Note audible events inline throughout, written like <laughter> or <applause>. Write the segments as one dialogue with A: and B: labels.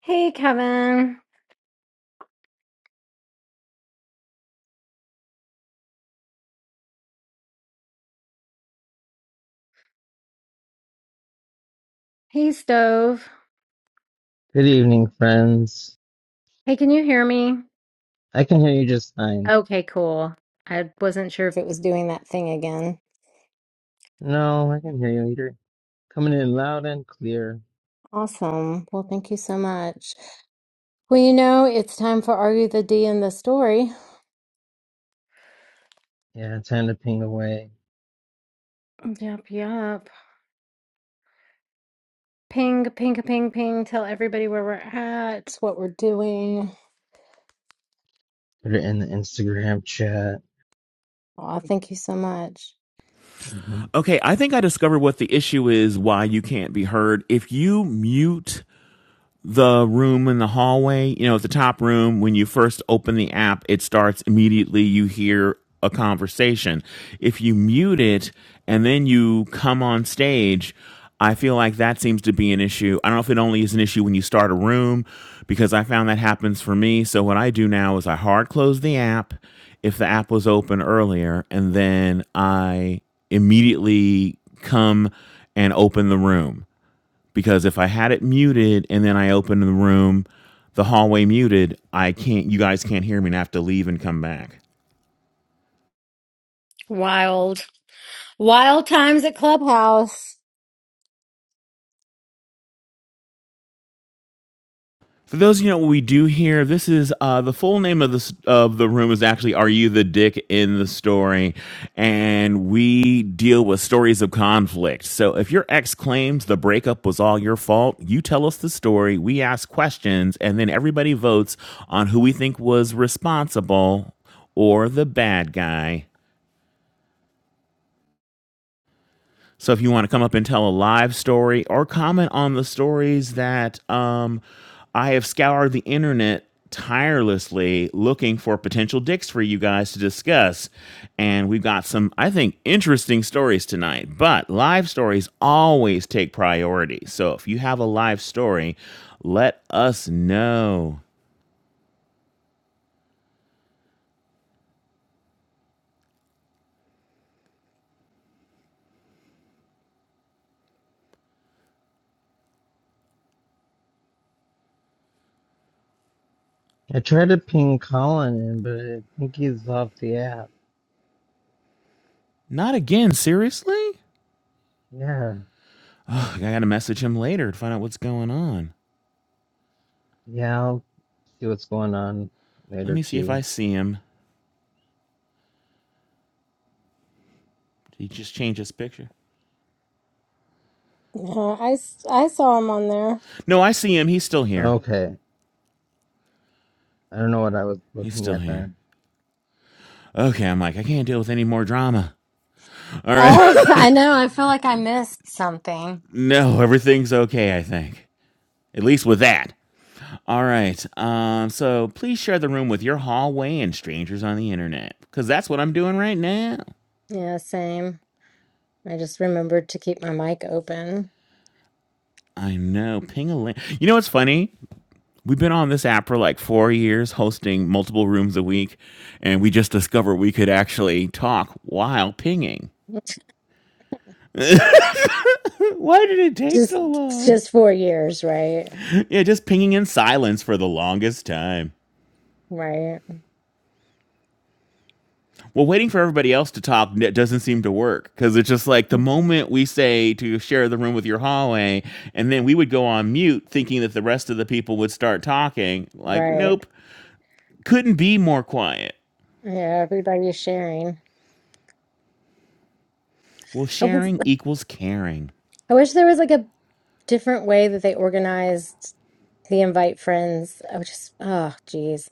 A: Hey, Kevin. Hey, Stove.
B: Good evening, friends.
A: Hey, can you hear me?
B: I can hear you just fine.
A: Okay, cool. I wasn't sure if it was doing that thing again.
B: No, I can hear you, Eater. Coming in loud and clear.
A: Awesome. Well, thank you so much. Well, you know, it's time for Argue the D in the story.
B: Yeah, time to ping away.
A: Yep, yep. Ping, ping, ping, ping. Tell everybody where we're at, what we're doing.
B: Put it in the Instagram chat.
A: Aw, thank you so much.
B: hmm
C: Okay, I think I discovered what the issue is why you can't be heard. If you mute the room in the hallway, you know, at the top room, when you first open the app, it starts immediately. You hear a conversation. If you mute it and then you come on stage, I feel like that seems to be an issue. I don't know if it only is an issue when you start a room because I found that happens for me. So what I do now is I hard close the app if the app was open earlier and then I immediately come and open the room because if I had it muted and then I opened the room, the hallway muted, I can't. You guys can't hear me, and I have to leave and come back.
A: Wild. Wild times at Clubhouse.
C: For those of you who know what we do here, this is uh, the full name of the of the room is actually "Are You the Dick in the Story?" and we deal with stories of conflict. So if your ex claims the breakup was all your fault, you tell us the story. We ask questions, and then everybody votes on who we think was responsible or the bad guy. So if you want to come up and tell a live story or comment on the stories that um, I have scoured the internet tirelessly looking for potential dicks for you guys to discuss. And we've got some, I think, interesting stories tonight. But live stories always take priority. So if you have a live story, let us know.
B: I tried to ping Colin in, but I think he's off the app.
C: Not again, seriously?
B: Yeah.
C: Ugh, I gotta message him later to find out what's going on.
B: Yeah, I'll see what's going on
C: Let
B: later,
C: me see if I
B: too.
C: see him. Did he just change his picture?
A: Yeah, I, s- I saw him on there.
C: No, I see him. He's still here.
B: Okay. I don't know what I was
C: He's
B: looking
C: still
B: at
C: here.
B: then.
C: Okay, I'm like, I can't deal with any more drama. All right.
A: Oh, I know. I feel like I missed something.
C: <laughs> no, everything's okay, I think. At least with that. All right. Um, so please share the room with your hallway and strangers on the internet. Because that's what I'm doing right now.
A: Yeah, same. I just remembered to keep my mic open.
C: I know. Ping a link. You know what's funny? We've been on this app for like four years, hosting multiple rooms a week, and we just discovered we could actually talk while pinging.
A: <laughs>
C: Why did it take
A: Just
C: so long?
A: just four years, right?
C: Yeah, just pinging in silence for the longest time.
A: Right.
C: Well, waiting for everybody else to talk doesn't seem to work because it's just like the moment we say to share the room with your hallway, and then we would go on mute thinking that the rest of the people would start talking. Like,
A: Right.
C: nope, couldn't be more quiet.
A: Yeah, everybody's sharing.
C: Well,
A: I wish,
C: sharing equals caring.
A: I wish there was like a different way that they organized the invite friends. I would just oh geez.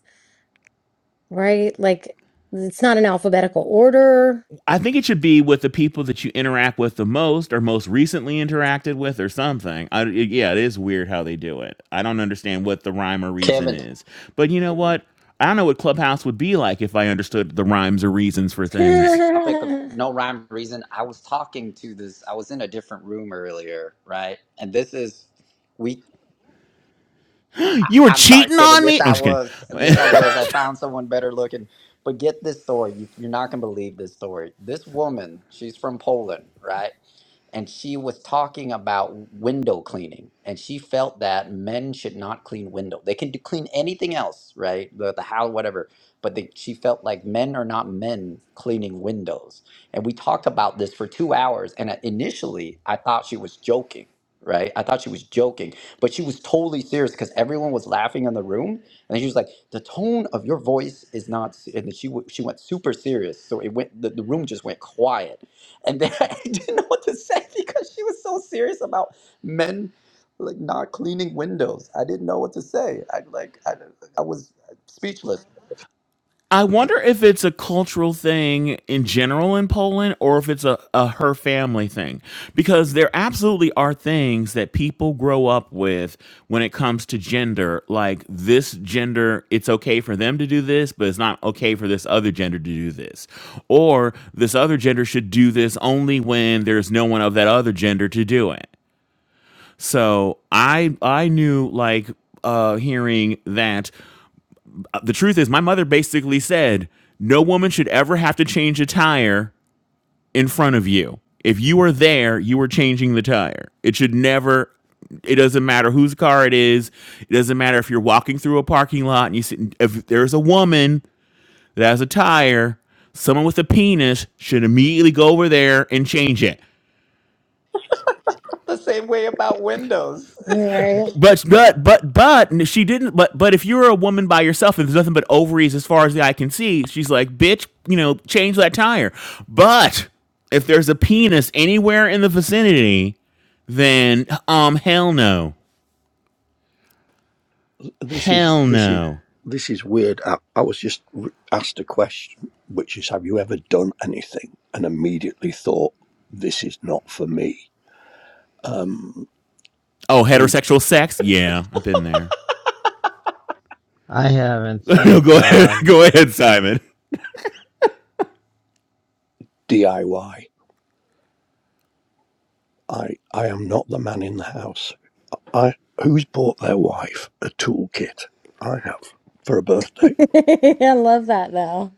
A: Right? Like it's not an alphabetical order.
C: I think it should be with the people that you interact with the most or most recently interacted with or something. I, it- yeah, it is weird how they do it. I don't understand what the rhyme or reason
D: Kevin,
C: is. But you know what? I don't know what Clubhouse would be like if I understood the rhymes or reasons for things.
D: topic of
A: <laughs>
D: no rhyme or reason. I was talking to this. I was in a different room earlier, right? And this is we. I,
C: You were
D: I'm sorry,
C: cheating
D: Kevin.
C: on
D: Yes,
C: me? No,
D: I
C: I'm just
D: was.
C: kidding.
D: Yes, I was. I found someone better looking. But get this story. You, you're not going to believe this story. This woman, she's from Poland, right? And she was talking about window cleaning. And she felt that men should not clean window. They can do, clean anything else, right? The, the how, whatever. But they, she felt like men are not men cleaning windows. And we talked about this for two hours. And I- initially, I thought she was joking, right? I thought she was joking but she was totally serious because everyone was laughing in the room and she was like the tone of your voice is not se-" and she w- she went super serious so it went the, the room just went quiet and then <laughs> i didn't know what to say <laughs> because she was so serious about men like not cleaning windows i didn't know what to say i like i, I was speechless
C: I wonder if it's a cultural thing in general in Poland or if it's a, a her family thing. Because there absolutely are things that people grow up with when it comes to gender. Like this gender, it's okay for them to do this, but it's not okay for this other gender to do this. Or this other gender should do this only when there's no one of that other gender to do it. So I I knew like uh hearing that the truth is, my mother basically said, no woman should ever have to change a tire in front of you. If you are there, you are changing the tire. It should never, it doesn't matter whose car it is. It doesn't matter if you're walking through a parking lot and you see, if there's a woman that has a tire, someone with a penis should immediately go over there and change it.
D: <laughs> the same way about windows
A: Right.
C: But but but but she didn't. But but if you're a woman by yourself and there's nothing but ovaries as far as the eye can see, she's like, bitch, you know, change that tire. But if there's a penis anywhere in the vicinity, then um, hell no,
E: This is
C: hell
E: this is
C: no.
E: this is weird. I, I was just r- asked a question, which is, have you ever done anything? And immediately thought, this is not for me. Um,
C: Oh,
E: and
C: heterosexual sex? Yeah, I've been there.
B: I haven't,
C: <laughs> no,
B: thank
C: go ahead. <laughs>
B: God.
C: Go ahead, Simon.
E: DIY. I Y. I I am not the man in the house. I who's bought their wife a toolkit? I have for a birthday.
A: <laughs> I love that though.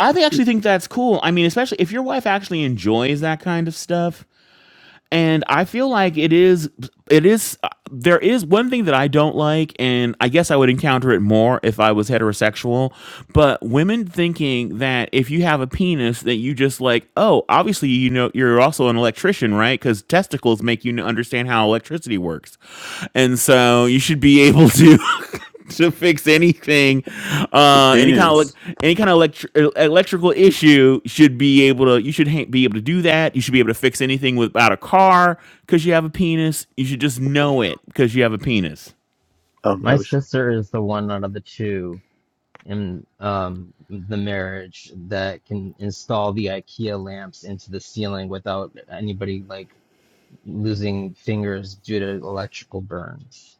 C: I th- actually think that's cool. I mean, especially if your wife actually enjoys that kind of stuff, and I feel like it is it is uh, there is one thing that I don't like and I guess I would encounter it more if I was heterosexual but women thinking that if you have a penis that you just like oh obviously you know you're also an electrician right cuz testicles make you n- understand how electricity works and so you should be able to <laughs> <laughs> to fix anything uh any kind of
F: Depends.
C: like any kind of electri- electrical issue should be able to you should ha- be able to do that you should be able to fix anything without a car because you have a penis you should just know it because you have a penis
E: Oh
B: My
E: no! it's-
B: sister is the one out of the two. In um, the marriage that can install the IKEA lamps into the ceiling without anybody like losing fingers due to electrical burns,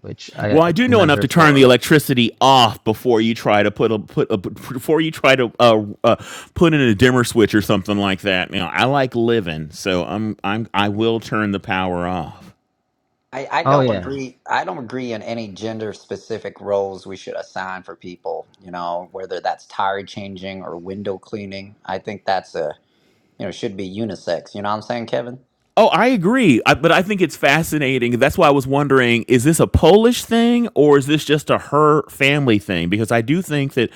B: which I
C: well i do know
B: commend
C: enough
B: her
C: to turn the
B: for.
C: electricity off before you try to put a put a, before you try to uh, uh put in a dimmer switch or something like that you know i like living so i'm i'm i will turn the power off
D: I, I
B: Oh
D: don't
B: yeah,
D: agree. I don't agree in any gender specific roles we should assign for people. You know, whether that's tire changing or window cleaning. I think that's a you know should be unisex. You know what I'm saying, Kevin?
C: Oh, I agree. I, but I think it's fascinating. That's why I was wondering is this a Polish thing or is this just a her family thing? Because I do think that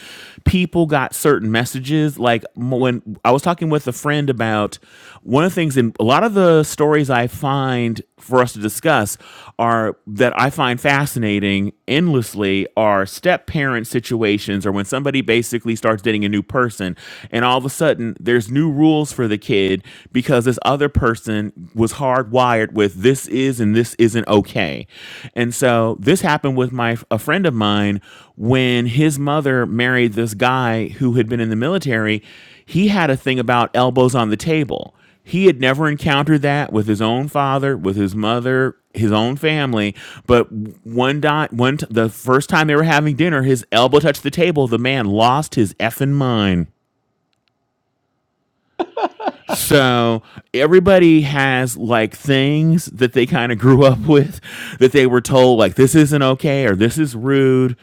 C: people got certain messages. Like m- when I was talking with a friend about one of the things in a lot of the stories I find for us to discuss are that I find fascinating endlessly are step parent situations or when somebody basically starts dating a new person and all of a sudden there's new rules for for the kid because this other person was hardwired with this is and this isn't okay. And so this happened with my a friend of mine when his mother married this guy who had been in the military. He had a thing about elbows on the table. He had never encountered that with his own father, with his mother, his own family. But one dot, one t- the first time they were having dinner, his elbow touched the table. The man lost his effing mind.
D: <laughs>
C: So everybody has like things that they kind of grew <laughs> up with that they were told like this isn't okay or this is rude.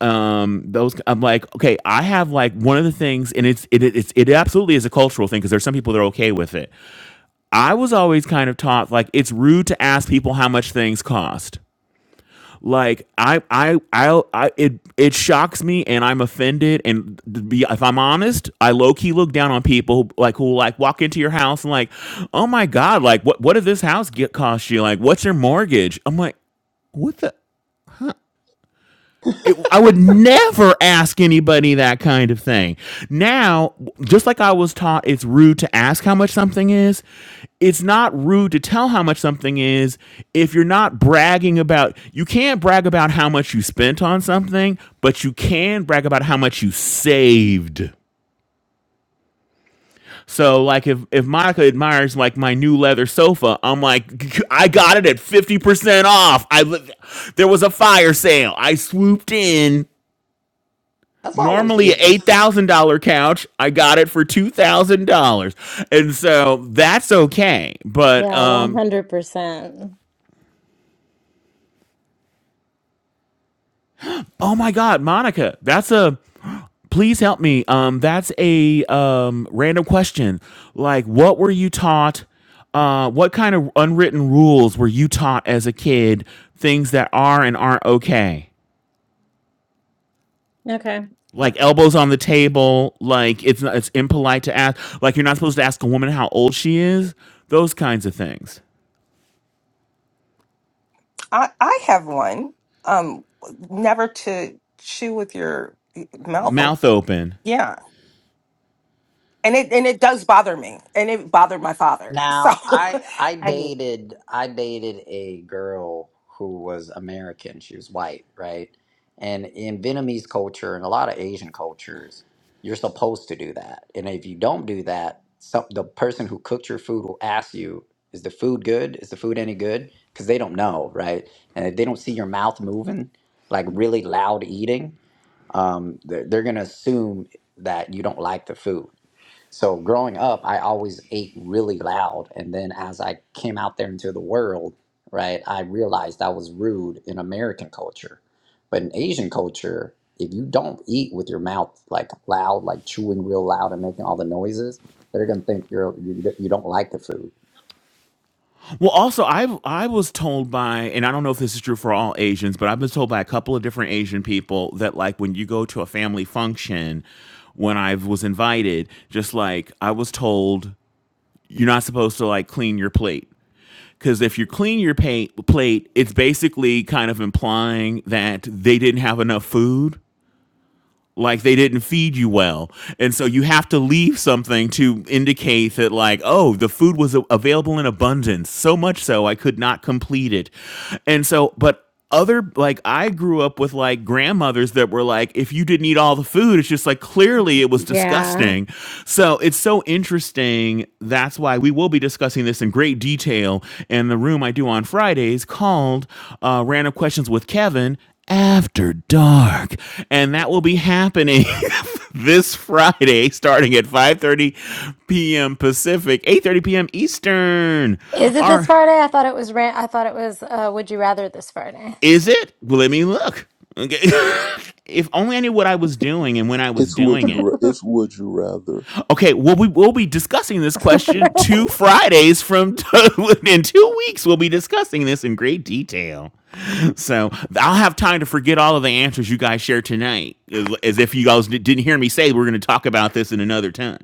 C: Um, those I'm like, okay, I have like one of the things, and it's it it- it's it absolutely is a cultural thing because there's some people that are okay with it. I was always kind of taught like it's rude to ask people how much things cost. Like I I I, I it it shocks me and I'm offended and to be if I'm honest, I low key look down on people who, like who like walk into your house and like, "Oh my god, like what what did this house get cost you? Like what's your mortgage?" I'm like, "What the it, I would never ask anybody that kind of thing. Now, just like I was taught it's rude to ask how much something is, it's not rude to tell how much something is if you're not bragging about you can't brag about how much you spent on something, but you can brag about how much you saved. So like if if Monica admires like my new leather sofa, I'm like I got it at 50% off. I li- there was a fire sale. I swooped in
D: That's always
C: normally
D: interesting.
C: $8,000 couch. I got it for $2,000. And so that's okay. But
A: Yeah,
C: um
A: 100%.
C: oh my god, Monica, that's a please help me. Um that's a um random question. Like what were you taught uh what kind of unwritten rules were you taught as a kid things that are and aren't okay?
A: Okay.
C: like elbows on the table like it's not, it's impolite to ask like you're not supposed to ask a woman how old she is those kinds of things
G: I, I have one. Um, never to chew with your mouth open.
C: mouth open.
G: Yeah, and it and it does bother me, and it bothered my father. So,
D: Now, I I
G: <laughs> I mean.
D: dated I dated a girl who was American. She was white, right? And in Vietnamese culture and a lot of Asian cultures, you're supposed to do that. And if you don't do that, some, the person who cooked your food will ask you, "Is the food good? Is the food any good?" Because they don't know, right? And if they don't see your mouth moving, like really loud eating, um, they're, they're gonna assume that you don't like the food so growing up, I always ate really loud. And then as I came out there into the world, right, I realized I was rude in American culture. But in Asian culture, if you don't eat with your mouth like loud, like chewing real loud and making all the noises, they're gonna think you're you, you don't like the food.
C: Well, also, I I was told by, and I don't know if this is true for all Asians, but I've been told by a couple of different Asian people that like when you go to a family function, when I was invited, just like I was told, you're not supposed to like clean your plate because if you clean your pa- plate, it's basically kind of implying that they didn't have enough food. like they didn't feed you well and so you have to leave something to indicate that like oh the food was available in abundance so much so i could not complete it and so but other like i grew up with like grandmothers that were like if you didn't eat all the food it's just like clearly
A: It's-
C: it was
A: yeah.
C: disgusting so it's so interesting that's why we will be discussing this in great detail in the room i do on fridays called uh, random questions with kevin after Dark, and that will be happening <laughs> this Friday, starting at 5:30 p.m. Pacific, 8:30 p.m. Eastern.
A: Is it this
C: Or
A: Friday? I thought it was ran- I thought it was uh, Would You Rather this Friday.
C: is it? Well, let me look. Okay, <laughs> if only I knew what I was doing and when I was
F: It's would
C: doing
F: you
C: it.
F: ra- it's would you rather.
C: Okay, well, we will be discussing this question
A: <laughs>
C: two Fridays from <laughs> in two weeks. We'll be discussing this in great detail. <laughs> So I'll have time to forget all of the answers you guys shared tonight, as, as if you guys didn't hear me say we're going to talk about this in another time.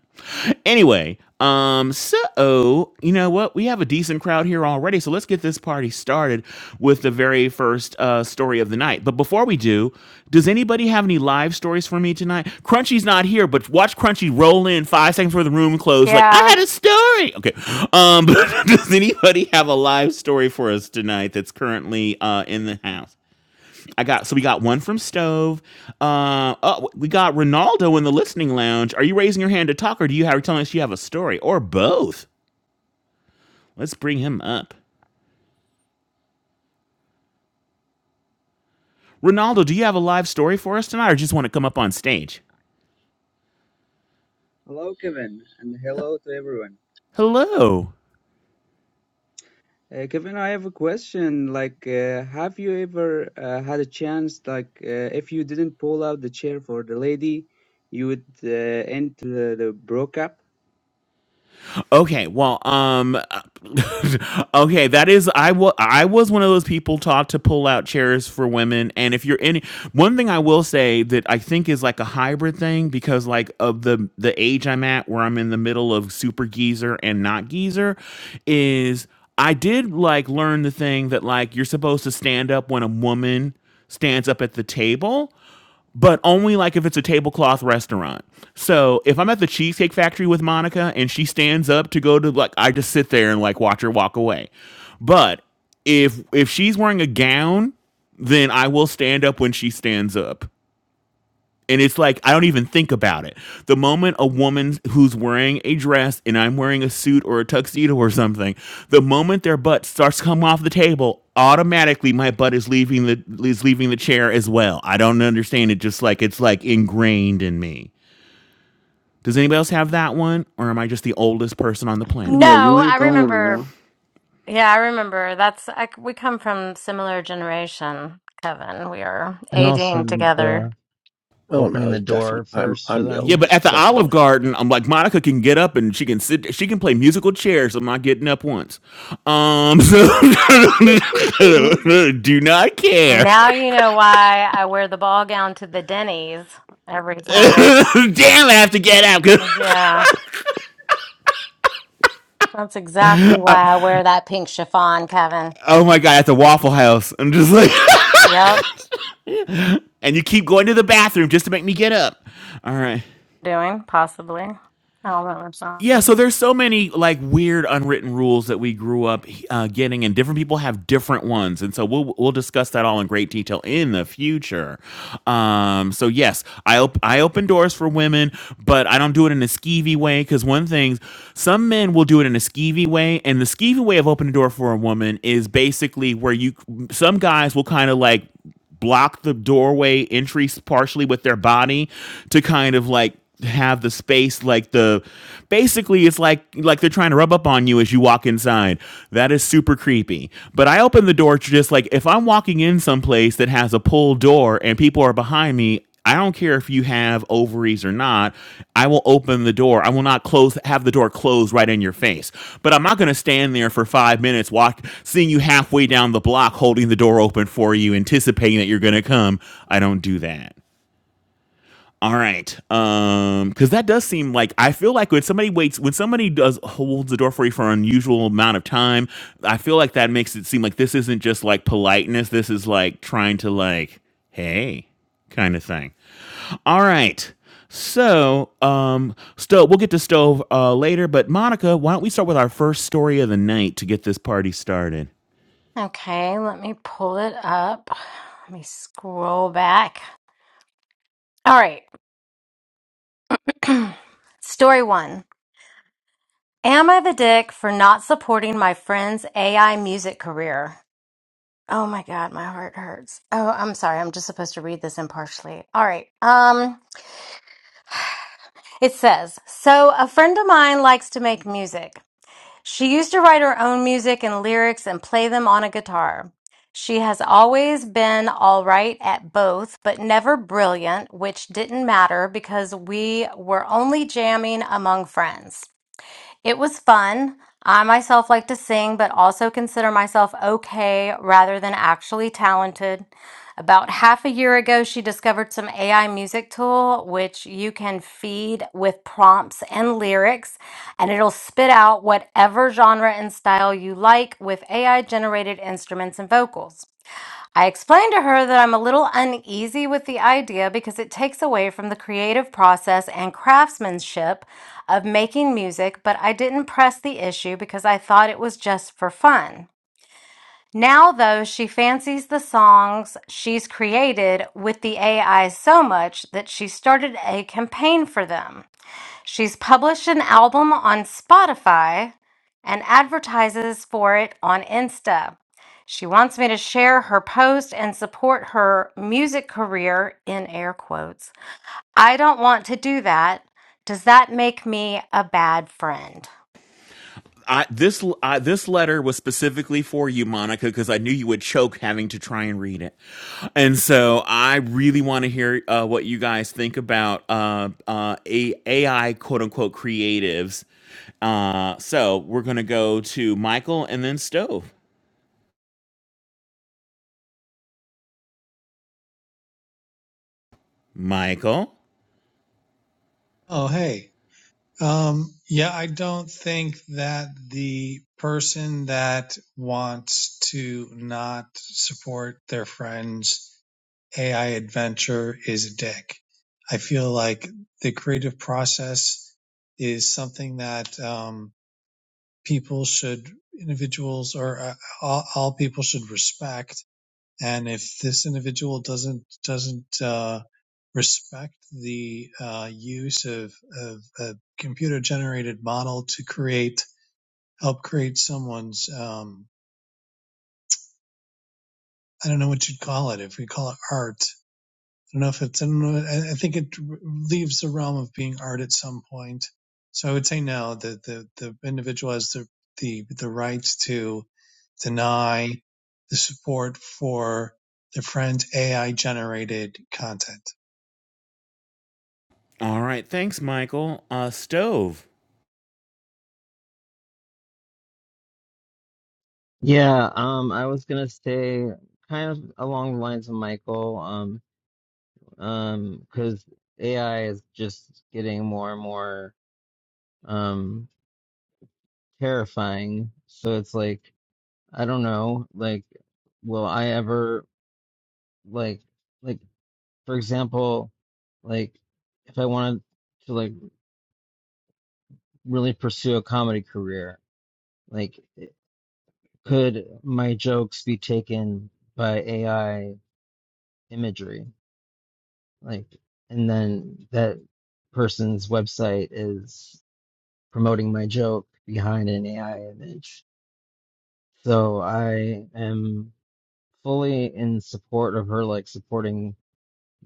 C: Anyway, um, so you know what? We have a decent crowd here already, so let's get this party started with the very first uh, uh, story of the night. But before we do, does anybody have any live stories for me tonight? Crunchy's not here, but watch Crunchy roll in five seconds before the room closed. Like I
A: Yeah.
C: had a story. Okay. Um, <laughs> but does anybody have a live story for us tonight that's currently uh, in the house? I got so we got one from Stove. Uh, oh, we got Ronaldo in the listening lounge. Are you raising your hand to talk, or do you have telling us you have a story, or both? Let's bring him up. Ronaldo, do you have a live story for us tonight, or just want to come up on stage?
H: Hello, Kevin, and hello to everyone.
C: Hello.
H: Uh, Kevin, I have a question. Like, uh, have you ever uh, had a chance, like, uh, if you didn't pull out the chair for the lady, you would uh, end the, the breakup?
C: Okay, well, um, <laughs> okay, that is I was I was one of those people taught to pull out chairs for women, and if you're any one thing I will say that I think is like a hybrid thing because like of the the age I'm at where I'm in the middle of super geezer and not geezer is I did like learn the thing that like you're supposed to stand up when a woman stands up at the table but only like if it's a tablecloth restaurant. So if I'm at the Cheesecake Factory with Monica and she stands up to go to like, I just sit there and like watch her walk away. But if if she's wearing a gown, then I will stand up when she stands up. And it's like I don't even think about it. The moment a woman who's wearing a dress and I'm wearing a suit or a tuxedo or something, the moment their butt starts to come off the table, automatically my butt is leaving the is leaving the chair as well. I don't understand it. Just like it's like ingrained in me. Does anybody else have that one, or am I just the oldest person on the planet?
F: No, you
A: No,
F: ain't
A: I
F: the only
A: remember.
F: one.
A: Yeah, I remember. That's I, c- we come from similar generation, Kevin. We are
B: and also
A: aging together.
B: the
E: Oh
B: opening
E: no!
B: the
E: it's
B: door
E: Definitely, I'm
B: first for
E: I'm the
C: Yeah,
B: them.
C: but
E: oldest.
C: at the Olive
E: Definitely.
C: Garden, I'm like Monica can get up and she can sit. She can play musical chairs. I'm not getting up once. Um, <laughs> so
A: N-
C: do not care.
A: Now you know why I wear the ball gown to the Denny's every
C: <laughs>
A: time.
C: Damn, I have to get up.
A: Yeah. That's exactly why I wear that pink chiffon, Kevin.
C: <laughs> oh my god, at the Waffle House, I'm just like,
A: Yep.
C: <laughs> and you keep going to the bathroom just to make me get up. All right.
A: Doing, possibly. I don't know what's
C: Yeah,
A: wrong.
C: so there's so many like weird unwritten rules that we grew up uh, getting, and different people have different ones, and so we'll we'll discuss that all in great detail in the future. Um, so yes, I op- I open doors for women, but I don't do it in a skeevy way because one thing, some men will do it in a skeevy way, and the skeevy way of opening a door for a woman is basically where you some guys will kind of like block the doorway entry partially with their body to kind of like have the space like the basically it's like like they're trying to rub up on you as you walk inside that is super creepy but i open the door to just like if i'm walking in someplace that has a pull door and people are behind me I don't care if you have ovaries or not. I will open the door. I will not close have the door closed right in your face. But I'm not going to stand there for 5 minutes walk seeing you halfway down the block holding the door open for you anticipating that you're going to come. I don't do that. All right. Um cuz that does seem like I feel like when somebody waits when somebody does holds the door for you for an unusual amount of time, I feel like that makes it seem like this isn't just like politeness. This is like trying to like hey kind of thing. All right. So, um, stove. We'll get to stove uh, later, but Monica, why don't we start with our first story of the night to get this party started?
A: Okay, let me pull it up. Let me scroll back. All right. <clears throat> Story one. Am I the dick for not supporting my friend's AI music career? Oh my god, my heart hurts. Oh, I'm sorry. I'm just supposed to read this impartially. All right. Um, it says, "So a friend of mine likes to make music. She used to write her own music and lyrics and play them on a guitar. She has always been all right at both, but never brilliant, which didn't matter because we were only jamming among friends. It was fun. I myself like to sing, but also consider myself okay rather than actually talented. About half a year ago, she discovered some AI music tool, which you can feed with prompts and lyrics, and it'll spit out whatever genre and style you like with AI generated instruments and vocals. I explained to her that I'm a little uneasy with the idea because it takes away from the creative process and craftsmanship of making music, but I didn't press the issue because I thought it was just for fun. Now, though, she fancies the songs she's created with the AI so much that she started a campaign for them. She's published an album on Spotify and advertises for it on Insta. She wants me to share her post and support her music career in air quotes. I don't want to do that. Does that make me a bad friend?
C: I, this l- I, this letter was specifically for you, Monica, because I knew you would choke having to try and read it, and so I really want to hear uh, what you guys think about uh, uh, A- AI quote unquote creatives. Uh, so we're gonna go to Michael and then Stove. Michael,
I: Oh, hey. Um, yeah, I don't think that the person that wants to not support their friend's AI adventure is a dick. I feel like the creative process is something that um, people should, individuals or uh, all, all people should respect. And if this individual doesn't doesn't uh, respect the uh, use of, of a computer generated model to create help create someone's um, I don't know what you'd call it if we call it art. I don't know if it's I don't know, I I think it leaves the realm of being art at some point. So I would say no. that the, the individual has the, the the rights to deny the support for their friend's AI generated content.
C: all right, thanks, Michael. Uh, Stove.
B: Yeah, um, I was gonna say kind of along the lines of Michael, um, um, because AI is just getting more and more um terrifying. So it's like I don't know, like, will I ever like like for example, like if I wanted to like really pursue a comedy career, like it- could my jokes be taken by AI imagery? Like and then that person's website is promoting my joke behind an AI image. So I am fully in support of her like supporting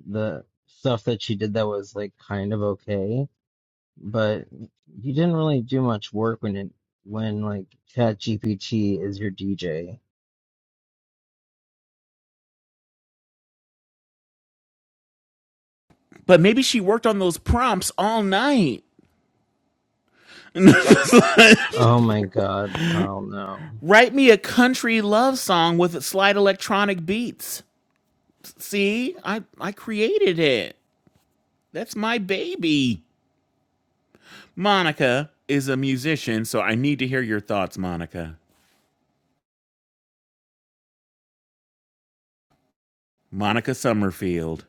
B: the stuff that she did that was like kind of okay, but you didn't really do much work when it when like ChatGPT is your DJ.
C: But maybe she worked on those prompts all night. <laughs>
B: Oh my god, hell no.
C: Write me a country love song with slide electronic beats. See, I, I created it. That's my baby. Monica is a musician, so I need to hear your thoughts, Monica. Monica Summerfield.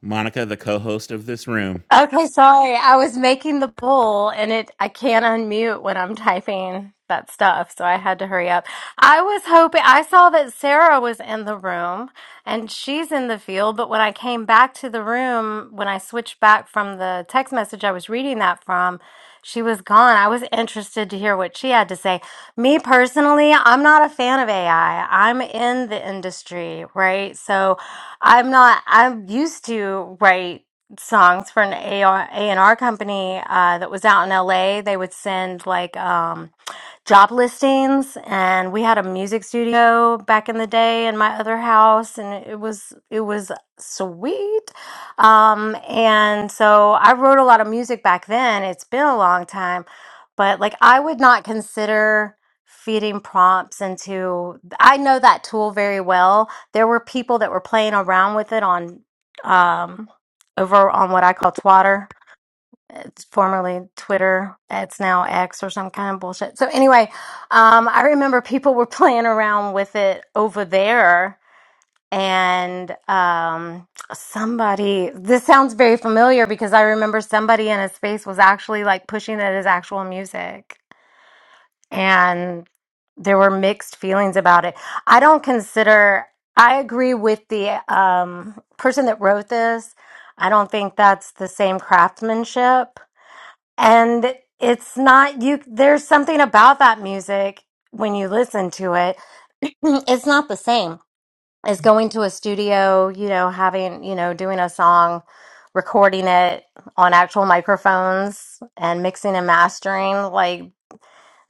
C: Monica, the co host of this room.
A: Okay, sorry. I was making the bowl and it I can't unmute when I'm typing that stuff, so I had to hurry up. I was hoping I saw that Sarah was in the room and she's in the field, but when I came back to the room, when I switched back from the text message I was reading that from, she was gone. I was interested to hear what she had to say. Me personally, I'm not a fan of AI. I'm in the industry, right? So I'm not, I'm used to, right? songs for an A&R company uh, that was out in LA. They would send like um job listings and we had a music studio back in the day in my other house and it was it was sweet um and so i wrote a lot of music back then it's been a long time but like i would not consider feeding prompts into i know that tool very well there were people that were playing around with it on um over on what i call twatter it's formerly Twitter. It's now X or some kind of bullshit. So anyway, um, I remember people were <laughs> playing around with it over there, and um, somebody. This sounds very familiar because I remember somebody in a space was actually like pushing it as actual music, and there were mixed feelings about it. I don't consider. I agree with the um, person that wrote this. I don't think that's the same craftsmanship and it's not you there's something about that music when you listen to it. <clears throat> It's not the same as going to a studio, you know, having, you know, doing a song, recording it on actual microphones and mixing and mastering. Like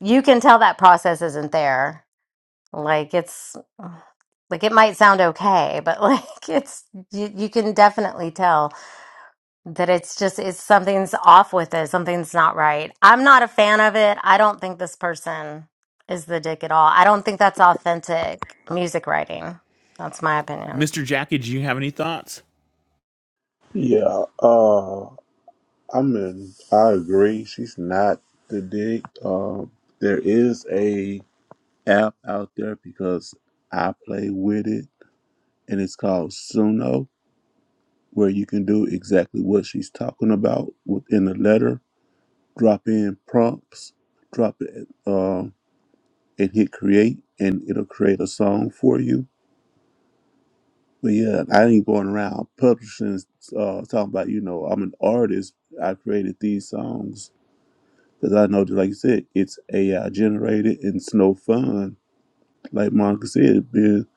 A: you can tell that process isn't there. Like it's like it might sound okay, but <laughs> like it's you, you can definitely tell that it's just it's something's off with it something's not right i'm not a fan of it i don't think this person is the dick at all i don't think that's authentic music writing that's my opinion
C: Mr. Jackie, do you have any thoughts?
F: Yeah, uh, I mean, I agree. She's not the dick. Um, there is a app out there because I play with it, and it's called Suno, where you can do exactly what she's talking about within the letter. Drop in prompts, drop it, uh, and hit create, and it'll create a song for you But yeah, I ain't going around publishing, uh, talking about, you know, I'm an artist. I created these songs. Because I know that, like you said, it's AI generated and it's no fun. Like Monica said, man,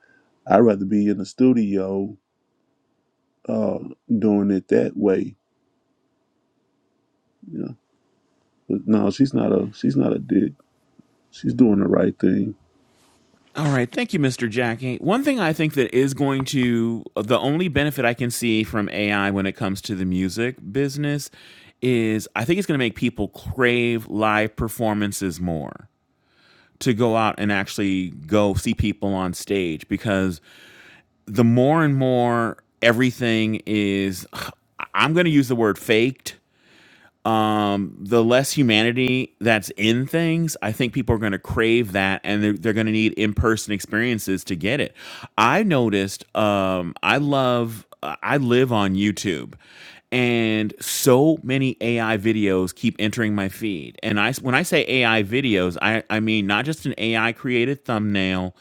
F: I'd rather be in the studio uh, doing it that way. You know? But no, she's not a she's not a dick. She's doing the right thing.
C: All right, thank you, Mr. Jackie. One thing I think that is going to uh, the only benefit I can see from AI when it comes to the music business is I think it's going to make people crave live performances more to go out and actually go see people on stage because the more and more everything is <sighs> I'm going to use the word faked um, the less humanity that's in things, I think people are going to crave that and they're, they're going to need in person experiences to get it. I noticed, um, I love, I live on YouTube. And so many AI videos keep entering my feed. And I, when I say AI videos, I, I mean not just an AI created thumbnail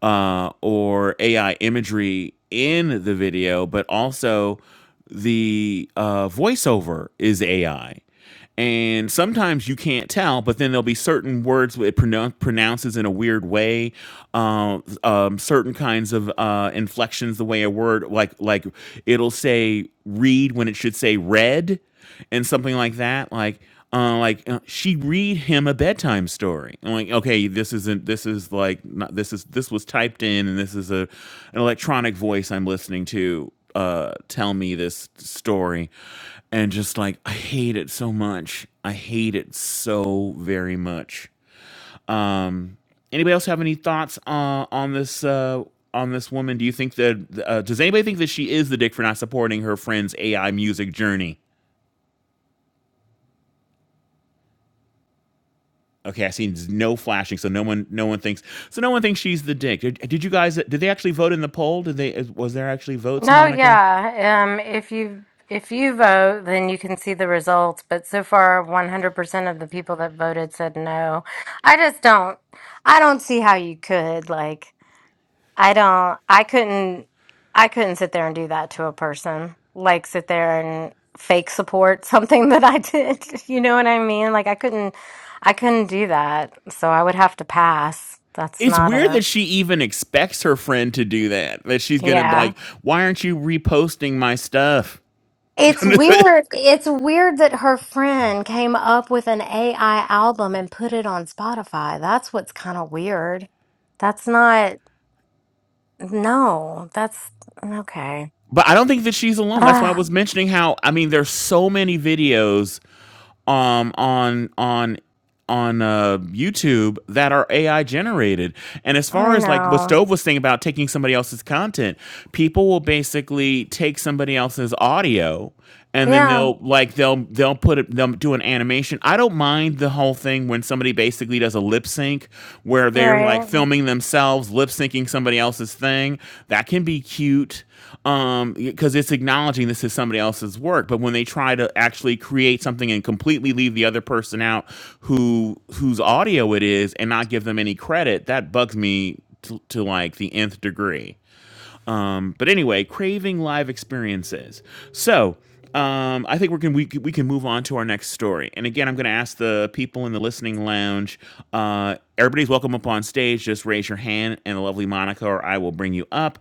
C: uh, or AI imagery in the video, but also the uh, voiceover is AI. And sometimes you can't tell, but then there'll be certain words it pronoun- pronounces in a weird way, um, um, certain kinds of uh, inflections, the way a word like like it'll say read when it should say red and something like that like uh, like uh, she read him a bedtime story I'm like okay this isn't this is like not this is this was typed in and this is a an electronic voice i'm listening to uh tell me this story and just like i hate it so much i hate it so very much um anybody else have any thoughts uh, on this uh on this woman do you think that uh, does anybody think that she is the dick for not supporting her friend's ai music journey Okay, I see no flashing, so no one, no one thinks. So no one thinks she's the dick. Did, did you guys? Did they actually vote in the poll? Did they? Was there actually votes,
A: no
C: Monica?
A: yeah um if you if you vote then you can see the results but so far 100% of the people that voted said no i just don't i don't see how you could like I don't I couldn't I couldn't sit there and do that to a person. Like sit there and fake support <laughs> something that I did. <laughs> You know what I mean? Like I couldn't I couldn't do that. So I would have to pass. That's
C: It's
A: not
C: weird
A: a
C: that she even expects her friend to do that. That she's gonna be
A: yeah.
C: like, why aren't you reposting my stuff?
A: It's
C: <laughs>
A: weird. It's weird that her friend came up with an AI album and put it on Spotify. That's what's kind of weird. That's not no. That's okay.
C: But I don't think that she's
A: <sighs>
C: alone. That's why I
A: Ah,
C: was mentioning how I mean there's so many videos um on on on uh, YouTube that are AI generated. And as
A: I
C: far as like what
A: know.
C: Stove was saying about taking somebody else's content, people will basically take somebody else's audio and then
A: Yeah,
C: they'll like they'll they'll put it they'll do an animation. I don't mind the whole thing when somebody basically does a lip sync where they're
A: right.
C: like filming themselves lip syncing somebody else's thing. That can be cute um because it's acknowledging this is somebody else's work but when they try to actually create something and completely leave the other person out who whose audio it is and not give them any credit that bugs me to, to like the nth degree um, but anyway, craving live experiences. So um, I think we're gonna, we can we can move on to our next story. And again, I'm going to ask the people in the listening lounge. Uh, everybody's welcome up on stage. Just raise your hand, and the lovely Monica or I will bring you up.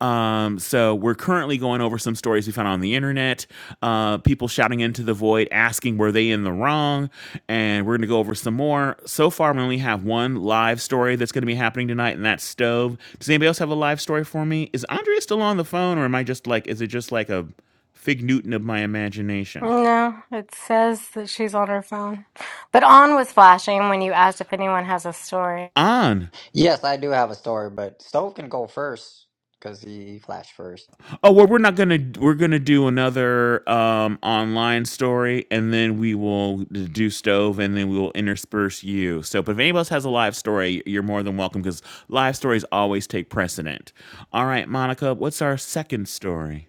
C: Um, so we're currently going over some stories we found on the internet, uh, people shouting into the void asking, were they in the wrong? And we're going to go over some more. So far, we only have one live story that's going to be happening tonight, and that's Stove. Does anybody else have a live story for me? Is Andrea still on the phone, or am I just like, is it just like a fig Newton of my imagination?
A: No, it says that she's on her phone. But on was flashing when you asked if anyone has a story.
C: On.
D: Yes, I do have a story, but Stove can go first because he flashed first.
C: Oh, well, we're not gonna we're gonna do another um online story, and then we will do stove, and then we will intersperse you. So, but if anybody else has a live story, you're more than welcome because live stories always take precedent. All right, Monica, what's our second story?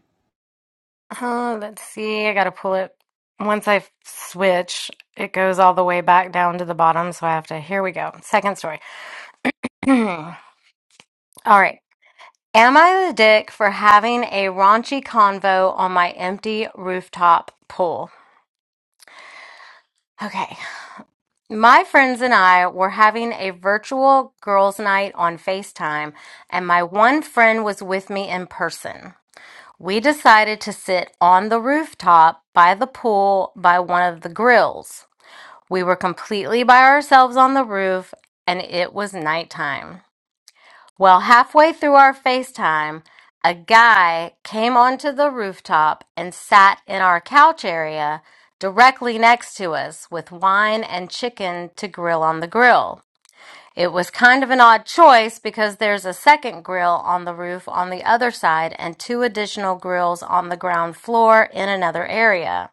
A: Oh, let's see. I gotta pull it. Once I f- switch, it goes all the way back down to the bottom. So I have to. Here we go. Second story. <clears throat> all right. Am I the dick for having a raunchy convo on my empty rooftop pool? Okay. My friends and I were having a virtual girls' night on FaceTime, and my one friend was with me in person. We decided to sit on the rooftop by the pool by one of the grills. We were completely by ourselves on the roof and it was nighttime. Well, halfway through our FaceTime, a guy came onto the rooftop and sat in our couch area directly next to us with wine and chicken to grill on the grill. It was kind of an odd choice because there's a second grill on the roof on the other side and two additional grills on the ground floor in another area.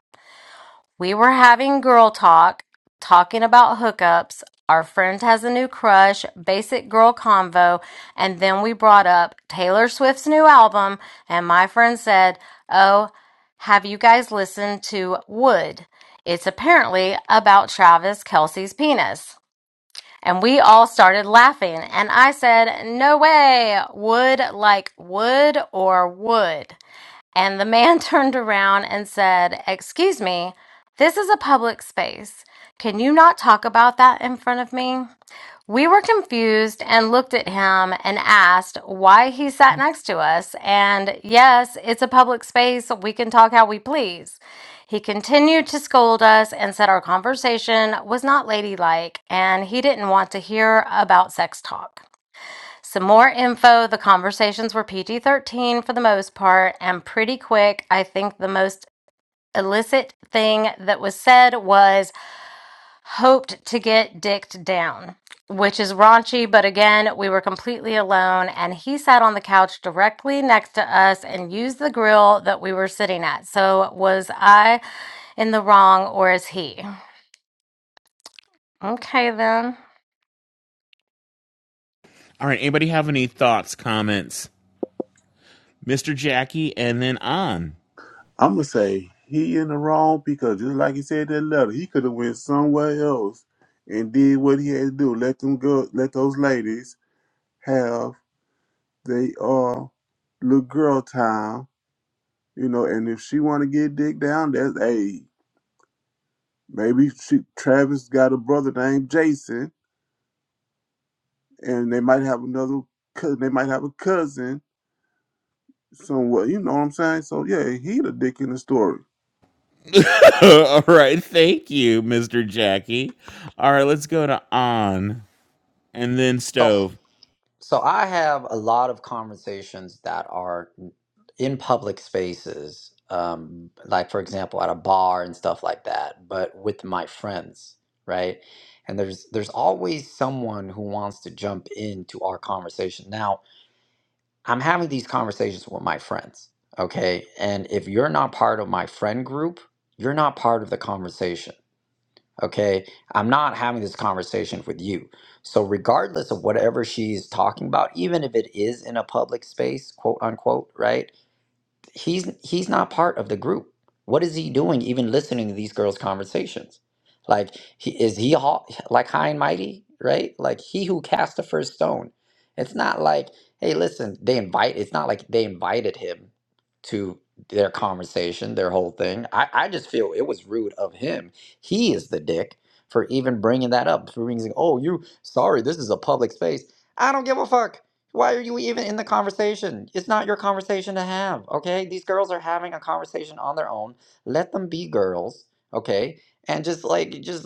A: We were having girl talk, talking about hookups. Our friend has a new crush, basic girl convo, and then we brought up Taylor Swift's new album, and my friend said, Oh, have you guys listened to Wood? It's apparently about Travis Kelce's penis. And we all started laughing. And I said, No way. Wood like wood or wood. And the man <laughs> turned around and said, Excuse me, this is a public space. Can you not talk about that in front of me? We were confused and looked at him and asked why he sat next to us. And yes, it's a public space. We can talk how we please. He continued to scold us and said our conversation was not ladylike and he didn't want to hear about sex talk. Some more info the conversations were PG 13 for the most part and pretty quick. I think the most illicit thing that was said was hoped to get dicked down, which is raunchy, but again, we were completely alone, and he sat on the couch directly next to us and used the grill that we were sitting at. So, was I in the wrong or is he? Okay, then.
C: All right, anybody have any thoughts, comments, Mister Jackie, and then on.
F: I'm gonna say he in the wrong because just like he said in that letter, he could have went somewhere else and did what he had to do. Let them go. Let those ladies have They are little girl town, you know. And if she want to get dick down, that's hey, maybe she Travis got a brother named Jason, and they might have another. cou- They might have a cousin somewhere. You know what I'm saying? So yeah, he the dick in the story.
C: <laughs> All right, thank you, Mr. Jackie. All right, let's go to on and then
D: So
C: stove.
D: So I have a lot of conversations that are in public spaces, um, like for example at a bar and stuff like that, but with my friends, right? And there's there's always someone who wants to jump into our conversation. Now I'm having these conversations with my friends, okay? And if you're not part of my friend group, you're not part of the conversation. Okay. I'm not having this conversation with you. So, regardless of whatever she's talking about, even if it is in a public space, quote unquote, right? he's he's not part of the group. What is he doing even listening to these girls' conversations? Like he, is he ho- like high and mighty, right? Like he who cast the first stone. It's not like, hey, listen, they invite it's not like they invited him to their conversation, their whole thing. I, I just feel it was rude of him. He is the dick for even bringing that up. For being, oh, you sorry, this is a public space. I don't give a fuck. Why are you even in the conversation? It's not your conversation to have, okay? These girls are having a conversation on their own. Let them be girls, okay? And just like just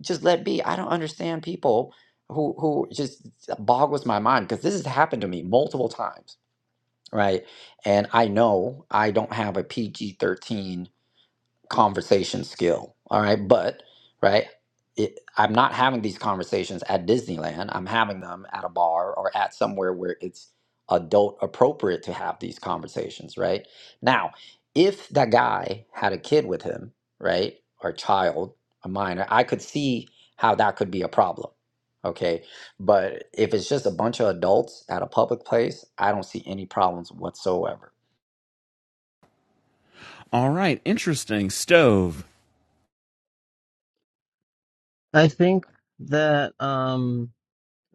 D: just let be. I don't understand people who who just uh, boggles my mind because this has happened to me multiple times, right? And I know I don't have a PG-13 conversation skill. All right. But, right, it, I'm not having these conversations at Disneyland. I'm having them at a bar or at somewhere where it's adult appropriate to have these conversations. Right. Now, if that guy had a kid with him, right, or a child, a minor, I could see how that could be a problem. Okay. But if it's just a bunch of adults at a public place, I don't see any problems whatsoever.
C: All right, interesting stove.
B: I think that um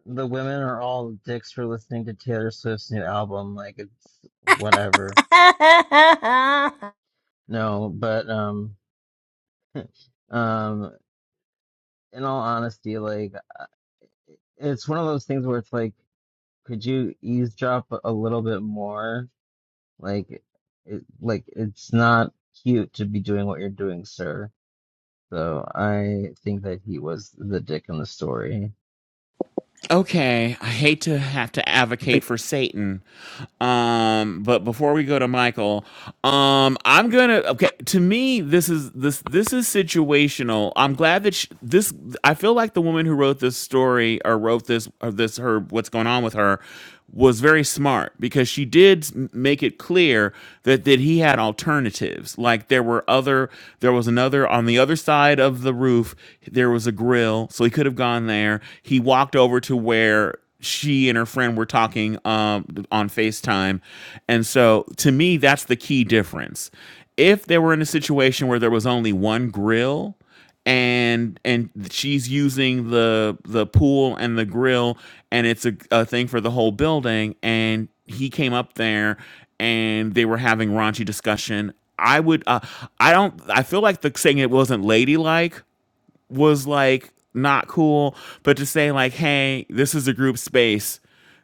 B: the women are all dicks for listening to Taylor Swift's new album. Like it's whatever.
A: <laughs>
B: No, but um <laughs> um in all honesty, like uh, it's one of those things where it's like, could you eavesdrop a little bit more? Like, it, like it's not cute to be doing what you're doing, sir. So I think that he was the dick in the story.
C: Okay, I hate to have to advocate for Satan, um, but before we go to Michael, um, I'm gonna. Okay, to me, this is this this is situational. I'm glad that sh this. I feel like the woman who wrote this story or wrote this or this her what's going on with her was very smart because she did make it clear that that he had alternatives. Like there were other, there was another on the other side of the roof. There was a grill, so he could have gone there. He walked over to where she and her friend were talking um, on FaceTime, and so to me, that's the key difference. If they were in a situation where there was only one grill and and she's using the the pool and the grill and it's a, a thing for the whole building and he came up there and they were having raunchy discussion i would uh, i don't i feel like the saying it wasn't ladylike was like not cool, but to say like, hey, this is a group space.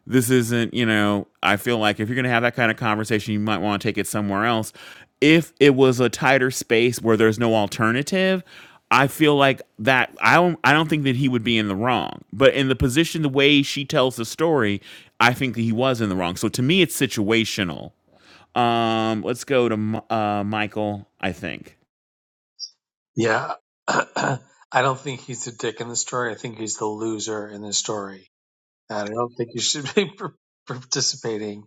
C: This isn't, you know, I feel like if you're going to have that kind of conversation, you might want to take it somewhere else. If it was a tighter space where there's no alternative, I feel like that I don't I don't think that he would be in the wrong. But in the position the way she tells the story, I think that he was in the wrong. So to me it's situational. Um let's go to uh Michael, I think.
I: Yeah. <clears throat> I don't think he's the dick in the story. I think he's the loser in the story. And I don't think you should be <laughs> participating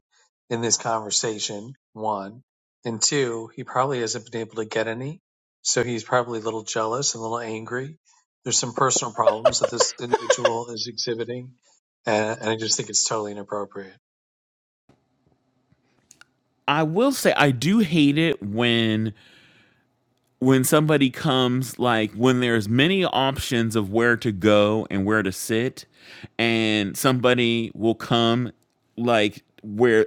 I: in this conversation, one. And two, he probably hasn't been able to get any. So he's probably a little jealous and a little angry. There's some personal problems that this individual is exhibiting. And, and I just think it's totally inappropriate.
C: I will say I do hate it when when somebody comes like when there's many options of where to go and where to sit and somebody will come like where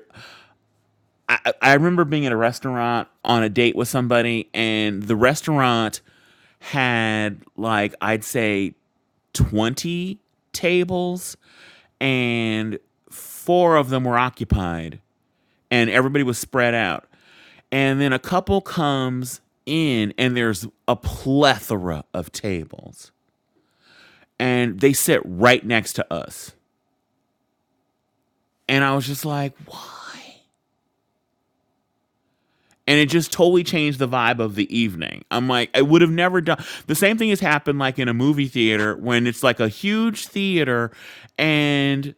C: I, I I remember being at a restaurant on a date with somebody and the restaurant had like I'd say 20 tables and four of them were occupied and everybody was spread out. And then a couple comes in, and there's a plethora of tables, and they sit right next to us. And I was just like, and it just totally changed the vibe of the evening. I'm like, I would have never done the same thing has happened like in a movie theater when it's like a huge theater and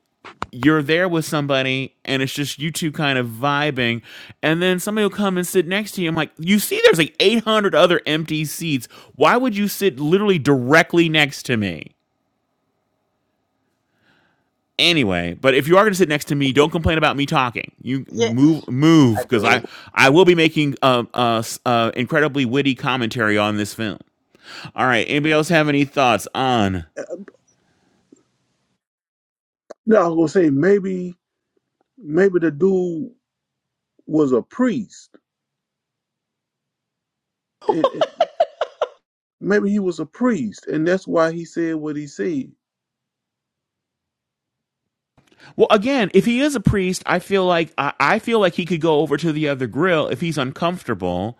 C: you're there with somebody and it's just you two kind of vibing and then somebody will come and sit next to you i'm like you see there's like 800 other empty seats why would you sit literally directly next to me Anyway, but if you are going to sit next to me, don't complain about me talking. You move, move,
D: I
C: because
D: agree.
C: I I will be making uh, uh, uh, incredibly witty commentary on this film. All right. Anybody else have any thoughts on
F: No, I was gonna say maybe maybe the dude was a priest. It, it, maybe he was a priest, and that's why he said what he said.
C: Well, again, if he is a priest, I feel like I, I feel like he could go over to the other grill if he's uncomfortable.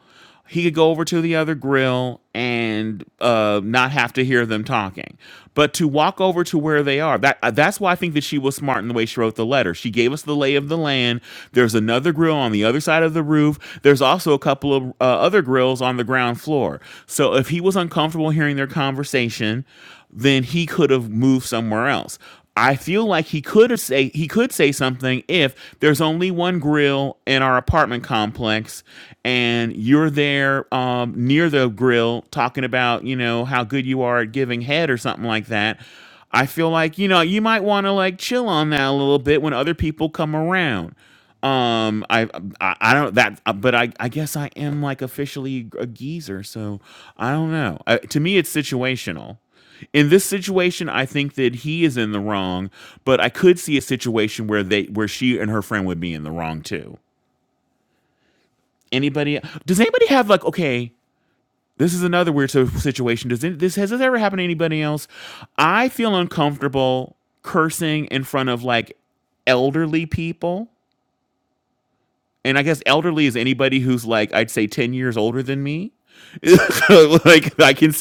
C: He could go over to the other grill and uh, not have to hear them talking. But to walk over to where they are, that uh, that's why I think that she was smart in the way she wrote the letter. She gave us the lay of the land. There's another grill on the other side of the roof. There's also a couple of uh, other grills on the ground floor. So if he was uncomfortable hearing their conversation, then he could have moved somewhere else. I feel like he could say he could say something if there's only one grill in our apartment complex, and you're there um, near the grill talking about you know how good you are at giving head or something like that. I feel like you know you might want to like chill on that a little bit when other people come around. Um, I I, I don't that, but I I guess I am like officially a geezer, so I don't know. Uh, to me, it's situational in this situation, I think that he is in the wrong, but I could see a situation where they where she and her friend would be in the wrong too. Anybody? Does anybody have like okay? This is another weird so- situation. Does it, this has this ever happened to anybody else? I feel uncomfortable cursing in front of like elderly people, and I guess elderly is anybody who's like I'd say ten years older than me. <laughs> like I can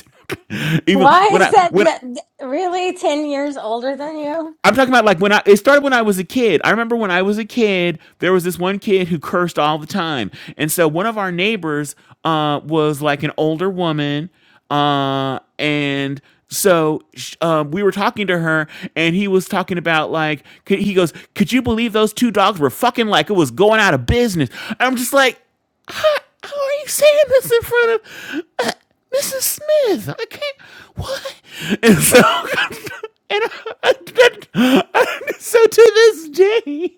C: even
A: Why
C: when
A: is
C: I
A: that
C: when I,
A: that- that- really 10 years older than you?
C: I'm talking about like when I it started when I was a kid. I remember when I was a kid, there was this one kid who cursed all the time. And so one of our neighbors uh was like an older woman uh and so sh- um, we were talking to her and he was talking about like c- he goes, "Could you believe those two dogs were fucking like it was going out of business?" And I'm just like how, how are you saying this in front of uh, Mrs. Smith? I can't. What? And so, <laughs> and I, I, I, so to this day,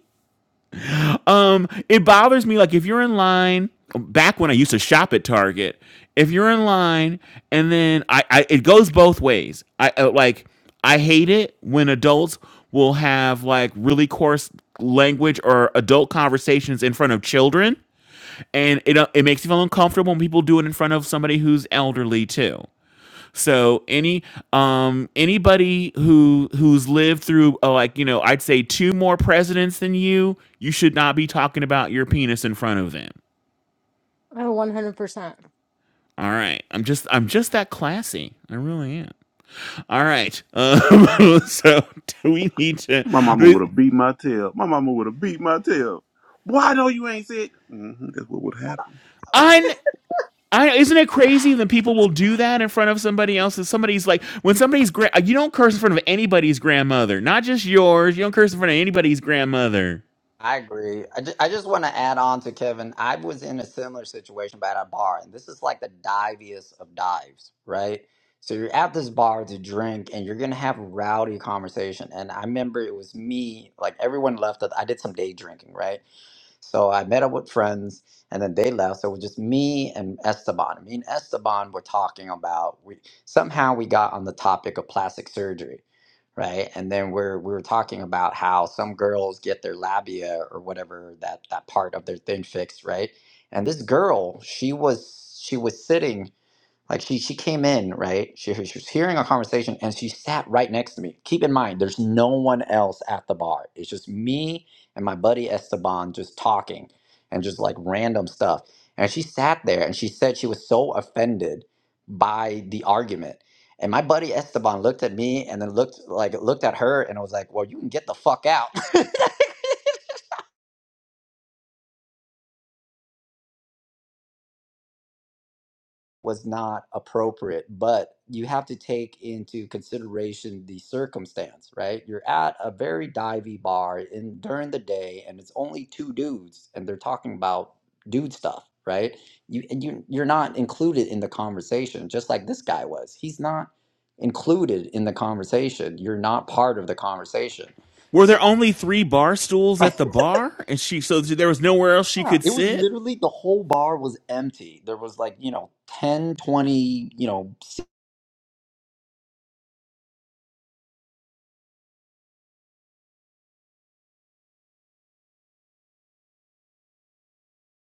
C: um, it bothers me. Like if you're in line, back when I used to shop at Target, if you're in line, and then I, I it goes both ways. I uh, like. I hate it when adults will have like really coarse language or adult conversations in front of children and it uh, it makes you feel uncomfortable when people do it in front of somebody who's elderly too. So any um anybody who who's lived through uh, like you know I'd say two more presidents than you, you should not be talking about your penis in front of them.
A: Oh, 100%.
C: All right, I'm just I'm just that classy. I really am. All right. Um, <laughs> so do we need to?
F: My mama would have beat my tail. My mama would have beat my tail. Why know you ain't said? hmm that's what would happen.
C: I I, isn't it crazy that people will do that in front of somebody else? And somebody's like, when somebody's gra- you don't curse in front of anybody's grandmother, not just yours. You don't curse in front of anybody's grandmother.
D: I agree. I, ju- I just want to add on to Kevin. I was in a similar situation, but at a bar, and this is like the diviest of dives, right? So you're at this bar to drink, and you're gonna have rowdy conversation. And I remember it was me, like everyone left. I did some day drinking, right? So I met up with friends, and then they left. So it was just me and Esteban. Me and Esteban were talking about we somehow we got on the topic of plastic surgery, right? And then we're we were talking about how some girls get their labia or whatever that that part of their thing fixed, right? And this girl, she was she was sitting. Like she she came in, right? She, she was hearing a conversation and she sat right next to me. Keep in mind, there's no one else at the bar. It's just me and my buddy Esteban just talking and just like random stuff. And she sat there and she said she was so offended by the argument. And my buddy Esteban looked at me and then looked like looked at her and was like, Well, you can get the fuck out. <laughs> was not appropriate. But you have to take into consideration the circumstance, right? You're at a very divey bar in during the day, and it's only two dudes, and they're talking about dude stuff, right? You and you you're not included in the conversation, just like this guy was. He's not included in the conversation. You're not part of the conversation.
C: Were
D: So
C: there only three bar stools
D: <laughs>
C: at the bar, and she so there was nowhere else she
D: yeah,
C: could
D: it was
C: sit?
D: literally the whole bar was empty. There was like, you know, 10, 20, you know,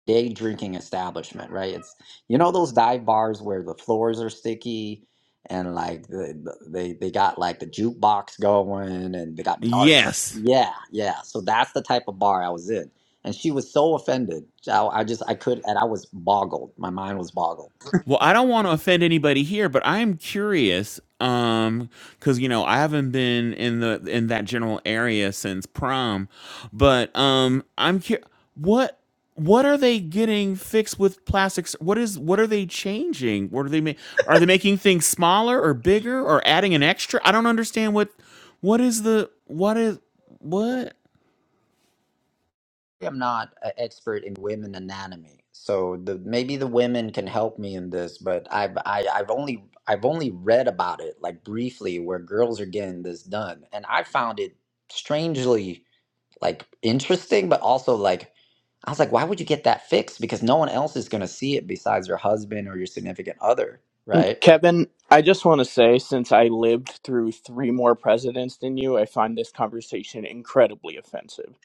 D: day drinking establishment, right? It's you know those dive bars where the floors are sticky and like the, the- they they got like the jukebox going and they got darts.
C: Yes.
D: Yeah, yeah. So that's the type of bar I was in. And she was so offended. I, I just I could and I was boggled. My mind was boggled.
C: Well, I don't want to offend anybody here, but I am curious um cuz you know, I haven't been in the in that general area since prom, but um I'm curious what what are they getting fixed with plastics? What is what are they changing? What are they ma- are they making things smaller or bigger or adding an extra? I don't understand what what is the what is what?
D: I'm not an expert in women anatomy, so the maybe the women can help me in this. But I've I, I've only I've only read about it like briefly where girls are getting this done, and I found it strangely like interesting, but also like I was like, why would you get that fixed? Because no one else is gonna see it besides your husband or your significant other, right?
J: Kevin, I just want to say, since I lived through three more presidents than you, I find this conversation incredibly offensive.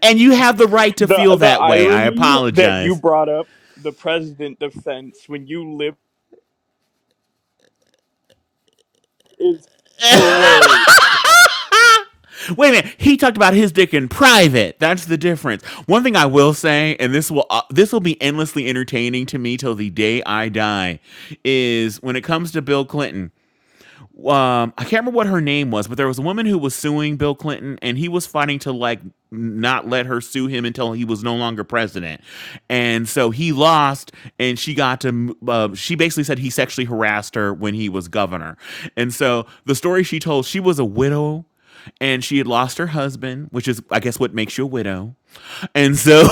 C: And you have the right to
J: The
C: feel
J: the
C: that way. I
J: irony that you
C: apologize.
J: brought up the president defense when you lived is hilarious to me.
C: Wait a minute. He talked about his dick in private. That's the difference. One thing I will say, and this will uh, this will be endlessly entertaining to me till the day I die, is when it comes to Bill Clinton, um, I can't remember what her name was, but there was a woman who was suing Bill Clinton, and he was fighting to like not let her sue him until he was no longer president. And so he lost, and she got to. Uh, she basically said he sexually harassed her when he was governor. And so the story she told, she was a widow, and she had lost her husband, which is, I guess, what makes you a widow and so <laughs>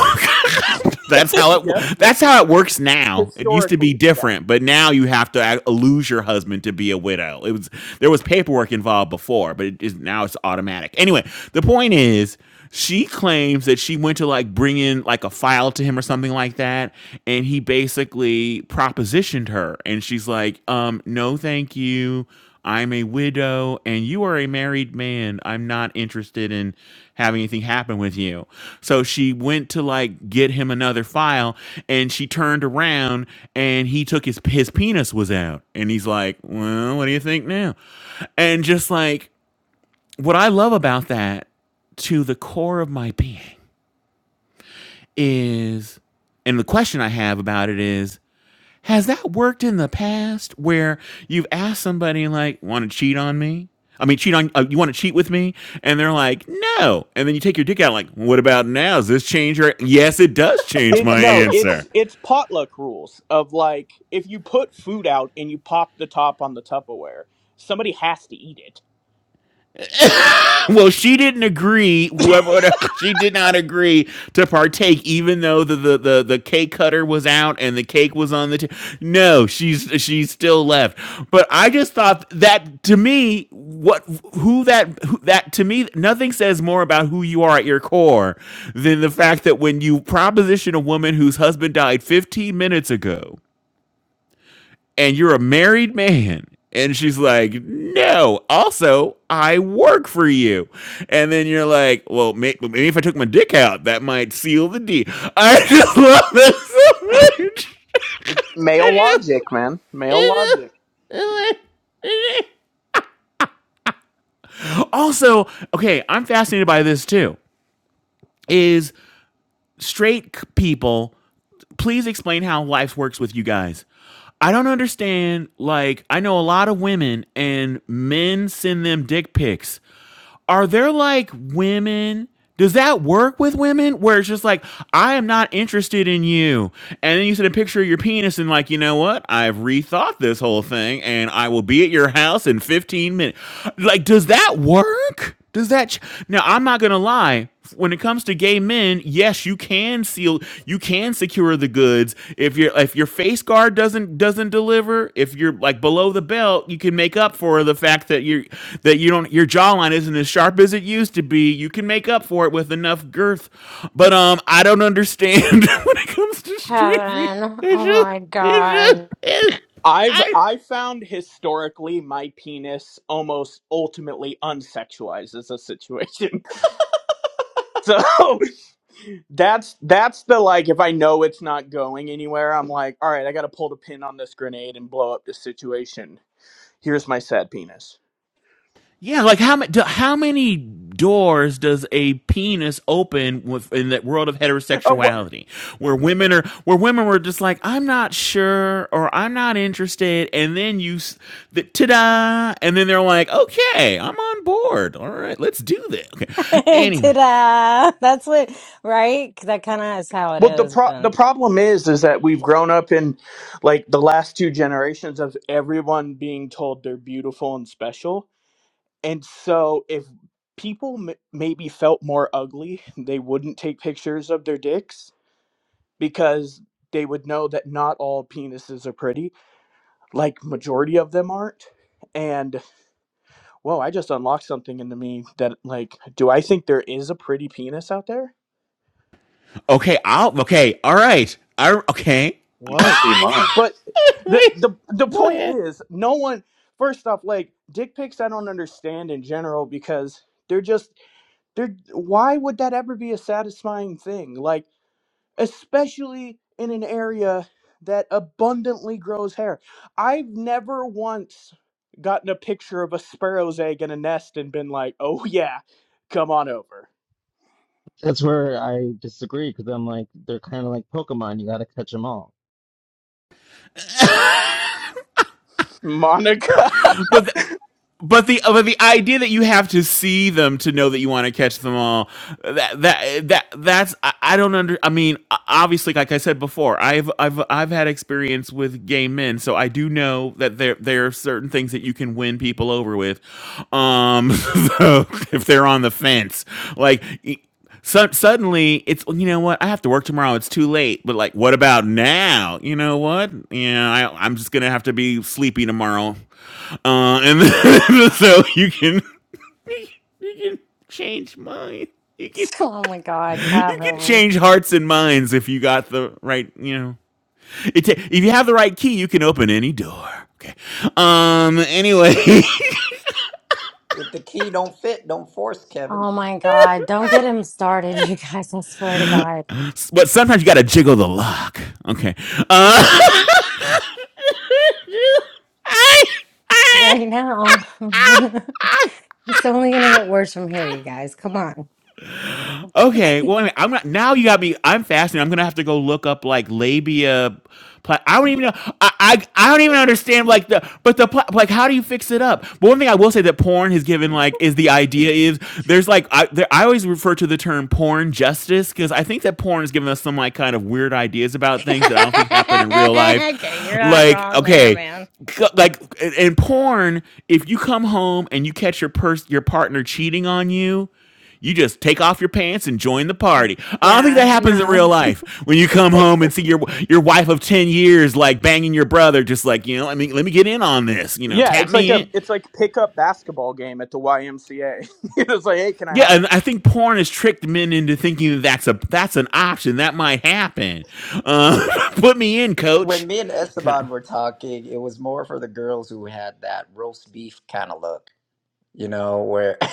C: that's how it
J: Yep, n-
C: that's how it works now. It used to be
J: historically, yeah.
C: different, but now you have to uh, lose your husband to be a widow. It was there was paperwork involved before, but it is now it's automatic. Anyway, the point is she claims that she went to like bring in like a file to him or something like that and he basically propositioned her and she's like um no thank you I'm a widow and you are a married man. I'm not interested in having anything happen with you. So she went to like get him another file and she turned around and he took his his penis was out. And he's like, "Well, what do you think now?" And just like what I love about that to the core of my being is and the question I have about it is has that worked in the past where you've asked somebody like, "Want to cheat on me?" I mean, cheat on uh, you want to cheat with me, and they're like, "No," and then you take your dick out like, "What about now? Does this change your?" Yes, it does change
J: It
C: my
J: no, it's
C: answer.
J: it's potluck rules of like if you put food out and you pop the top on the Tupperware, somebody has to eat it.
C: <laughs> well, she didn't agree. Whoever <laughs> she did not agree to partake, even though the the the, the cake cutter was out and the cake was on the. T- no, she's she's still left. But I just thought that to me, what who that who, that to me, nothing says more about who you are at your core than the fact that when you proposition a woman whose husband died 15 minutes ago and you're a married man. And she's like, no, also, I work for you. And then you're like, well, may- well, maybe if I took my dick out, that might seal the deal. <laughs> I just love this so much.
J: Male logic, man. Male logic.
C: <laughs> also, okay, I'm fascinated by this too. Is straight people, please explain how life works with you guys. I don't understand. Like, I know a lot of women and men send them dick pics are there like women? Does that work with women where it's just like, I am not interested in you? And then you send a picture of your penis and, like, you know what? I've rethought this whole thing and I will be at your house in 15 minutes. Like, does that work? Does that ch- now? I'm not gonna lie. When it comes to gay men, yes, you can seal, you can secure the goods. If your if your face guard doesn't doesn't deliver, if you're like below the belt, you can make up for the fact that you that you don't your jawline isn't as sharp as it used to be. You can make up for it with enough girth. But um, I don't understand <laughs> when it comes to streaming.
A: Kevin,
C: It's
A: oh
C: just
A: my
C: it's just
A: God.
C: it's,
J: I've
C: I
J: I found historically my penis almost ultimately unsexualized as a situation. <laughs> So <laughs> that's that's the like if I know it's not going anywhere, I'm like, all right, I got to pull the pin on this grenade and blow up this situation. Here's my sad penis.
C: Yeah, like how many how many doors does a penis open with, in that world of
J: Oh well,
C: heterosexuality, where women are where women were just like I'm not sure or I'm not interested, and then you the, ta-da, and then they're like, okay, I'm on board. All right, let's do this.
A: <laughs>
C: Okay, anyway,
A: Ta-da! That's what, right? 'Cause That kind of is how it
J: well the
A: is,
J: pro-
A: but.
J: the problem is is that we've grown up in like the last two generations of everyone being told they're beautiful and special And so if people m- maybe felt more ugly, they wouldn't take pictures of their dicks because they would know that not all penises are pretty, like majority of them aren't. And whoa, I just unlocked something into me that like, do I think there is a pretty penis out there?
C: okay, I'll okay, all right, I okay.
K: You should
J: Whoa.
K: see mine.
J: But the the
C: <laughs>
J: the
C: Go
J: point
C: ahead.
J: is, no one. First off, like dick pics I don't understand in general because they're just they're why would that ever be a satisfying thing? Like especially in an area that abundantly grows hair. I've never once gotten a picture of a sparrow's egg in a nest and been like, "Oh <laughs> yeah, come on over."
B: That's where I disagree because I'm like, they're kind of like Pokemon. You got to catch them all.
J: Monica. <laughs>
C: But but the but the idea that you have to see them to know that you want to catch them all that that that that's I, I don't under I mean obviously like I said before I've I've I've had experience with gay men so I do know that there there are certain things that you can win people over with um <laughs> so if they're on the fence like e- so, suddenly it's you know what I have to work tomorrow. It's too late. But like, what about now? You know what? Yeah, I, I'm just gonna have to be sleepy tomorrow. Uh, and then, <laughs> so you can you can change mind. You can
A: <laughs> Oh my God,
C: you can
A: Kevin.
C: change hearts and minds if you got the right. You know, it ta- if you have the right key, you can open any door. Okay. Um. Anyway, <laughs>
D: If the key don't fit, don't force, Kevin.
A: Oh my God. Don't get him started, <laughs> you guys. I swear to God.
C: but sometimes you gotta jiggle the lock. Okay. Uh.
A: Right now.
C: <laughs>
A: <laughs> It's only going to get worse from here, you guys. Come on. <laughs>
C: Okay. Well,
A: okay,
C: I mean, I'm not. Now you got me. I'm fascinated. I'm gonna have to go look up like labia. Pla- I don't even know. I, I I don't even understand like the but the pla- like how do you fix it up? But one thing I will say that porn has given like is the idea is there's like I there, I always refer to the term porn justice because I think that porn has given us some like kind of weird ideas about things that I don't think happen in real life.
A: you're not
C: Like
A: wrong there,
C: okay,
A: man.
C: c- like in in porn, if you come home and you catch your pers- your partner cheating on you you just take off your pants and join the party. I don't think
A: Yeah,
C: that happens in real
A: no.
C: life. When you come home and see your your wife of ten years like banging your brother, just like you know, I mean, let me get in on this. You know,
J: Yeah,
C: tap
J: it's like
C: me in.
J: a it's like pickup basketball game at the YMCA. <laughs> it's like, "Hey, can I
C: Yeah,
J: hop
C: and
J: in?"
C: I think porn has tricked men into thinking that that's a that's an option that might happen. Uh, <laughs> put me in, coach.
D: When me and
C: Kind of.
D: Esteban were talking, it was more for the girls who had that roast beef kind of look you know, where. <laughs>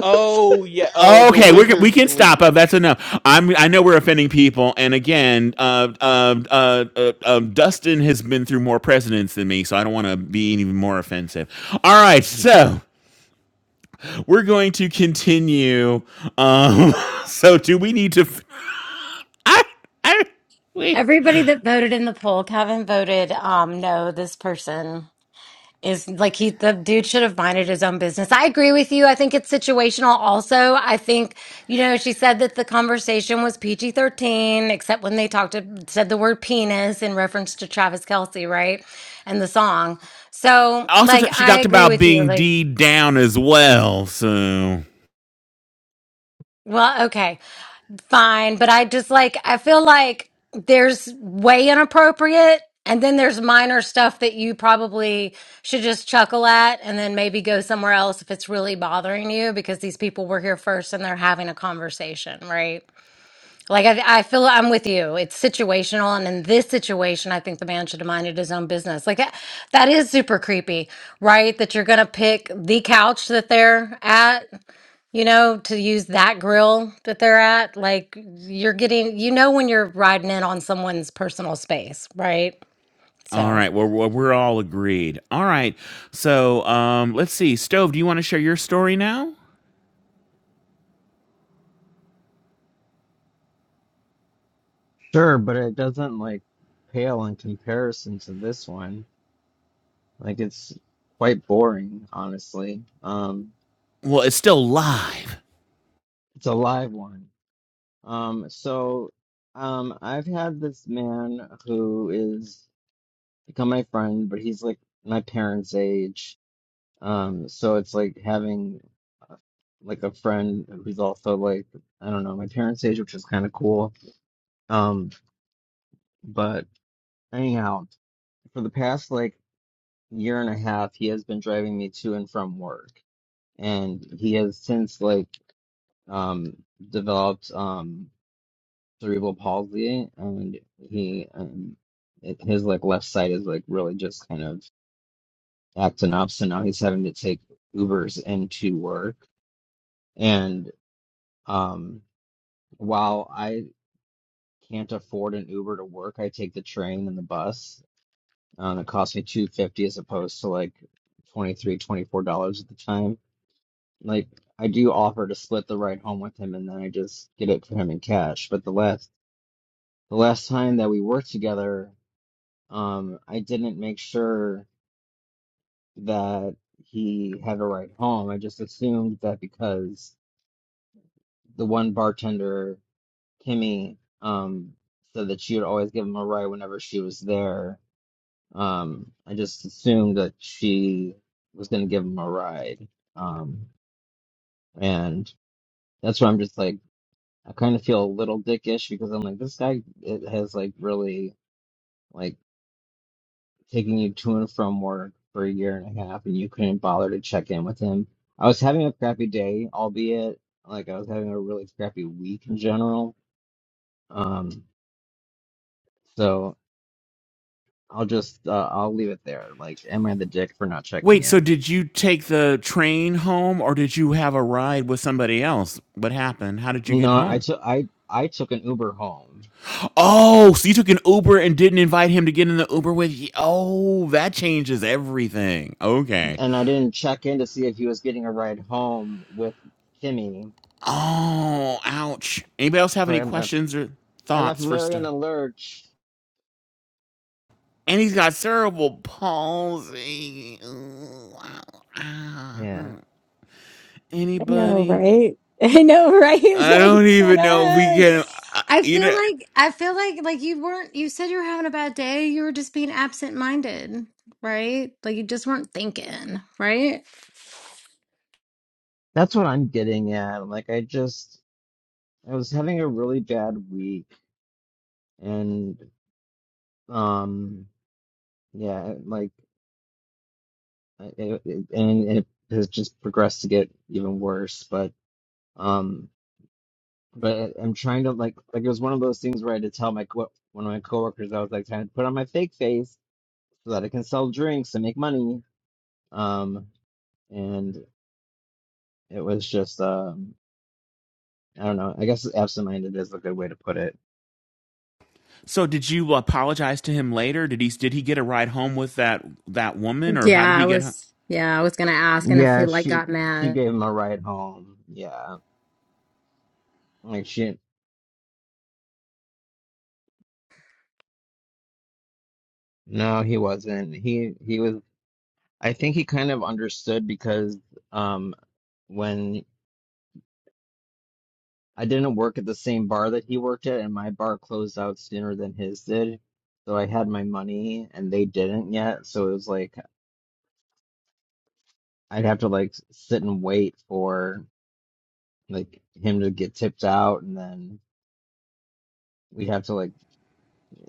J: Oh yeah, oh the
C: Okay, we we
J: wizard
C: can stop.
J: sleep.
C: Uh, that's enough. I'm I know we're offending people, and again, uh, uh, uh, uh, uh, Dustin has been through more presidents than me, so I don't want to be even more offensive. All right, so we're going to continue. Um, <laughs> so do we need to? f- I I we
A: Everybody that voted in the poll, Kevin voted um no, this person. is like he the dude should have minded his own business. I agree with you. I think it's situational also. I think, you know, she said that the conversation was PG thirteen, except when they talked to, said the word penis in reference to Travis Kelce, right? And the song. So
C: also
A: like
C: t- she
A: I
C: talked
A: agree
C: about
A: with you.
C: being
A: Like,
C: D down as well. So
A: well, okay. fine, but I just like I feel like there's way inappropriate and then there's minor stuff that you probably should just chuckle at and then maybe go somewhere else if it's really bothering you because these people were here first and they're having a conversation, right? Like I I feel I'm with you. It's situational and in this situation I think the man should have minded his own business. Like that, that is super creepy, right? That you're going to pick the couch that they're at you know, to use that grill that they're at, like you're getting, you know, when you're riding in on someone's personal space, right?
C: all
A: So,
C: right, well we're, we're all agreed. All right, so um, let's see. Stove, do you want to share your story now?
B: Sure, but it doesn't like pale in comparison to this one. Like it's quite boring, honestly. Um,
C: Well, it's still live.
B: it's a live one. Um, so, um, I've had this man who is. become my friend, but he's like my parents' age. Um, so it's like having uh, like a friend who's also like I don't know my parents' age, which is kind of cool. Um, but anyhow, for the past like year and a half, he has been driving me to and from work, and he has since like um developed um cerebral palsy, and he um it, his like left side is like really just kind of acting up. So now he's having to take Ubers into work. And um, while I can't afford an Uber to work, I take the train and the bus. Um, it costs me two fifty as opposed to like twenty three, twenty four dollars at the time. Like I do offer to split the ride home with him, and then I just get it for him in cash. But the last the last time that we worked together, um, I didn't make sure that he had a ride home. I just assumed that because the one bartender, Kimmy, um, said that she would always give him a ride whenever she was there. Um, I just assumed that she was going to give him a ride. Um, and that's why I'm just like, I kind of feel a little dickish because I'm like, this guy it has like really like taking you to and from work for a year and a half, and you couldn't bother to check in with him. I was having a crappy day, albeit like I was having a really crappy week in general. Um, so I'll just uh, I'll leave it there. Like, am I the dick for not checking
C: Wait, so
B: in?
C: did you take the train home or did you have a ride with somebody else? What happened? How did you get
B: No, I
C: home?
B: took I I took an Uber home,
C: Oh, so you took an Uber and didn't invite him to get in the Uber with you? Oh, that changes everything. Okay.
B: and I didn't check in to see if he was getting a ride home with Kimmy.
C: Oh, ouch. Anybody else have
B: So
C: any
B: I left
C: questions or
B: I left
C: thoughts for
B: Larry
C: stuff?
B: in a lurch.
C: And he's got cerebral palsy. ah.
B: Yeah,
C: Anybody?
A: Hey,
C: I don't even know if we can. uh,
A: I
C: You
A: feel
C: know.
A: like I feel like like you weren't you said you were having a bad day, you were just being absent-minded, right? Like you just weren't thinking, right?
B: that's what I'm getting at. Like, I just I was having a really bad week, and um, yeah, like, I- it, it, and it has just progressed to get even worse. But um. but I'm trying to like like it was one of those things where I had to tell my co- one of my coworkers I was like trying to put on my fake face so that I can sell drinks and make money. Um, and it was just um, I don't know. I guess absent-minded is a good way to put it.
C: So did you apologize to him later? Did he did he get a ride home with that that woman, or how
A: Yeah,
C: did he
A: I
C: get? ho-
A: was. Yeah, I was gonna ask, and I
B: Yeah,
A: feel like
B: she
A: got
B: she
A: mad.
B: gave him a ride home. Yeah, like she no, he wasn't. He he was. I think he kind of understood because um. when. I didn't work at the same bar that he worked at, and my bar closed out sooner than his did. So I had my money, and they didn't yet. So it was like I'd have to like sit and wait for like him to get tipped out, and then we'd have to like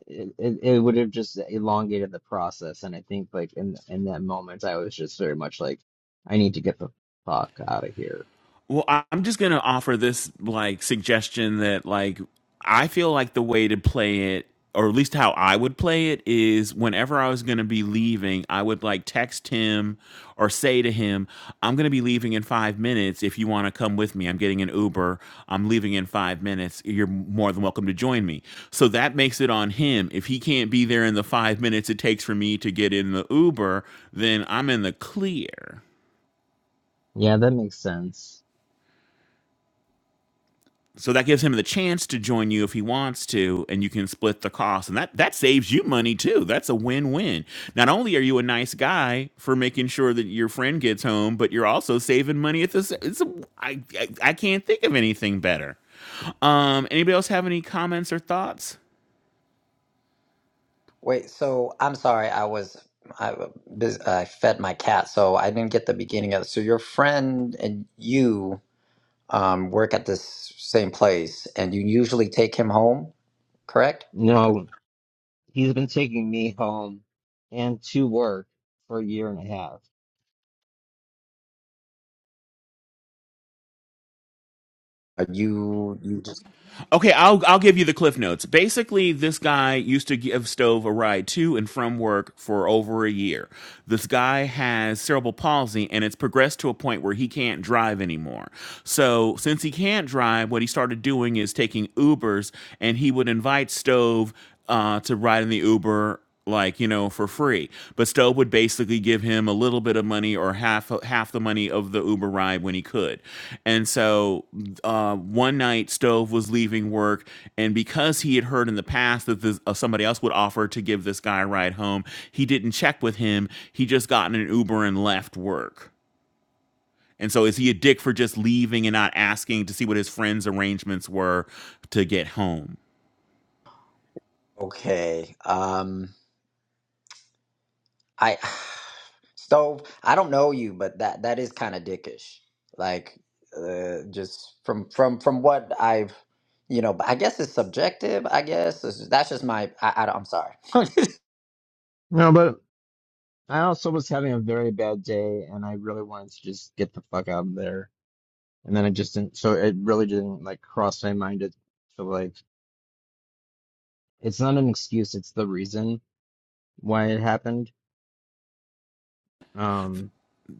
B: it. It, it would have just elongated the process, and I think like in in that moment, I was just very much like, I need to get the fuck out of here.
C: Well, I- am just gonna offer this like suggestion that like I feel like the way to play it, or at least how I would play it, is whenever I was gonna be leaving, I would like text him or say to him, "I'm gonna be leaving in five minutes. If you want to come with me, I'm getting an Uber. I'm leaving in five minutes. You're more than welcome to join me." So that makes it on him. If he can't be there in the five minutes it takes for me to get in the Uber, then I'm in the clear.
B: Yeah, that makes sense.
C: So that gives him the chance to join you if he wants to, and you can split the cost. And that, that saves you money too. That's a win win. Not only are you a nice guy for making sure that your friend gets home, but you're also saving money at this. It's a, I, I, I can't think of anything better. Um, anybody else have any comments or thoughts?
D: Wait, so I'm sorry, I was I was bus- I fed my cat, so I didn't get the beginning of So your friend and you um work at this same place, and you usually take him home, correct?
B: No, he's been taking me home and to work for a year and a half
D: Are you you just
C: Okay, I'll I'll give you the cliff notes. Basically, this guy used to give Stove a ride to and from work for over a year. This guy has cerebral palsy and it's progressed to a point where he can't drive anymore. So, since he can't drive, what he started doing is taking Ubers and he would invite Stove uh, to ride in the Uber like you know for free but stowe would basically give him a little bit of money or half half the money of the uber ride when he could and so uh, one night stove was leaving work and because he had heard in the past that this, uh, somebody else would offer to give this guy a ride home he didn't check with him he just got in an uber and left work and so is he a dick for just leaving and not asking to see what his friends arrangements were to get home
D: okay? Um. I <sighs> stove. I don't know you, but that that is kind of dickish. Like, uh, just from from from what I've, you know. But I guess it's subjective. I guess it's, that's just my. I, I don't- I'm sorry.
B: No, but I also was having a very bad day and I really wanted to just get the fuck out of there. And then I just didn't, so it really didn't like cross my mind to, to like, it's not an excuse, it's the reason why it happened. Um,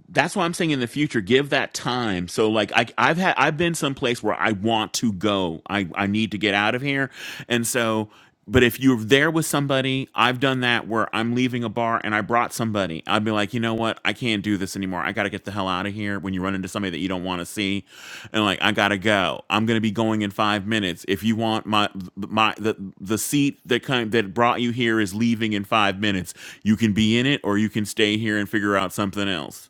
C: that's why I'm saying in the future, give that time. So like I I've had I've been someplace where I want to go. I, I need to get out of here. And so but if you're there with somebody, I've done that where I'm leaving a bar and I brought somebody. I'd be like, you know what? I can't do this anymore. I gotta get the hell out of here. When you run into somebody that you don't want to see, and like I gotta go. I'm gonna be going in five minutes. If you want my my the the seat that kind that brought you here is leaving in five minutes. You can be in it or you can stay here and figure out something else.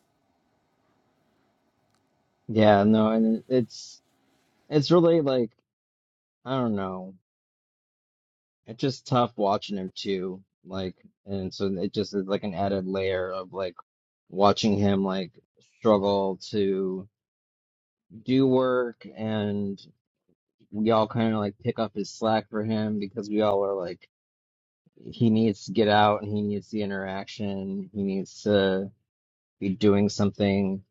B: yeah, no, and it- it's, it's really like, I don't know. It's just tough watching him too. Like, and so it just is like an added layer of like watching him like struggle to do work we all kind of like pick up his slack for him because we all are like he needs to get out and he needs the interaction he needs to be doing something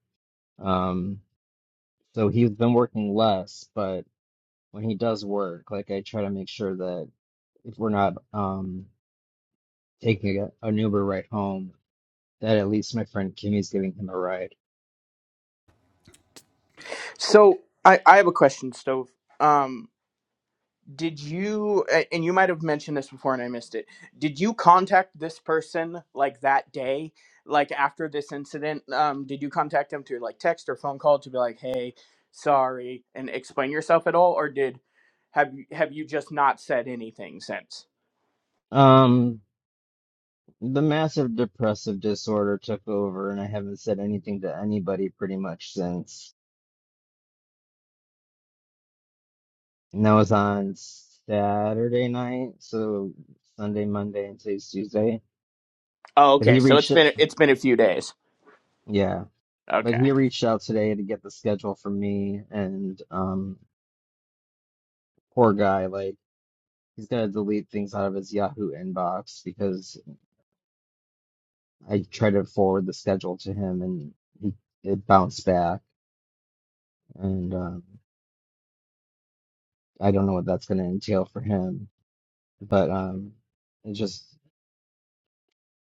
B: um so he's been working less but when he does work like i try to make sure that if we're not um taking a, an uber ride home that at least my friend kimmy's giving him a ride
J: So, I I have a question, Stove. Um did you and you might have mentioned this before and i missed it did you contact this person like that day like after this incident um did you contact him to like text or phone call to be like hey sorry and explain yourself at all or did have you have you just not said anything since
B: um the massive depressive disorder took over and i haven't said anything to anybody pretty much since And that was on Saturday night, so Sunday, Monday, and today's Tuesday.
J: oh
B: But
J: okay
B: he
J: so it's
B: reached,
J: been it's been a few days
B: yeah, but
J: okay
B: he reached out today to get the schedule for me. And um, poor guy, like he's got to delete things out of his Yahoo inbox because I tried to forward the schedule to him, and he it bounced back. And um, I don't know what that's going to entail for him, but um, it's just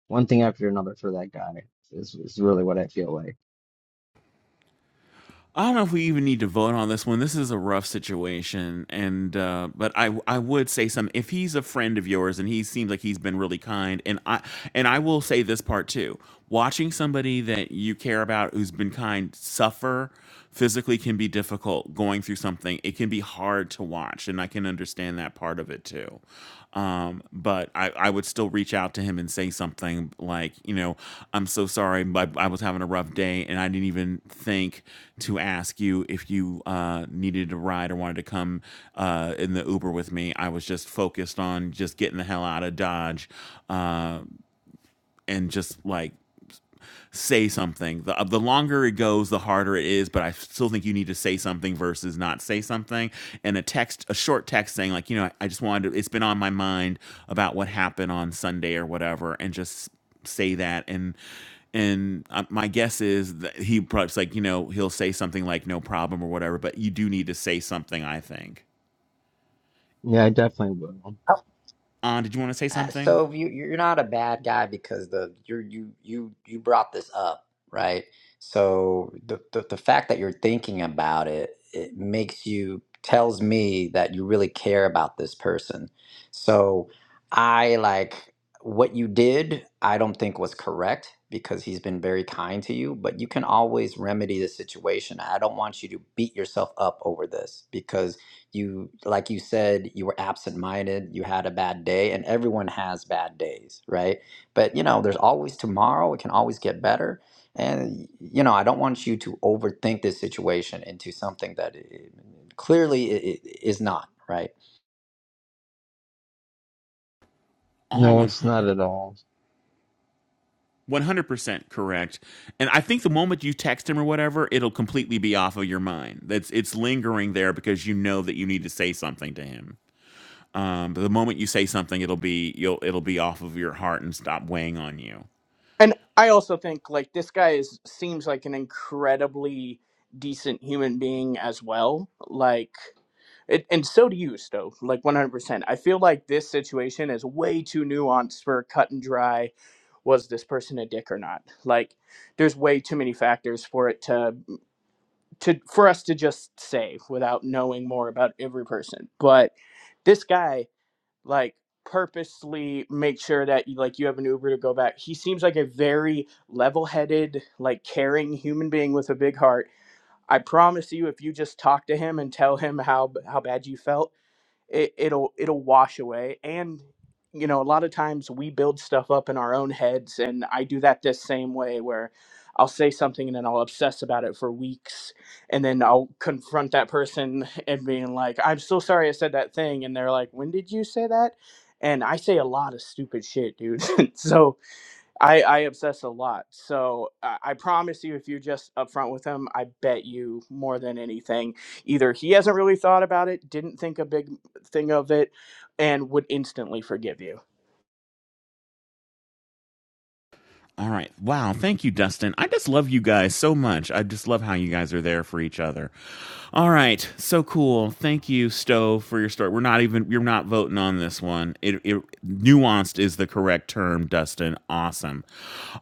B: one thing after another for that guy is is really what I feel like.
C: I don't know if we even need to vote on this one. This is a rough situation, and uh, but I I would say some if he's a friend of yours and he seems like he's been really kind, and I and I will say this part too. Watching somebody that you care about who's been kind suffer physically can be difficult. Going through something, it can be hard to watch, and I can understand understand that part of it too. Um, but I, I would still reach out to him and say something like, you know, I'm so sorry, but I was having a rough day and I didn't even think to ask you if you uh, needed a ride or wanted to come uh, in the Uber with me. I was just focused on just getting the hell out of Dodge uh, and just like say something. The, the longer it goes, the harder it is. But I still think you need to say something versus not say something. And a text, a short text saying like, you know, I I just wanted. To, it's been on my mind about what happened on Sunday or whatever, and just say that and. And uh, my guess is that he probably like you know he'll say something like no problem or whatever, but you do need to say something. I think.
B: Yeah, I definitely will.
D: <laughs>
C: On, did you want to say
D: Uh,
C: something?
D: Stove, you you're not a bad guy because the you're you you you brought this up, right? So the, the the fact that you're thinking about it, it makes you tells me that you really care about this person. So I like what you did, I don't think was correct because he's been very kind to you, but you can always remedy the situation. I don't want you to beat yourself up over this because you like you said you were absent-minded you had a bad day and everyone has bad days right but you know there's always tomorrow it can always get better and you know i don't want you to overthink this situation into something that it, clearly it, it is not right
C: On
B: No,
C: one.
B: it's not
C: hundred.
B: at all.
C: 100% correct. And I think the moment you text him or whatever, it'll completely be off of your mind. That's it's lingering there because you know that you need to say something to him. Um, but the moment you say something, it'll be you'll it'll be off of your heart and stop weighing on you.
J: And I also think like this guy is seems like an incredibly decent human being as well. Like it, and so do you, Stove. Like one hundred percent. I feel like this situation is way too nuanced for cut and dry. Was this person a dick or not? Like, there's way too many factors for it to to for us to just say without knowing more about every person. But this guy like purposely make sure that you like you have an Uber to go back. He seems like a very level-headed, like caring human being with a big heart. I promise you if you just talk to him and tell him how how bad you felt, it, it'll it'll wash away and you know a lot of times we build stuff up in our own heads and i do that the same way where i'll say something and then i'll obsess about it for weeks and then i'll confront that person <laughs> and being like i'm so sorry i said that thing and they're like when did you say that and i say a lot of stupid shit dude <laughs> so I, I obsess a lot. So I, I promise you, if you're just upfront with him, I bet you more than anything, either he hasn't really thought about it, didn't think a big thing of it, and would instantly forgive you.
C: All right. Wow. Thank you, Dustin. I just love you guys so much. I just love how you guys are there for each other. All right. So cool. Thank you, Stowe, for your story. We're not even, you're not voting on this one. It, it nuanced is the correct term, Dustin. Awesome.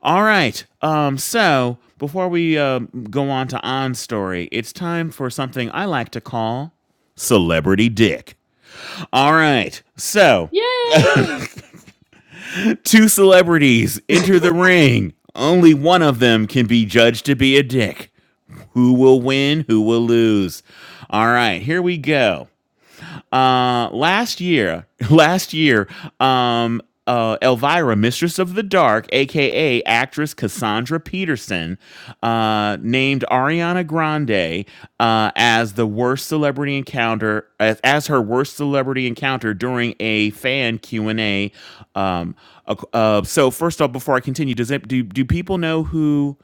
C: All right. Um, so before we um go on to On's story, it's time for something I like to call celebrity dick. All right. So
L: Yay!
C: Two celebrities enter the ring. Only one of them can be judged to be a dick. Who will win? Who will lose? All right, here we go. Uh, last year, <laughs> last year, um, uh, Elvira, Mistress of the Dark, aka actress Cassandra Peterson, uh, named Ariana Grande uh, as the worst celebrity encounter as, as her worst celebrity encounter during a fan Q and A. Um, uh, uh, so first off, before I continue, does it do do people know who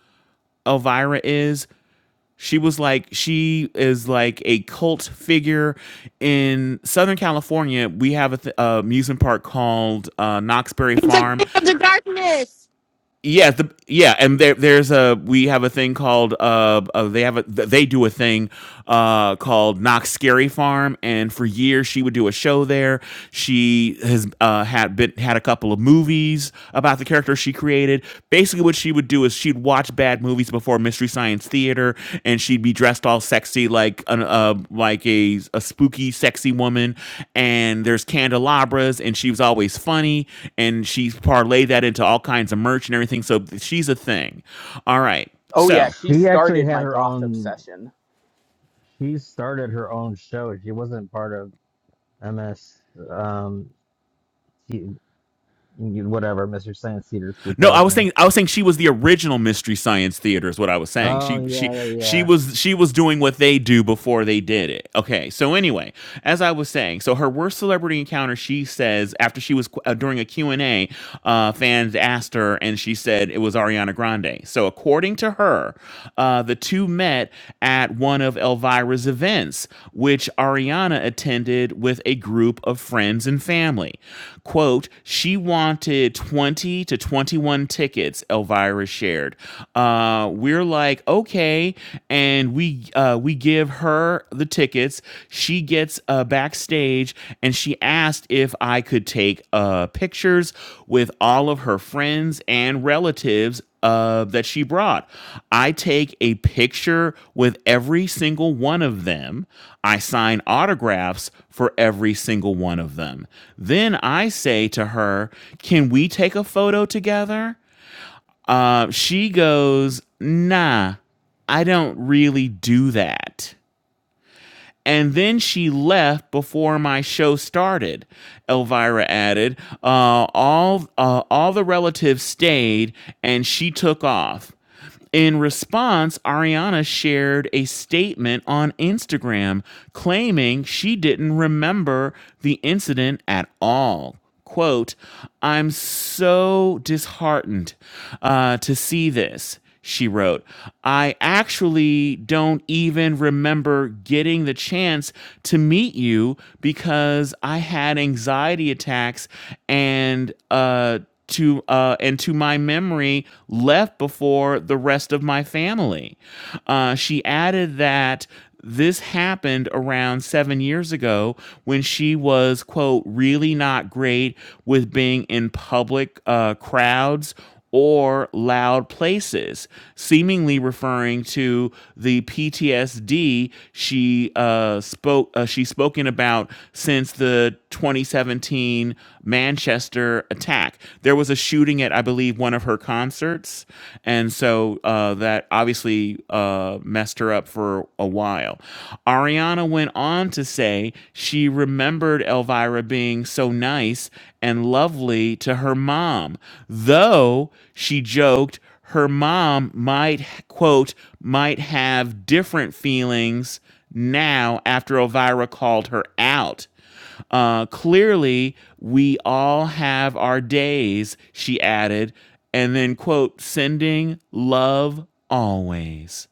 C: Elvira is? She was like, she is like a cult figure in Southern California. We have a th- uh, amusement park called uh, Knoxbury
M: He's the
C: Farm.
M: king of the darkness.
C: Yeah, the, yeah, and there, there's a we have a thing called uh, uh they have a they do a thing uh called Knox Scary Farm, and for years she would do a show there. She has uh, had been had a couple of movies about the character she created. Basically, what she would do is she'd she'd watch bad movies before Mystery Science Theater, and she'd be dressed all sexy like an uh, like a a spooky sexy woman. And there's candelabras, and she was always funny, and she parlayed that into all kinds of merch and everything. So she's a thing. All right,
J: Oh, yeah,
C: so
J: he
B: She actually
J: started
B: had
J: my
B: her
J: goth
B: own.
J: obsession.
B: She started her own show. She wasn't part of MS, um, T- whatever, Mr. Science Theater
C: No, I was
B: 3000.
C: saying I was saying she was the original Mystery Science Theater is what I was saying.
B: Oh
C: She she
B: yeah,
C: she
B: yeah,
C: was she was doing what they do before they did it. Okay. So anyway, as I was saying, so her worst celebrity encounter, she says after she was uh, during a Q and a uh, fans asked her and she said it was Ariana Grande. So according to her, uh, the two met at one of Elvira's events, which Ariana attended with a group of friends and family. Quote, she wanted 20 to 21 tickets, Elvira shared. Uh, we're like, okay. And we, uh, we give her the tickets. She gets uh, backstage and she asked if I could take uh, pictures with all of her friends and relatives uh, that she brought. I take a picture with every single one of them. I sign autographs for every single one of them. Then I say to her, Can we take a photo together? Uh, she goes, Nah, I don't really do that. And then she left before my show started. Elvira added, uh, "All uh, all the relatives stayed, and she took off." In response, Ariana shared a statement on Instagram claiming she didn't remember the incident at all quote, I'm so disheartened uh, to see this, she wrote. I actually don't even remember getting the chance to meet you because I had anxiety attacks and uh, to uh, and to my memory left before the rest of my family. Uh, she added that this happened around seven years ago when she was quote really not great with being in public uh, crowds or loud places, seemingly referring to the PTSD she uh, spoke uh, she's spoken about since the 2017 Manchester attack. There was a shooting at I believe one of her concerts, and so uh, that obviously uh, messed her up for a while. Ariana went on to say she remembered Elvira being so nice and lovely to her mom, though she joked her mom might, quote, might have different feelings now after Elvira called her out. Uh, clearly, we all have our days, she added, and then, quote, sending love always.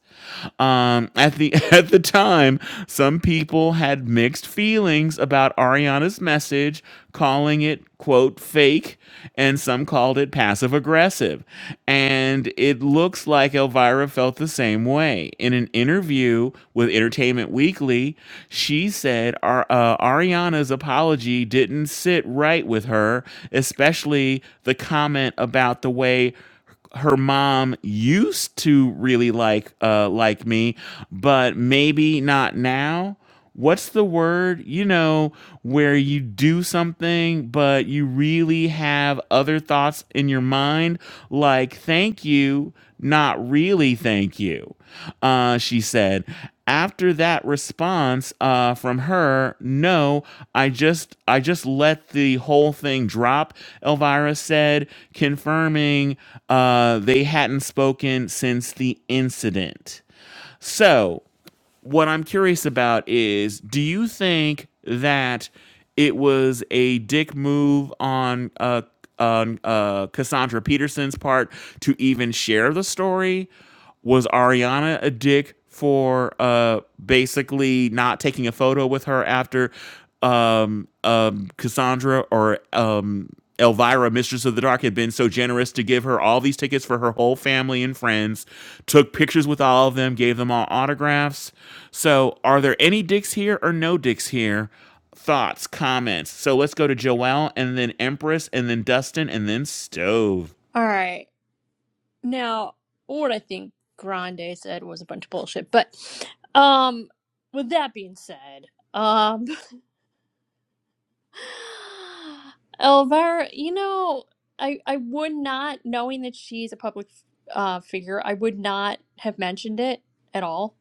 C: Um, at the <laughs> at the time, some people had mixed feelings about Ariana's message, calling it quote fake, and some called it passive aggressive. And it looks like Elvira Elvira felt the same way. In an interview with Entertainment Weekly, she said Ar- uh, Ariana's apology didn't sit right with her, especially the comment about the way her mom used to really like uh like me but maybe not now what's the word you know where you do something but you really have other thoughts in your mind like thank you not really thank you uh, she said after that response uh, from her no i just i just let the whole thing drop elvira said confirming uh, they hadn't spoken since the incident so what I'm curious about is do you think that it was a dick move on uh, on uh, Cassandra Peterson's part to even share the story? Was Ariana a dick for uh, basically not taking a photo with her after um, um, Cassandra or um, Elvira, Mistress of the Dark, had been so generous to give her all these tickets for her whole family and friends, took pictures with all of them, gave them all autographs. So, are there any dicks here or no dicks here? Thoughts, comments. So, let's go to Joelle and then Empress and then Dustin and then Stove.
L: All right. Now, what I think Grande said was a bunch of bullshit, but um with that being said, um <sighs> Elvira, you know, I I would not knowing that she's a public uh figure, I would not have mentioned it at all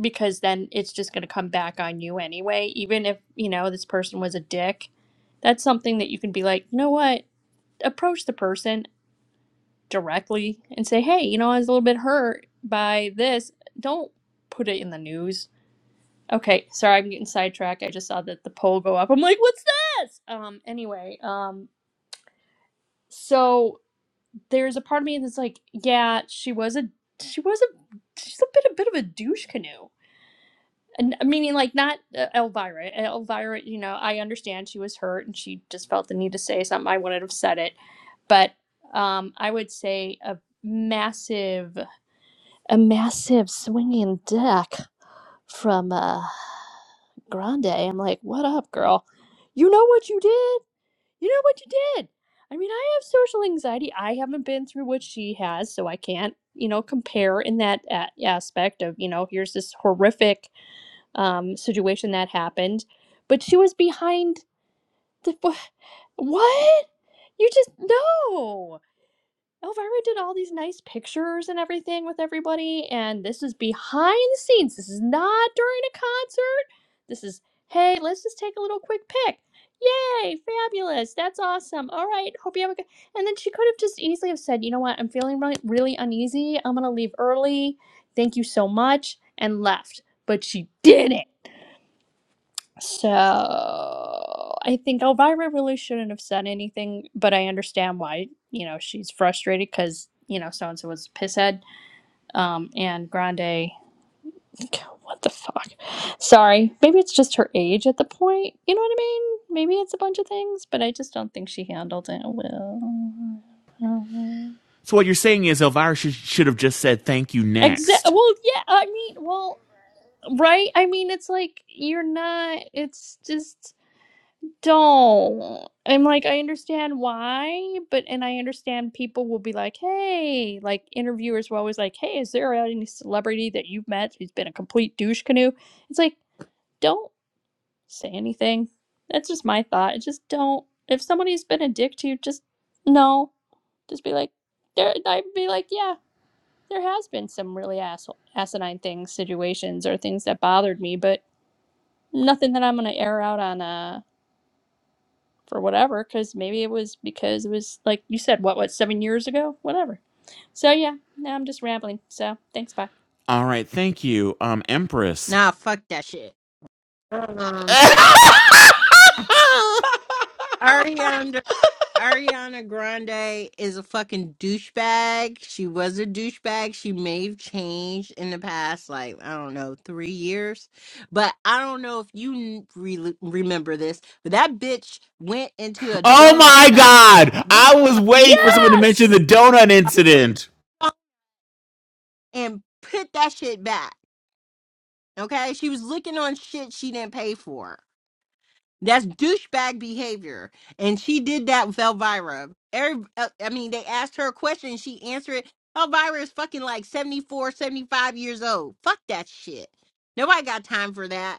L: because then it's just going to come back on you anyway, even if, you know, this person was a dick. That's something that you can be like, "You know what? Approach the person. directly and say, hey, you know, I was a little bit hurt by this. Don't put it in the news. Okay, sorry, I'm getting sidetracked. I just saw that the poll go up. I'm like, what's this? Um, anyway, um, so there's a part of me that's like, yeah, she was a, she was a, she's a bit, a bit of a douche canoe. And meaning like not uh, Elvira. Elvira, you know, I understand she was hurt and she just felt the need to say something. I wouldn't have said it, but um, I would say a massive. a massive swinging deck from uh, Grande. I'm like, what up, girl? You know what you did? You know what you did? I mean, I have social anxiety. I haven't been through what she has, so I can't, you know, compare in that a- aspect of, you know, here's this horrific um, situation that happened, but she was behind the what? You just no. Elvira did all these nice pictures and everything with everybody, and this is behind the scenes. This is not during a concert. This is, hey, let's just take a little quick pic. Yay, fabulous. That's awesome. All right, hope you have a good. And then she could have just easily have said, you know what, I'm feeling really, really uneasy. I'm going to leave early. Thank you so much, and left. But she didn't. So I think Elvira really shouldn't have said anything, but I understand why, you know, she's frustrated because, you know, so and so was a pisshead. Um, and Grande, <laughs> what the fuck? Sorry. Maybe it's just her age at the point. You know what I mean? Maybe it's a bunch of things, but I just don't think she handled it well.
C: So, what you're saying is Elvira should, should have just said thank you
L: Exactly.
C: next.
L: Well, yeah, I mean, well, right? I mean, it's like you're not, it's just. don't. I'm like, I understand why, but and I understand people will be like, hey, like interviewers were always like, hey, is there any celebrity that you've met who's been a complete douche canoe? It's like, don't say anything. That's just my thought. It's Just don't. If somebody's been a dick to you, just no. Just be like, there. I'd be like, yeah, there has been some really asshole, asinine things, situations, or things that bothered me, but nothing that I'm gonna air out on a. for whatever because maybe it was because it was like you said what what seven years ago whatever so yeah now i'm just rambling so thanks bye
C: All right, thank you, um, Empress.
M: Nah, fuck that shit. Um,
C: <laughs>
M: Ariana Ariana Grande is a fucking douchebag. She was a douchebag. She may have changed in the past, like I don't know, three years. But I don't know if you n- re- remember this, but that bitch went into a
C: Oh
M: donut
C: my
M: shop,
C: god!
M: licked
C: I was
M: on
C: waiting for
M: a
C: someone
M: fucking
C: to mention the
L: yes
C: donut incident.
M: phone, and put that shit back. Okay, she was looking on shit she didn't pay for. That's douchebag behavior. And she did that with Elvira. Every, uh, I mean, they asked her a question and she answered it. Elvira is fucking like 74, 75 years old. Fuck that shit. Nobody got time for that.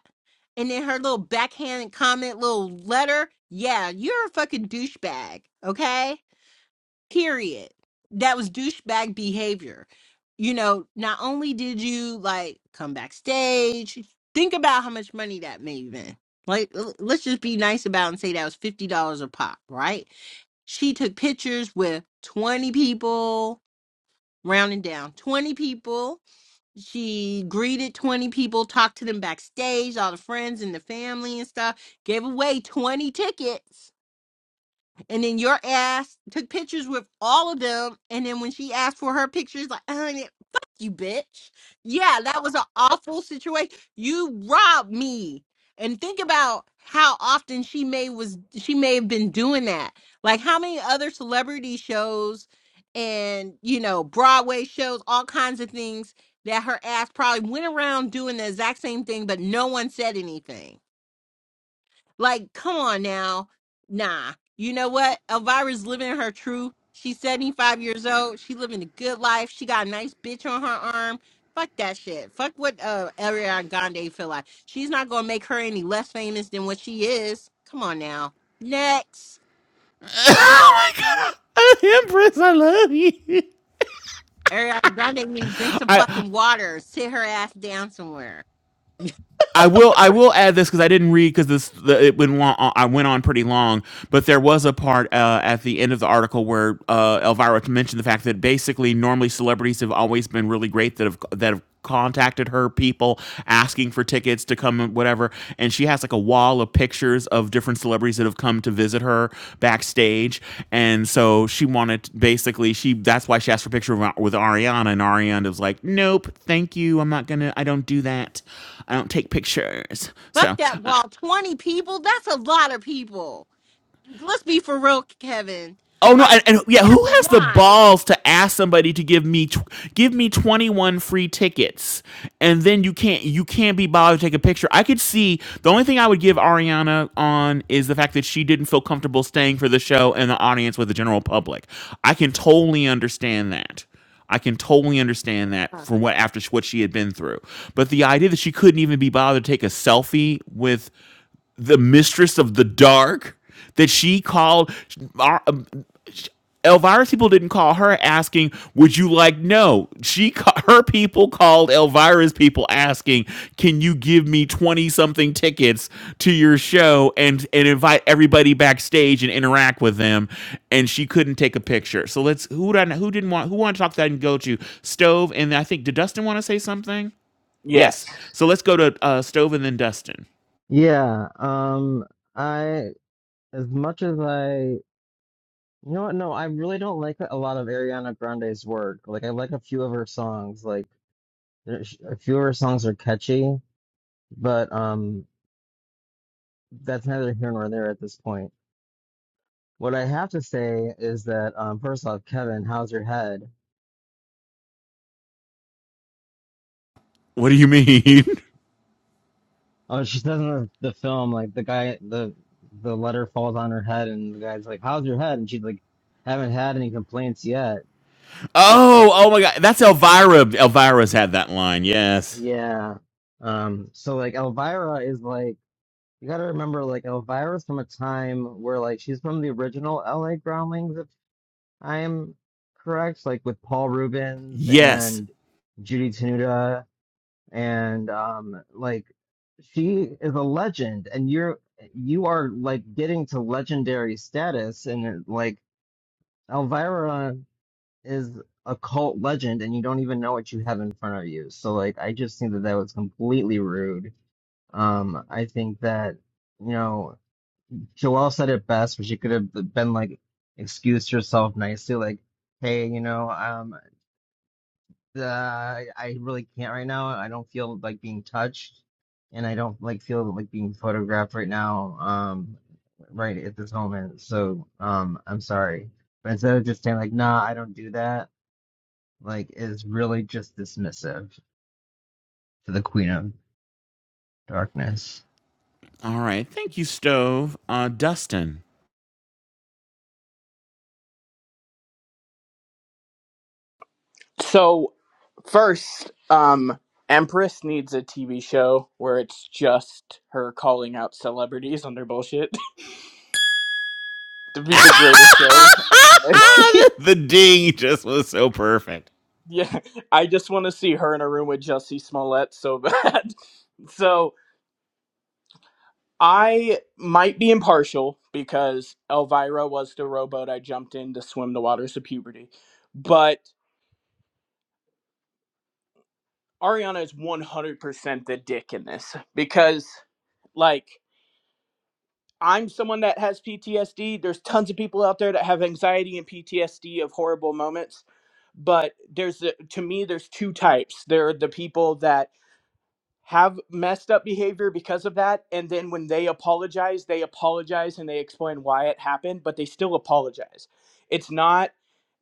M: And then her little backhand comment, little letter. Yeah, you're a fucking douchebag. Okay? period that was douchebag behavior you know not only did you like come backstage think about how much money that may have been like l- let's just be nice about it and say that was $50 a pop right she took pictures with 20 people rounding down 20 people she greeted 20 people talked to them backstage all the friends and the family and stuff gave away 20 tickets and then your ass took pictures with all of them. And then when she asked for her pictures, like, honey, fuck you, bitch. Yeah, that was an awful situation. You robbed me. And think about how often she may was she may have been doing that. Like how many other celebrity shows and you know Broadway shows, all kinds of things that her ass probably went around doing the exact same thing, but no one said anything like, come on now. Nah. You know what? Elvira's living her truth. She's 75 years old. She living a good life. She got a nice bitch on her arm. Fuck that shit. Fuck what uh Ariana Grande feel like. She's not gonna make her any less famous than what she is. Come on now. Next.
C: <laughs> Empress, I love you.
M: Ariana Grande need to drink some
C: I
M: fucking water. Sit her ass down somewhere.
C: I will I will add this because I didn't read because this the, it went long, uh, I went on pretty long, but there was a part uh, at the end of the article where uh, Elvira mentioned the fact that basically normally celebrities have always been really great that have that have contacted her people asking for tickets to come and whatever whatever. And she has like a wall of pictures of different celebrities that have come to visit her backstage. And so she wanted basically she that's why she asked for a picture with Ariana, and Ariana was like, "Nope, thank you. I'm not gonna. I don't do that. I don't take pictures."
M: Fuck
C: So
M: that
C: uh,
M: wall. 20 people? That's a lot of people. Let's be for real, Kevin.
C: Oh no,
M: Like,
C: and, and yeah,
M: that's
C: who
M: a
C: has the
M: lot.
C: balls to ask somebody to give me tw- give me 21 free tickets and then you can't you can't be bothered to take a picture. I could see the only thing I would give Ariana on is the fact that she didn't feel comfortable staying for the show and the audience with the general public. I can totally understand that. I can totally understand that from what after sh- what she had been through. But the idea that she couldn't even be bothered to take a selfie with the mistress of the dark that she called Ar- Elvira's people didn't call her asking, "Would you like?" No, she her people called Elvira's people asking, "Can you give me twenty something tickets to your show and and invite everybody backstage and interact with them?" And she couldn't take a picture. So let's who did I, who didn't want who wanted to talk to that and go to Stove and I think did Dustin want to say something?
J: Yes.
C: Yes. So let's go to uh, Stove and then Dustin.
B: yeah, yeah. Um, I as much as I, you know what? No, I really don't like a lot of Ariana Grande's work. Like I like a few of her songs. Like there's- a few of her songs are catchy, but um, that's neither here nor there at this point. What I have to say is that um, first off, Kevin, how's your head?
C: What do you mean?
B: Oh, she says in the, the film, like the guy, the the letter falls on her head, and the guy's like, "How's your head?" And she's like, "Haven't had any complaints yet."
C: <laughs> oh, oh my God, that's Elvira. Elvira's had that line. Yes.
B: Yeah. Um. So like, Elvira is like, you gotta remember, like, Elvira's from a time where like she's from the original L.A. Groundlings, if I'm correct, like with Paul Rubens
C: Yes.
B: and Judy Tenuta and um like she is a legend and you're you are like getting to legendary status and it, like Elvira is a cult legend and you don't even know what you have in front of you so like I just think that that was completely rude um I think that you know Joelle said it best but she could have been like excused herself nicely like hey you know um uh, I, I really can't right now. I don't feel like being touched, and I don't like feel like being photographed right now. Um, right at this moment. So, um, I'm sorry, but instead of just saying like, "Nah, I don't do that," like, is really just dismissive to the Queen of Darkness.
C: All right. Thank you, Stove. Uh, Dustin.
J: So, first, um, Empress needs a TV show where it's just her calling out celebrities on their bullshit <laughs> to be the greatest show. ever made. <laughs>
C: <laughs> the ding just was so perfect.
J: Yeah, I just want to see her in a room with Jussie Smollett so bad. <laughs> So I might be impartial because Elvira was the rowboat I jumped in to swim the waters of puberty, but Ariana is 100% the dick in this because, like, I'm someone that has PTSD. There's tons of people out there that have anxiety and PTSD of horrible moments but there's a- to me there's two types there are the people that have messed up behavior because of that and then when they apologize they apologize and they explain why it happened but they still apologize it's not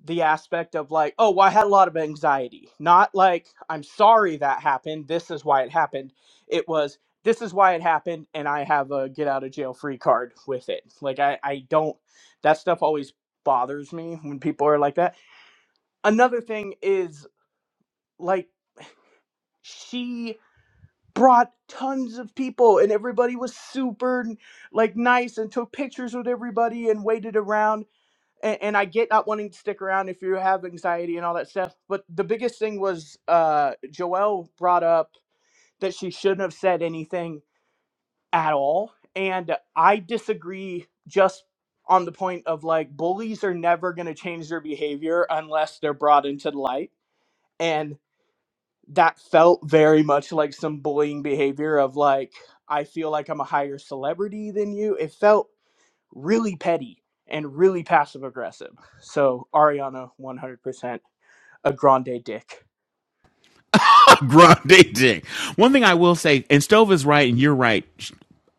J: the aspect of like oh well, i had a lot of anxiety not like i'm sorry that happened this is why it happened it was this is why it happened and i have a get out of jail free card with it like i i don't that stuff always bothers me when people are like that another thing is like she brought tons of people and everybody was super like nice and took pictures with everybody and waited around and, and i get not wanting to stick around if you have anxiety and all that stuff but the biggest thing was uh joelle brought up that she shouldn't have said anything at all and i disagree just on the point of like bullies are never going to change their behavior unless they're brought into the light and that felt very much like some bullying behavior of like i feel like i'm a higher celebrity than you it felt really petty and really passive aggressive so ariana 100% a grande dick
C: <laughs> Grande dick. One thing I will say, and Stove is right, and you're right.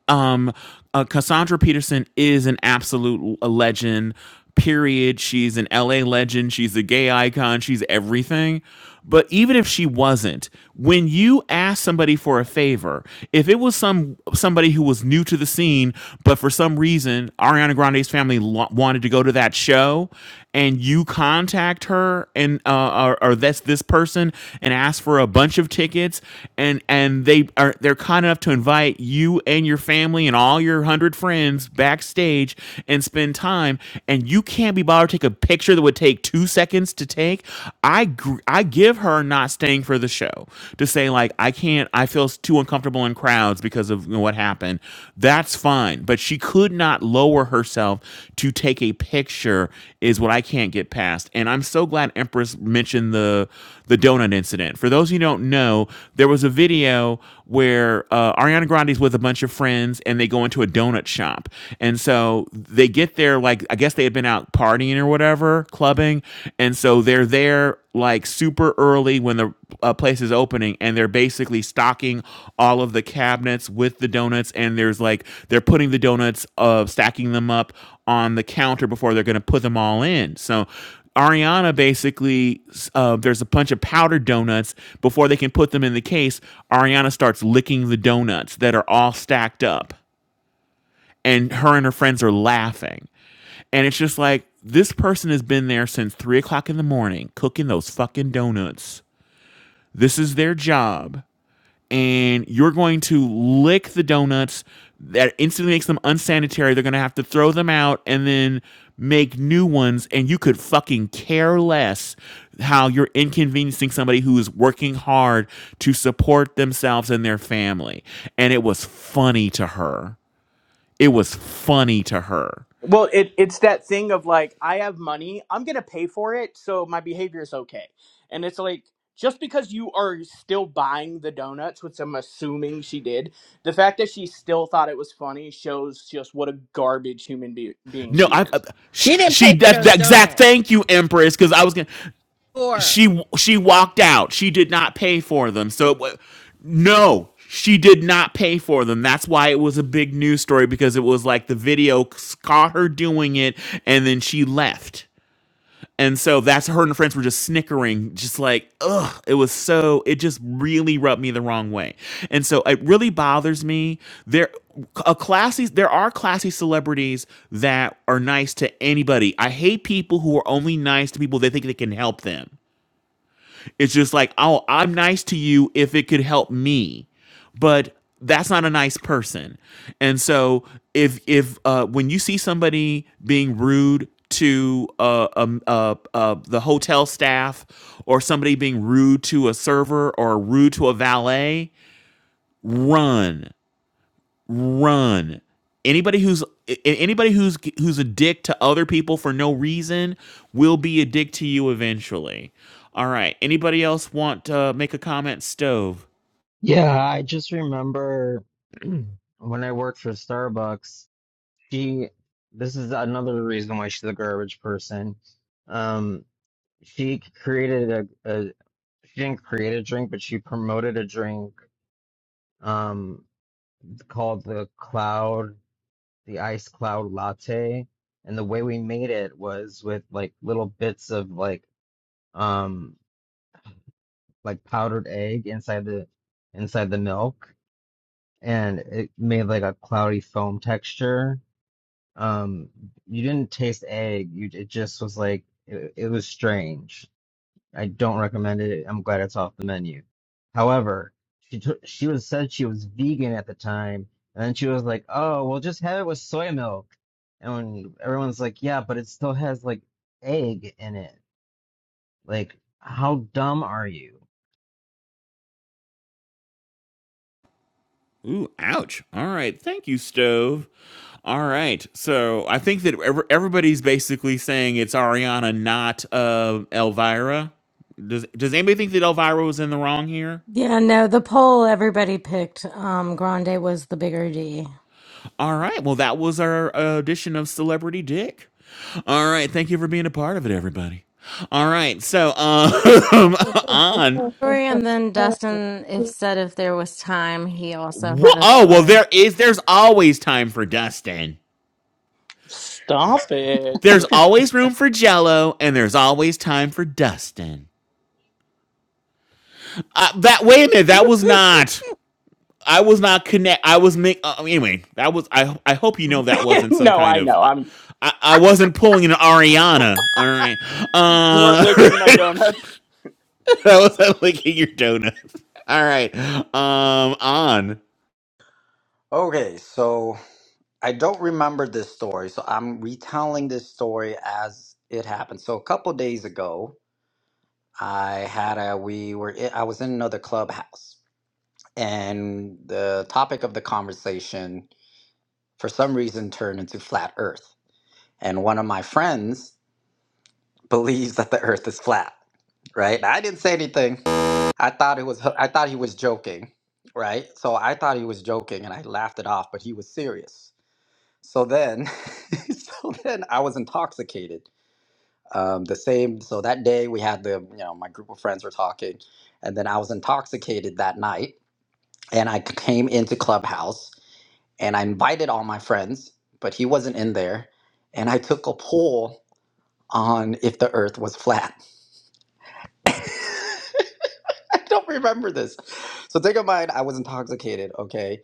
C: Um, uh, Cassandra Peterson is an absolute legend. Period. She's an LA legend. She's a gay icon. She's everything. But even if she wasn't, when you ask somebody for a favor, if it was some somebody who was new to the scene, but for some reason Ariana Grande's family lo- wanted to go to that show, and you contact her and uh, or, or that's this person and ask for a bunch of tickets and and they are they're kind enough to invite you and your family and all your hundred friends backstage and spend time and you can't be bothered to take a picture that would take two seconds to take i gr- i give her not staying for the show to say like i can't i feel too uncomfortable in crowds because of what happened. That's fine. But she could not lower herself to take a picture is what I can't get past. And I'm so glad Empress mentioned the the donut incident. For those who don't know, there was a video where uh, Ariana Grande's with a bunch of friends and they go into a donut shop. And so they get there like I guess they had been out partying or whatever, clubbing. And so and so they're there like super early when the uh, place is opening and they're basically stocking all of the cabinets with the donuts and there's like they're putting the donuts of stacking them up on the counter before they're going to put them all in so Ariana basically, uh, there's a bunch of powdered donuts. Before they can put them in the case, Ariana starts licking the donuts that are all stacked up and her and her friends are laughing. And it's just like this person has been there since three o'clock in the morning cooking those fucking donuts. This is their job. And you're going to lick the donuts. That instantly makes them unsanitary. They're going to have to throw them out and then make new ones. And you could fucking care less how you're inconveniencing somebody who is working hard to support themselves and their family. And it was funny to her. It was funny to her.
J: well it, it's that thing of like i have money i'm gonna pay for it so my behavior is okay and it's like just because you are still buying the donuts which i'm assuming she did the fact that she still thought it was funny shows just what a garbage human be- being
C: No,
J: she
C: I.
J: is
M: She didn't
C: She
M: pay for
C: that the
M: those
C: exact.
M: donuts.
C: Thank you, Empress, because I was gonna.
M: Sure.
C: She she walked out. She did not pay for them. So it wa- no, she did not pay for them. That's why it was a big news story because it was like the video c- caught her doing it, and then she left. And so that's her and her friends were just snickering, just like, ugh, it was so, it just really rubbed me the wrong way. And so it really bothers me. There a classy there are classy celebrities that are nice to anybody. I hate people who are only nice to people they think they can help them. It's just like, oh, I'm nice to you if it could help me, but that's not a nice person. And so, if if uh, when you see somebody being rude to uh, um, uh, uh, the hotel staff, or somebody being rude to a server, or rude to a valet, run run. Anybody who's anybody who's who's a dick to other people for no reason will be a dick to you eventually. All right. Anybody else want to make a comment? Stove.
B: Yeah, I just remember <clears throat> when I worked for Starbucks, she, this is another reason why she's a garbage person. Um, she created a, a, she didn't create a drink, but she promoted a drink, um, called the Cloud, the Ice Cloud Latte. And the way we made it was with like little bits of like, um, like powdered egg inside the, inside the milk. and it made like a cloudy foam texture. Um, you didn't taste egg. You it just was like it, it was strange. I don't recommend it. I'm glad it's off the menu. However, she took she was said she was vegan at the time, and then she was like, "Oh, well, just have it with soy milk." And when everyone's like, "Yeah, but it still has like egg in it." Like, how dumb are you?
C: Ooh, ouch. All right. Thank you, Stove. All right. So I think that ev- everybody's basically saying it's Ariana, not uh, Elvira. Does Does anybody think that Elvira was in the wrong here?
A: Yeah, no, the poll everybody picked um Grande was the bigger D.
C: All right. Well, that was our uh, edition of Celebrity Dick. All right. Thank you for being a part of it, everybody. All right. So, um, <laughs> on.
A: story, and then Dustin, if said if there was time, he also had
C: Wha-
A: a
C: oh, well,
A: story.
C: there is. There's always time for Dustin.
J: Stop it.
C: There's always room for Jello, and there's always time for Dustin. Uh, that wait a minute. That was not. I was not connect. I was make. Uh, anyway, that was. I. I hope you know that
J: <laughs>
C: wasn't some
J: no,
C: kind
J: I
C: of.
J: know. I'm
C: I, I wasn't pulling an Ariana. All right.
J: you weren't licking my
C: Uh, <laughs>
J: donuts.
C: <laughs> That was that licking your donut. <laughs> All right. Um, on.
D: okay so i don't remember this story so i'm retelling this story as it happened so a couple days ago i had a we were i was in another clubhouse and the topic of the conversation for some reason turned into flat earth and one of my friends <laughs> believes that the earth is flat right i didn't say anything i thought it was i thought he was joking right so i thought he was joking and i laughed it off but he was serious so then <laughs> so then i was intoxicated um, the same so that day we had the you know my group of friends were talking and then i was intoxicated that night and i came into clubhouse and I invited all my friends, but he wasn't in there. And I took a poll on if the earth was flat. <laughs> I don't remember this. So take in mind, I was intoxicated, okay?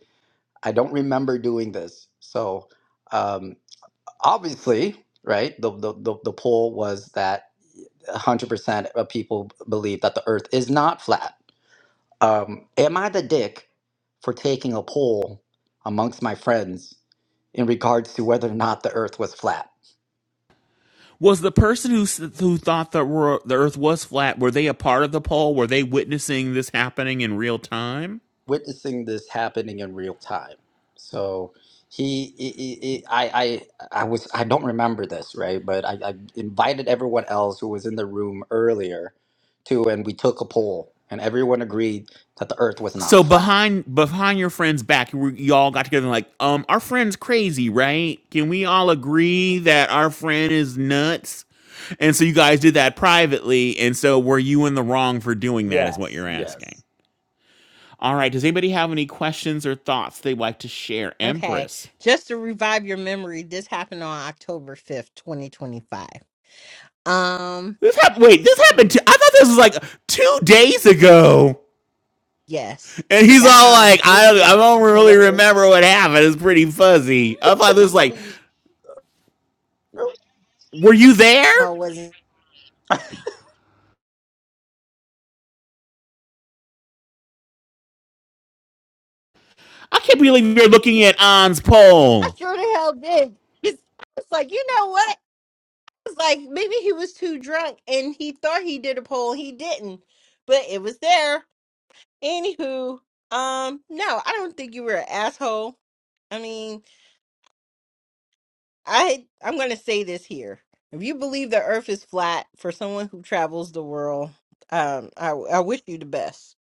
D: I don't remember doing this. So um, obviously, right, the, the, the, the poll was that 100% of people believe that the earth is not flat. Um, am I the dick for taking a poll amongst my friends in regards to whether or not the earth was flat?
C: Was the person who who thought that were, the Earth was flat were they a part of the poll? Were they witnessing this happening in real time?
D: witnessing this happening in real time. So he, he, he I, I, I was, I don't remember this, right? But I, I invited everyone else who was in the room earlier to, and we took a poll, and everyone agreed that the Earth was not
C: So
D: flat.
C: behind behind your friend's back, you you all got together and like, um, our friend's crazy, right? Can we all agree that our friend is nuts? And so you guys did that privately, and so were you in the wrong for doing that? Is what
D: Yes,
C: you're asking.
D: yes.
C: All right. Does anybody have any questions or thoughts they'd like to share,
M: okay.
C: Empress?
M: Just to revive your memory, this happened on October 5th, 2025. Um,
C: This happened. Wait, this
M: hmm,
C: happened. To, I thought this was like two days ago,
M: yes.
C: and he's
M: That's
C: all
M: how
C: like, "I
M: obliterated
C: I don't
M: he
C: really
M: was.
C: remember what happened. It's pretty fuzzy." I thought this was
D: How do
C: like,
D: you?
C: "Were you there?"
M: I was
C: I can't believe you're looking at An's
M: I
C: poll.
M: sure the hell did. It's, it's like, you know what? It's like maybe he was too drunk and he thought he did a poll. He didn't. But it was there. Anywho, um, no, I don't think you were an asshole. I mean, I I'm gonna say this here. If you believe the Earth is flat, for someone who travels the world, um, I I wish you the best.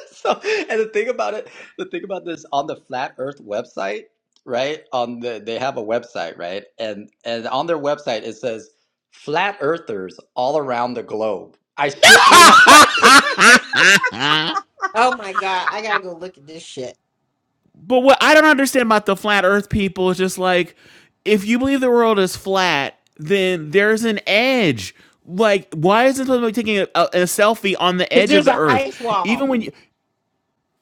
D: <laughs> So, and the thing about it, the thing about this on the Flat Earth website, right? On the they have a website, right? And and on their website it says flat earthers all around the globe. I
C: <laughs>
D: shit
C: but
D: you not. <laughs>
M: Oh my God, I gotta go look at this shit.
C: what I don't understand about the flat Earth people is just like, if you believe the world is flat, then there's an edge. Like, why isn't somebody taking a, a, a selfie on the
M: Cause
C: edge of
M: there's
C: the
M: an
C: Earth?
M: ice wall.
C: Even when you,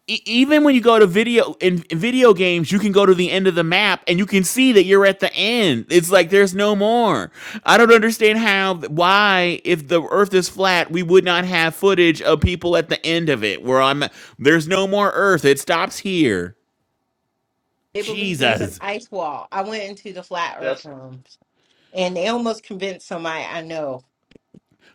C: e- even when you go to video in in video games, you can go to the end of the map and you can see that you're at the end. It's like there's no more. I don't understand how why if the earth is flat, we would not have footage of people at the end of it where I'm there's no more earth. It stops here.
M: They believe there's an
C: Jesus.
M: ice wall. I went into the flat Earth
K: That's
M: rooms, and they almost convinced somebody I know.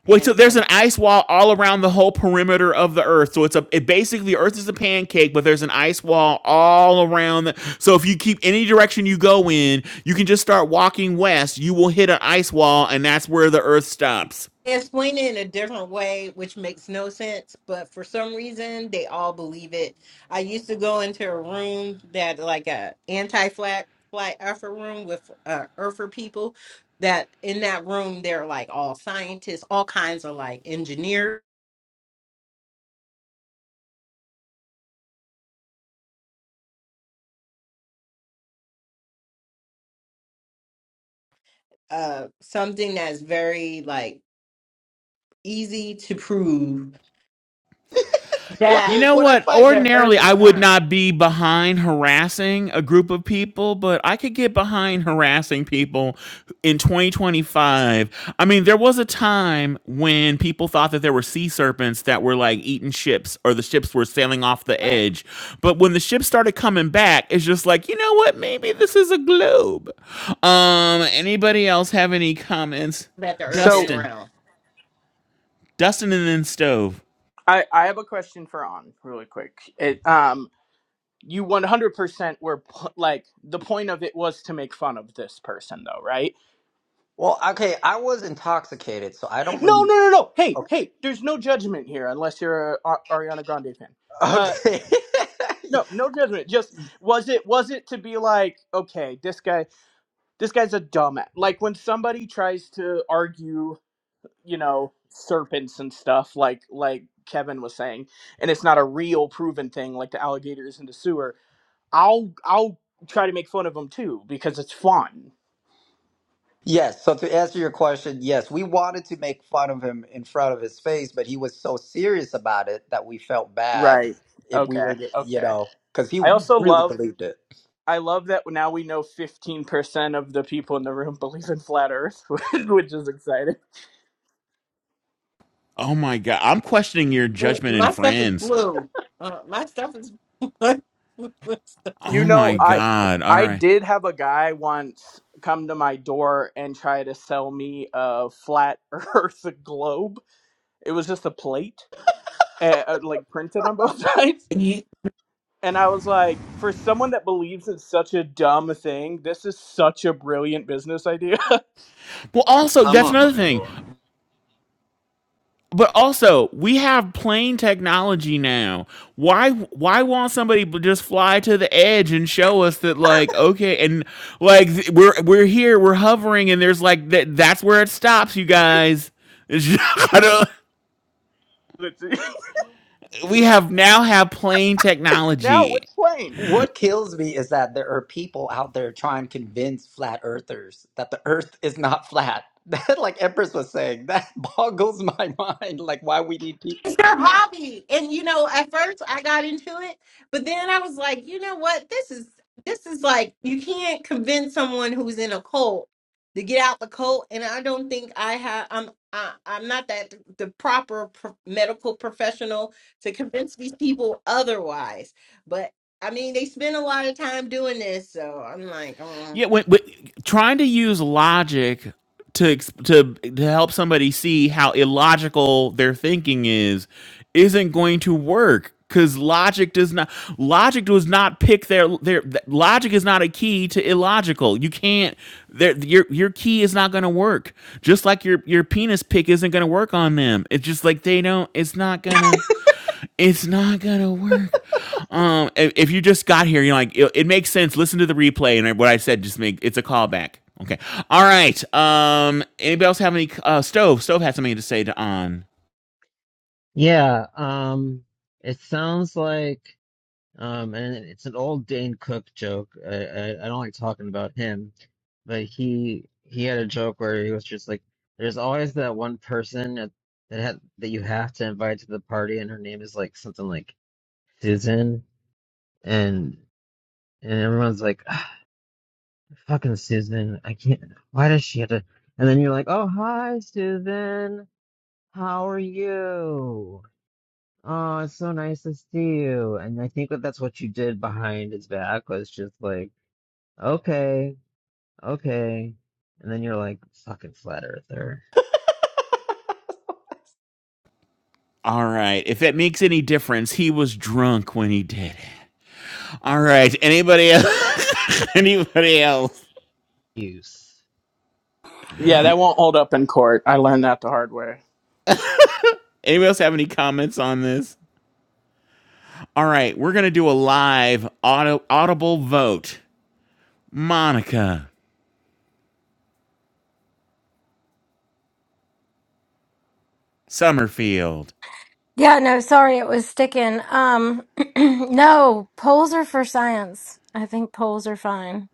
C: Wait,
M: And
C: so
M: um,
C: there's an ice wall all around the whole perimeter of the Earth. So it's a it basically Earth is a pancake, but there's an ice wall all around. The, so if you keep any direction you go in, you can just start walking west. You will hit an ice wall, and that's where the Earth stops.
M: explain it in a different way, which makes no sense, but for some reason they all believe it. I used to go into a room that like a anti flat flat earther room with uh earther people that in that room they're like all scientists, all kinds of like engineers, uh something that's very like easy to prove
D: what
M: that
C: You know
D: what I
C: what?
D: find?
M: the earth
C: Ordinarily,
M: is
C: I would
M: round.
C: not be behind harassing a group of people, but I could get behind harassing people in 2025. I mean, there was a time when people thought that there were sea serpents that were like eating ships or the ships were sailing off the
M: Right.
C: edge. But when the ships started coming back, it's just like, you know what? Maybe this is a globe. Um, anybody else have any comments?
M: That the earth
J: So
M: is
C: Dustin,
M: round
C: Dustin and then Stove.
J: I, I have a question for on really quick. It um you 100% were p- like the point of it was to make fun of this person though, right?
D: Well, okay, I was intoxicated, so I don't
J: No,
D: remember.
J: no, no, no. Hey, hey, there's no judgment here unless you're a Ar- Ariana Grande fan. Uh
D: Okay. <laughs>
J: no, no judgment. Just was it was it to be like, okay, this guy this guy's a dumbass. Like when somebody tries to argue you know serpents and stuff like like kevin was saying and it's not a real proven thing like the alligators in the sewer i'll i'll try to make fun of them too because it's fun
D: Yes. So to answer your question, yes, we wanted to make fun of him in front of his face, but he was so serious about it that we felt bad
J: right
D: if we
J: okay
D: were, to- you
J: okay
D: know, because he
J: i also
D: really
J: love
D: believed it.
J: i love that now we know 15% of the people in the room <laughs> believe in flat earth <laughs> which is exciting
C: Oh my God. I'm questioning your
M: My
C: judgment in
M: my stuff is
C: friends.
M: blue. Uh, my stuff is <laughs> my stuff is
J: you
C: Oh
J: know
C: my
J: i
M: blue.
C: God. All
J: i
C: right.
J: did have a guy once come to my door and try to sell me a flat <laughs> earth globe it was just a plate eh, uh, like printed on both <laughs> sides.
M: You,
J: And I was like, for someone that believes in such a dumb thing, this is such a brilliant business idea.
C: Well, also,
N: I'm
C: that's
N: on
C: another
N: my
C: thing.
N: door.
C: But also, we have plane technology now. Why why won't somebody b- just fly to the edge and show us that like, okay, and like th- we're we're here, we're hovering and there's like that that's where it stops, you guys. It's <laughs> just- I don't-
J: <laughs>
C: <laughs> we have now have plane
J: now
C: technology
J: with planes.
D: What kills me is that there are people out there trying to convince flat earthers that the earth is not flat. <laughs> That, like Empress was saying, that <laughs> boggles my mind. Like, why we need
M: It's their hobby, and you know, at first I got into it, but then I was like, you know what? This is this is like you can't convince someone who's in a cult to get out the cult, and I don't think I have. I'm I, I'm not that the proper pro- medical professional to convince these people otherwise. But I mean, they spend a lot of time doing this, so I'm like, "Mm."
C: Yeah, when, but trying to use logic to ex- to to help somebody see how illogical their thinking is isn't going to work because logic does not logic does not pick their their th- logic is not a key to illogical. You can't their your your key is not going to work. Just like your your penis pick isn't going to work on them. It's just like they don't. It's not gonna it's not gonna work. Um, if, if you just got here, you're like, it, it makes sense. Listen to the replay, and what I said just make it's a callback. Okay. All right. Um, anybody else have any? Uh, stove. Stove had something to say to on.
B: Yeah. Um, it sounds like. Um, and it's an old Dane Cook joke. I, I, I don't like talking about him, but he he had a joke where he was just like, "There's always that one person that that had, that you have to invite to the party, and her name is like something like Susan." And and everyone's like, "Ah, "Fucking Susan! I can't. Why does she have to?" And then you're like, "Oh, hi, Susan. How are you?" Oh, it's so nice to see you. And I think that that's what you did behind his back was just like. Okay, okay. And then you're like, fucking flat earther.
C: All right. If it makes any difference, he was drunk when he did it. All right. Anybody else? <laughs> anybody else?
B: Use.
J: Yeah, that won't hold up in court. I learned that the hard way.
C: Anybody else have any comments on this? All right. We're gonna do a live auto, audible vote. Monica Summerfield.
A: Yeah, no, sorry, it was sticking. Um, <clears throat> no, polls are for science. I think polls are fine.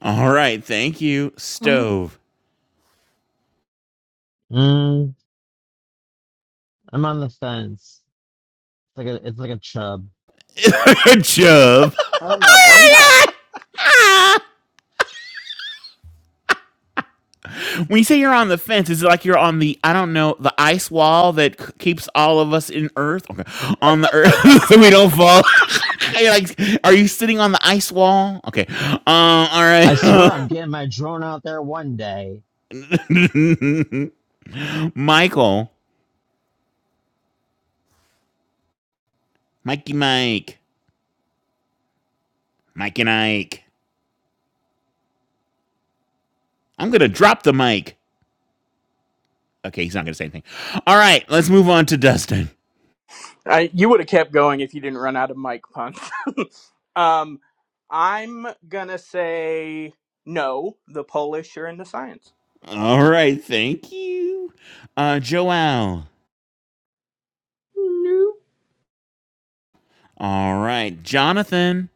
C: All right. Thank you,
A: Mhm.
C: Stove.
B: Mm, I'm on the fence. It's like a, it's like a chub.
C: <laughs> Chub.
M: Oh my impact.
C: When you say you're on the fence, is it like you're on the, I don't know, the ice wall that keeps all of us in Earth? Okay. On the Earth. <laughs> So we don't fall. <laughs> Are you like, are you sitting on the ice wall? Okay. Um. All
B: I swear I'm getting my drone out there one day.
C: right. <laughs> Michael, Mikey, Mike, Mike and Ike. I'm gonna drop the mic. Okay, he's not gonna say anything. All right, let's move on to Dustin.
J: I, you would have kept going if you didn't run out of mic puns. <laughs> um, I'm gonna say no. The Polish are in the science.
C: All right, thank you. Uh Joel.
L: no
C: All right, Jonathan.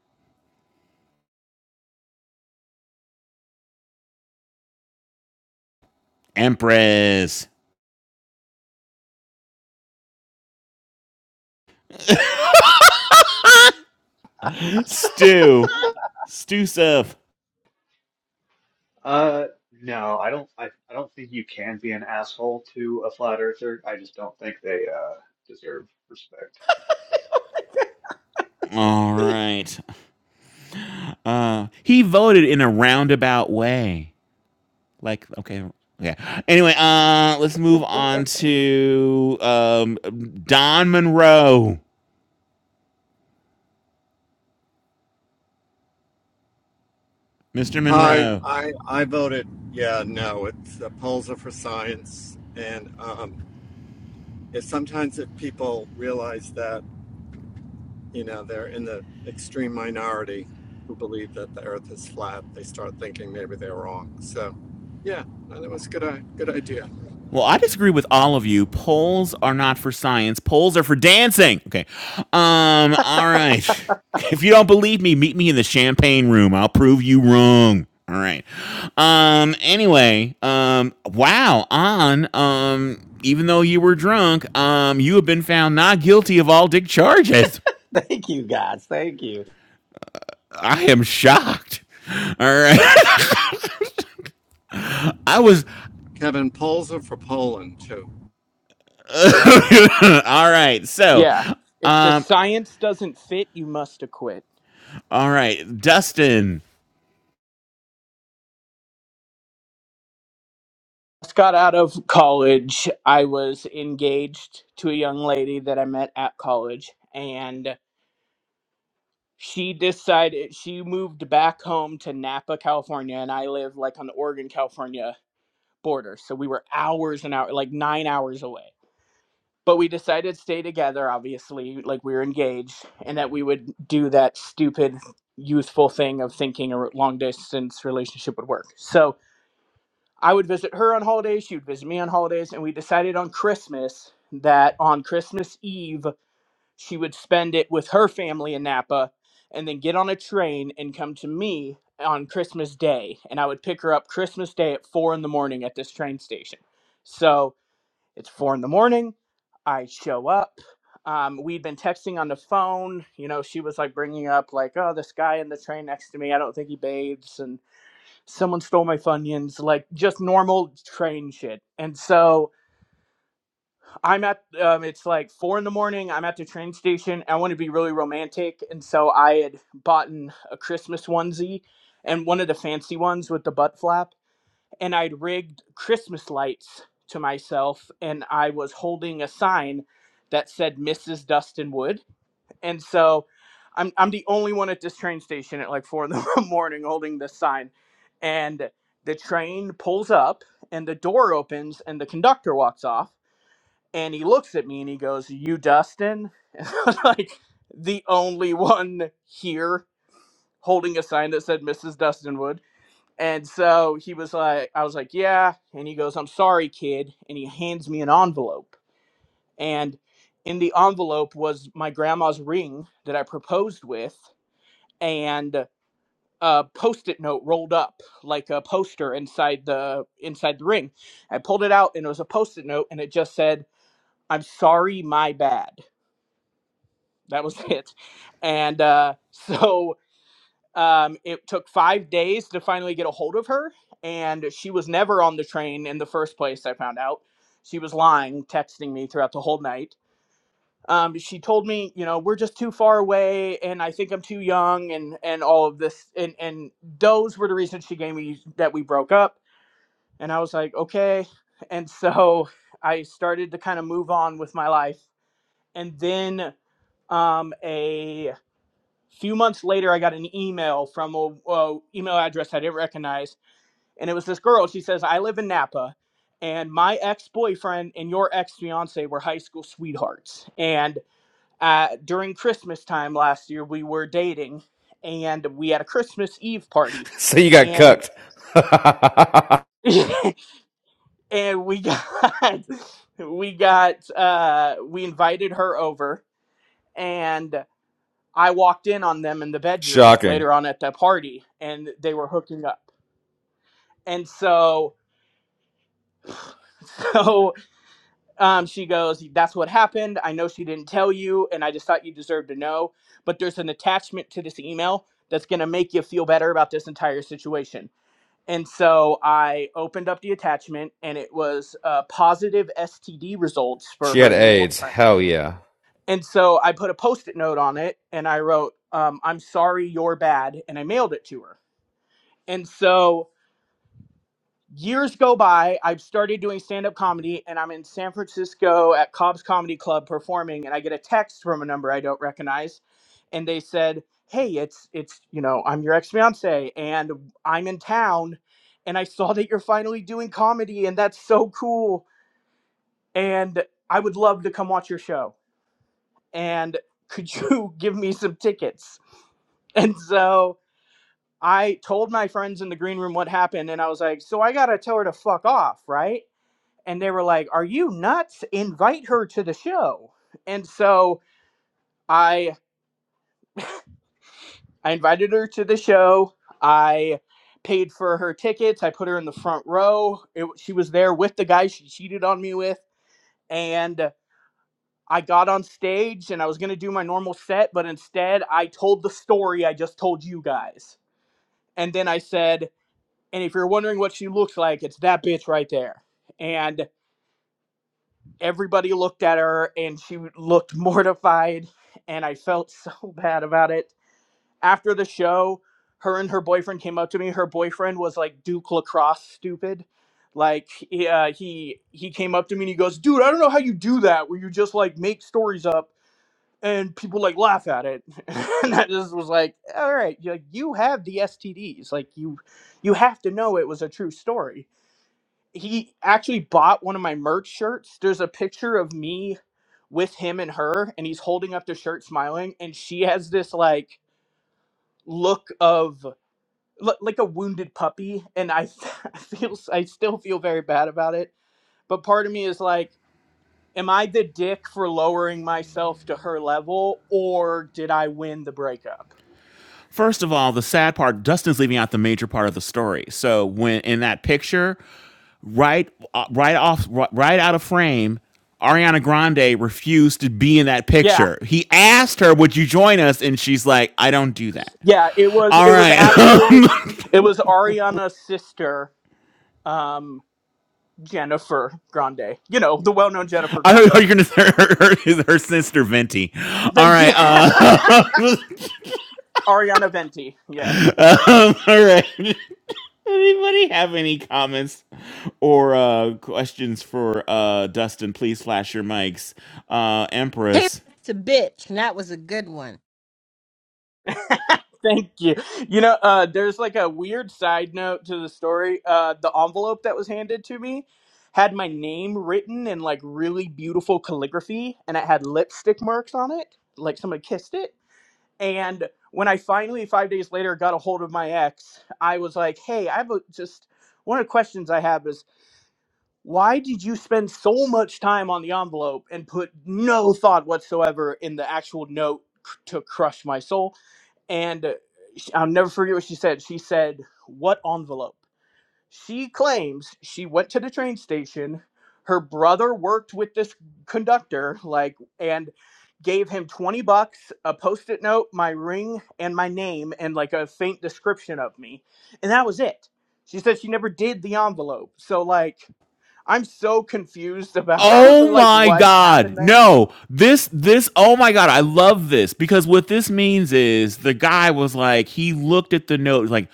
C: Empress. <laughs> Stu. Stu Stuff.
K: uh no, I don't I, I don't think you can be an asshole to a flat earther. I just don't think they uh deserve respect.
C: All
D: people.
C: right. Uh, he voted in a roundabout way. Like, okay. Yeah. Anyway, uh, let's move on to um, Don Monroe. Mr.
N: I
C: Monroe.
N: I I voted. Yeah, no. It's uh, polls are for science, and um, if sometimes if people realize that you know they're in the extreme minority who believe that the Earth is flat, they start thinking maybe they're wrong. So, yeah, no, that was a good i- good idea.
C: Well, I disagree with all of you. Polls are not for science. Polls are for dancing. Okay. Um. All right. <laughs> If you don't believe me, meet me in the champagne room. I'll prove you wrong. All right. Um. Anyway. Um. Wow. On. Um. Even though you were drunk, um, you have been found not guilty of all dick charges.
D: <laughs> Thank you, guys. Thank you.
C: I am shocked. All right. <laughs> I was. <coughs>
N: Kevin, polls are for Poland too.
C: <laughs> all right. So.
J: Yeah. If the science doesn't fit, you must acquit.
C: All right, Dustin.
J: just got out of college, I was engaged to a young lady that I met at college, and she decided she moved back home to Napa, California, and I live like on the Oregon, California border. So we were hours and hours, like nine hours away. But we decided to stay together, obviously, like we were engaged, and that we would do that stupid, youthful thing of thinking a long distance relationship would work. So I would visit her on holidays, she would visit me on holidays, and we decided on Christmas that on Christmas Eve, she would spend it with her family in Napa and then get on a train and come to me on Christmas Day. And I would pick her up Christmas Day at four in the morning at this train station. So it's four in the morning. I show up. Um, we'd been texting on the phone. You know, she was like bringing up, like, oh, this guy in the train next to me, I don't think he bathes. and someone stole my funyuns like just normal train shit and so i'm at um, it's like four in the morning i'm at the train station i want to be really romantic and so i had bought a christmas onesie and one of the fancy ones with the butt flap and i'd rigged christmas lights to myself and i was holding a sign that said mrs dustin wood and so I'm I'm the only one at this train station at like four in the <laughs> morning holding this sign, and the train pulls up and the door opens and the conductor walks off and he looks at me and he goes, "You Dustin?" <laughs> And I was like the only one here holding a sign that said Mrs. Dustin Wood. And so he was like, I was like, yeah. And he goes, I'm sorry, kid. And he hands me an envelope and in the envelope was my grandma's ring that I proposed with, and a post-it note rolled up like a poster inside the inside the ring. I pulled it out, and it was a post-it note, and it just said, "I'm sorry, my bad." That was <laughs> it, and uh, <laughs> so um, it took five days to finally get a hold of her, and she was never on the train in the first place. I found out she was lying, texting me throughout the whole night um, she told me, you know, we're just too far away, and I think I'm too young, and and all of this, and and those were the reasons she gave me that we broke up, and I was like, okay, and so <laughs> I started to kind of move on with my life, and then um, a few months later, I got an email from a, a email address I didn't recognize, and it was this girl. She says, I live in Napa. And my ex boyfriend and your ex fiance were high school sweethearts. And uh, during Christmas time last year, we were dating and we had a Christmas Eve party,
O: <laughs> So you got
J: and
O: cooked. <laughs>
J: <laughs> and we got <laughs> we got uh, we invited her over, and I walked in on them in the bedroom
O: Shocking.
J: later on at the party, and they were hooking up. And so, <laughs> so um, she goes, "That's what happened. I know she didn't tell you, and I just thought you deserved to know. But there's an attachment to this email that's going to make you feel better about this entire situation." And so I opened up the attachment and it was uh, positive STD results for
O: She had
J: her new
O: AIDS.
J: boyfriend.
O: Hell yeah.
J: And so I put a post it note on it and I wrote, um, I'm sorry, you're bad. And I mailed it to her. And so years go by i've started doing stand-up comedy and i'm in san francisco at cobb's comedy club performing and i get a text from a number i don't recognize and they said hey it's it's you know i'm your ex-fiance and i'm in town and i saw that you're finally doing comedy and that's so cool and i would love to come watch your show and could you <laughs> give me some tickets and so I told my friends in the green room what happened, and I was like, "So I gotta tell her to fuck off, right?" and they were like, "Are you nuts? Invite her to the show." And so I I invited her to the show. I paid for her tickets. I put her in the front row. It, she was there with the guy she cheated on me with, and I got on stage and I was going to do my normal set, but instead I told the story I just told you guys. And then I said, "And if you're wondering what she looks like, it's that bitch right there." And everybody looked at her and she looked <laughs> mortified and i felt <laughs> so bad about it after the show her and her boyfriend came up to me her boyfriend was like duke lacrosse stupid like he, uh, he he came up to me and he goes dude i don't know how you do that where you just like make stories up and people like laugh at it <laughs> and i just was like all right you like you have the stds like you you have to know it was a true story he actually bought one of my merch shirts there's a picture of me with him and her and he's holding up the shirt smiling and she has this like look of l- like a wounded puppy and I, <laughs> I feel I still feel very bad about it but part of me is like am I the dick for lowering myself to her level or did I win the breakup
C: First of all, the sad part, Dustin's leaving out the major part of the story. So when in that picture, right, uh, right off, right, right out of frame, Ariana Grande refused to be in that
J: yeah
C: picture. He asked her, "Would you join us?" And she's like, "I don't do that."
J: yeah it was
C: All
J: it was
C: right, <laughs>
J: actually
C: I
J: it was Ariana's sister um Jennifer Grande you know the well-known Jennifer
C: don't know.
J: Grande
C: You're gonna her, her, her sister Venti. All
J: Venti
C: right,
J: <laughs>
C: uh,
J: Ariana Venti Yeah.
C: <laughs> um, all right. <laughs> Anybody have any comments or uh, questions for uh, Dustin? Please flash your mics, uh,
M: He
C: Empress.
M: that's a bitch, and that was a good one.
J: <laughs> Thank you. You know, uh, there's like a weird side note to the story. Uh, the envelope that was handed to me had my name written in like really beautiful calligraphy, and it had lipstick marks on it, like somebody kissed it. And when I finally, five days later, got a hold of my ex, I was like, "Hey, I have a, just one of the questions I have is why did you spend so much time on the envelope and put no thought whatsoever in the actual note c- to crush my soul?" and uh, I'll never forget what she said. She said, "What envelope?" She claims she went to the train station. Her brother worked with this conductor, like, and gave him twenty bucks, a post-it note, my ring, and my name, and like a faint description of me, and that was it. She said she never did the envelope. So like, I'm so confused about <laughs>
C: Oh
J: like
C: my
J: what happened
C: God!
J: there.
C: No, this this. Oh my God! I love this because what this means is the guy was like he looked at the note like,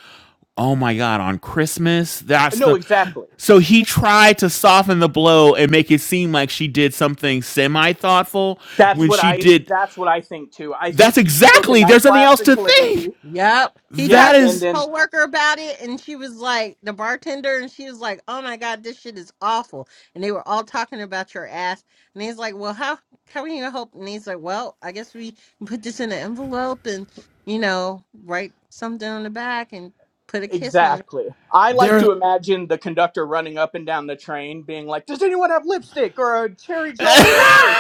C: oh my God! On Christmas, that's
J: No,
C: the.
J: exactly.
C: So he tried to soften the blow and make it seem like she did something semi thoughtful
J: That's
C: when
J: what
C: she
J: I
C: did.
J: that's what I think too. I think
C: That's
J: he took a
C: exactly. There's
J: night
C: nothing
J: class
C: else
J: in
C: to think.
J: calligraphy.
M: Yep. He
J: Yeah,
C: That
M: talked to
J: and
M: his
C: is
J: then
M: coworker about it, and she was like, the bartender, and she was like, "Oh my god, this shit is awful." And they were all talking about your ass, and he's like, "Well, how how can you gonna help?" And he's like, "Well, I guess we put this in an envelope, and you know, write something on the back, and put a kiss on it.
J: exactly. I like to
C: there.
J: imagine the conductor running up and down the train being like, "Does anyone have lipstick or a cherry jolly rancher?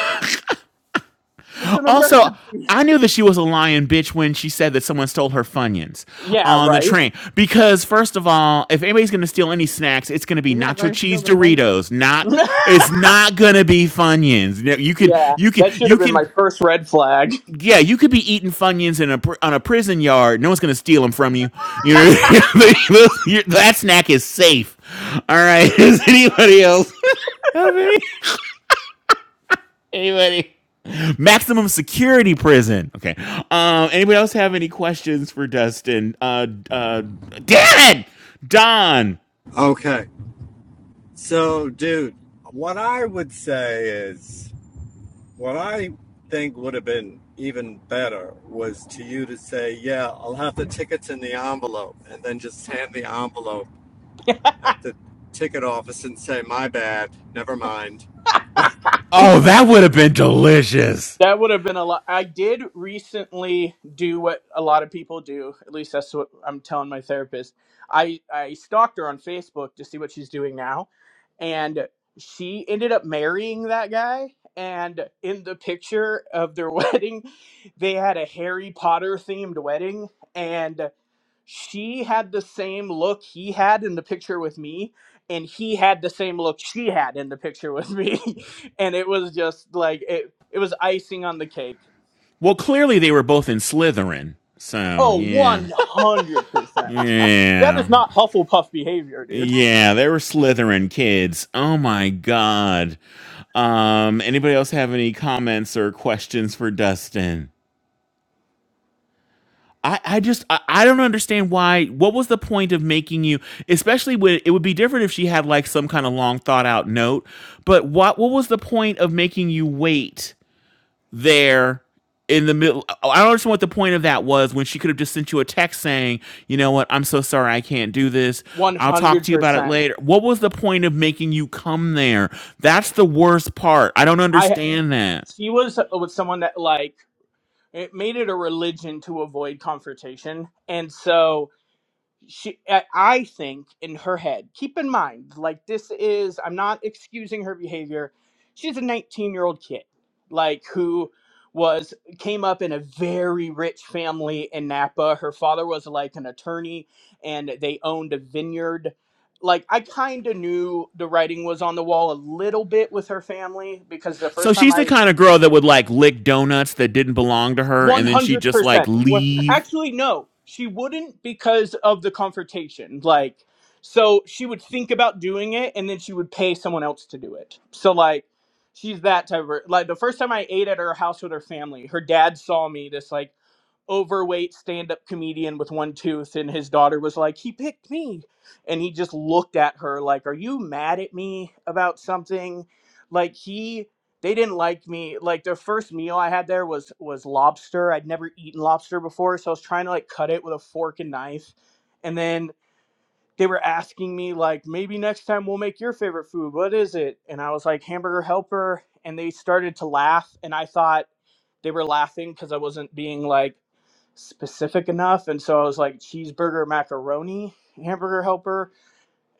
J: It's an
C: Also,
J: emergency."
C: I knew that she was a lying bitch when she said that someone stole her funyuns
J: Yeah,
C: on the
J: right.
C: train. Because first of all, if anybody's gonna steal any snacks, it's gonna be
M: You're not
C: nacho
M: going to steal
C: cheese
M: the money."
C: Doritos. Not
J: <laughs>
C: it's not gonna be funyuns. You can
J: yeah,
C: you can
J: that should
C: you
J: have been my
C: can.
J: first red flag.
C: Yeah, you could be eating funyuns in a on a prison yard. No one's gonna steal them from you.
J: <laughs>
C: You know, <laughs> that snack is safe. All right. <laughs> Is anybody else? have any maximum security prison. Okay. Um, anybody else have any questions for Dustin? Uh, uh, damn it, Don.
N: Okay, so dude, What I would say is. What I think would have been even better was to you to say, "Yeah, I'll have the tickets in the envelope," and then just hand the envelope at the ticket office and say, "My bad, never mind."
C: Oh, that would have been delicious.
J: That would have been a lot. I did recently do what a lot of people do. At least that's what I'm telling my therapist. I, I stalked her on Facebook to see what she's doing now. And she ended up marrying that guy. And in the picture of their <laughs> wedding, they had a Harry Potter themed wedding. And she had the same look he had in the picture with me, and he had the same look she had in the picture with me. <laughs> and it was just like it it was icing on the cake.
C: Well, clearly they were both in Slytherin. So
J: Oh,
C: yeah,
J: 100%. That is
C: yeah,
J: not Hufflepuff behavior, dude. <laughs>
C: yeah. They were Slytherin kids. Oh my god. Um, anybody else have any comments or questions for Dustin? I, I just I, I don't understand why what was the point of making you especially when it would be different if she had like some kind of long thought out note but what what was the point of making you wait there in the middle I don't understand what the point of that was when she could have just sent you a text saying you know what I'm so sorry I can't do this
J: One
C: I'll talk
J: hundred
C: to you about it
J: percent.
C: later what was the point of making you come there that's the worst part I don't
J: I
C: understand that
J: she was with someone that like it made it a religion to avoid confrontation and so she i I think in her head keep in mind like this is i'm not excusing her behavior she's a 19 year old kid like who was came up in a very rich family in napa her father was like an attorney and they owned a vineyard like i kind of knew the writing was on the wall a little bit with her family because the
C: So
J: first time
C: she's the
J: i
C: kind of girl that would like lick donuts that didn't belong to her,
J: One
C: and then she
J: hundred
C: just like
J: percent. Well,
C: leave.
J: actually, no, she wouldn't because of the confrontation. Like, so she would think about doing it, and then she would pay someone else to do it. So like, she's that type of like. The first time I ate at her house with her family, her dad saw me. This like overweight stand-up comedian with one tooth and his daughter was like he picked me and he just looked at her like are you mad at me about something like he they didn't like me like the first meal i had there was was lobster i'd never eaten lobster before so i was trying to like cut it with a fork and knife and then they were asking me like maybe next time we'll make your favorite food what is it and i was like hamburger helper and they started to laugh and i thought they were laughing because I wasn't being like specific enough, and so I was like cheeseburger macaroni hamburger helper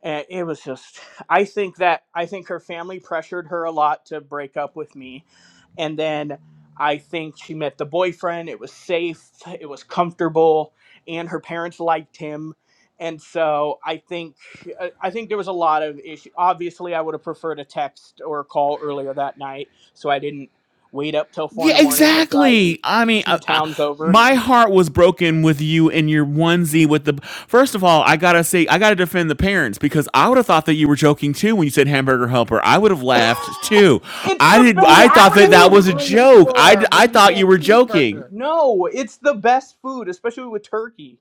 J: and it was just i think that i think her family pressured her a lot to break up with me and then i think she met the boyfriend it was safe it was comfortable and her parents liked him and so i think i I think there was a lot of issue obviously i would have preferred a text or a call earlier that night so i didn't wait up till four in the
C: Yeah,
J: morning and drive
C: exactly. I mean,
J: two
C: I, I,
J: towns over
C: my heart was broken with you and your onesie with the. First of all, I gotta say, I gotta defend the parents because I would have thought that you were joking too when you said hamburger helper. I would have
J: <laughs>
C: laughed too.
J: it's
C: I
J: the
C: did.
M: I mean,
C: I
J: best
M: I
C: thought
M: would
C: that
M: have
C: that
M: been
C: was
J: food
C: a
M: on the
C: joke. I
M: floor when
C: I
M: you
C: thought you
M: said
C: were joking.
M: cheeseburger.
J: No, it's the best food, especially with turkey.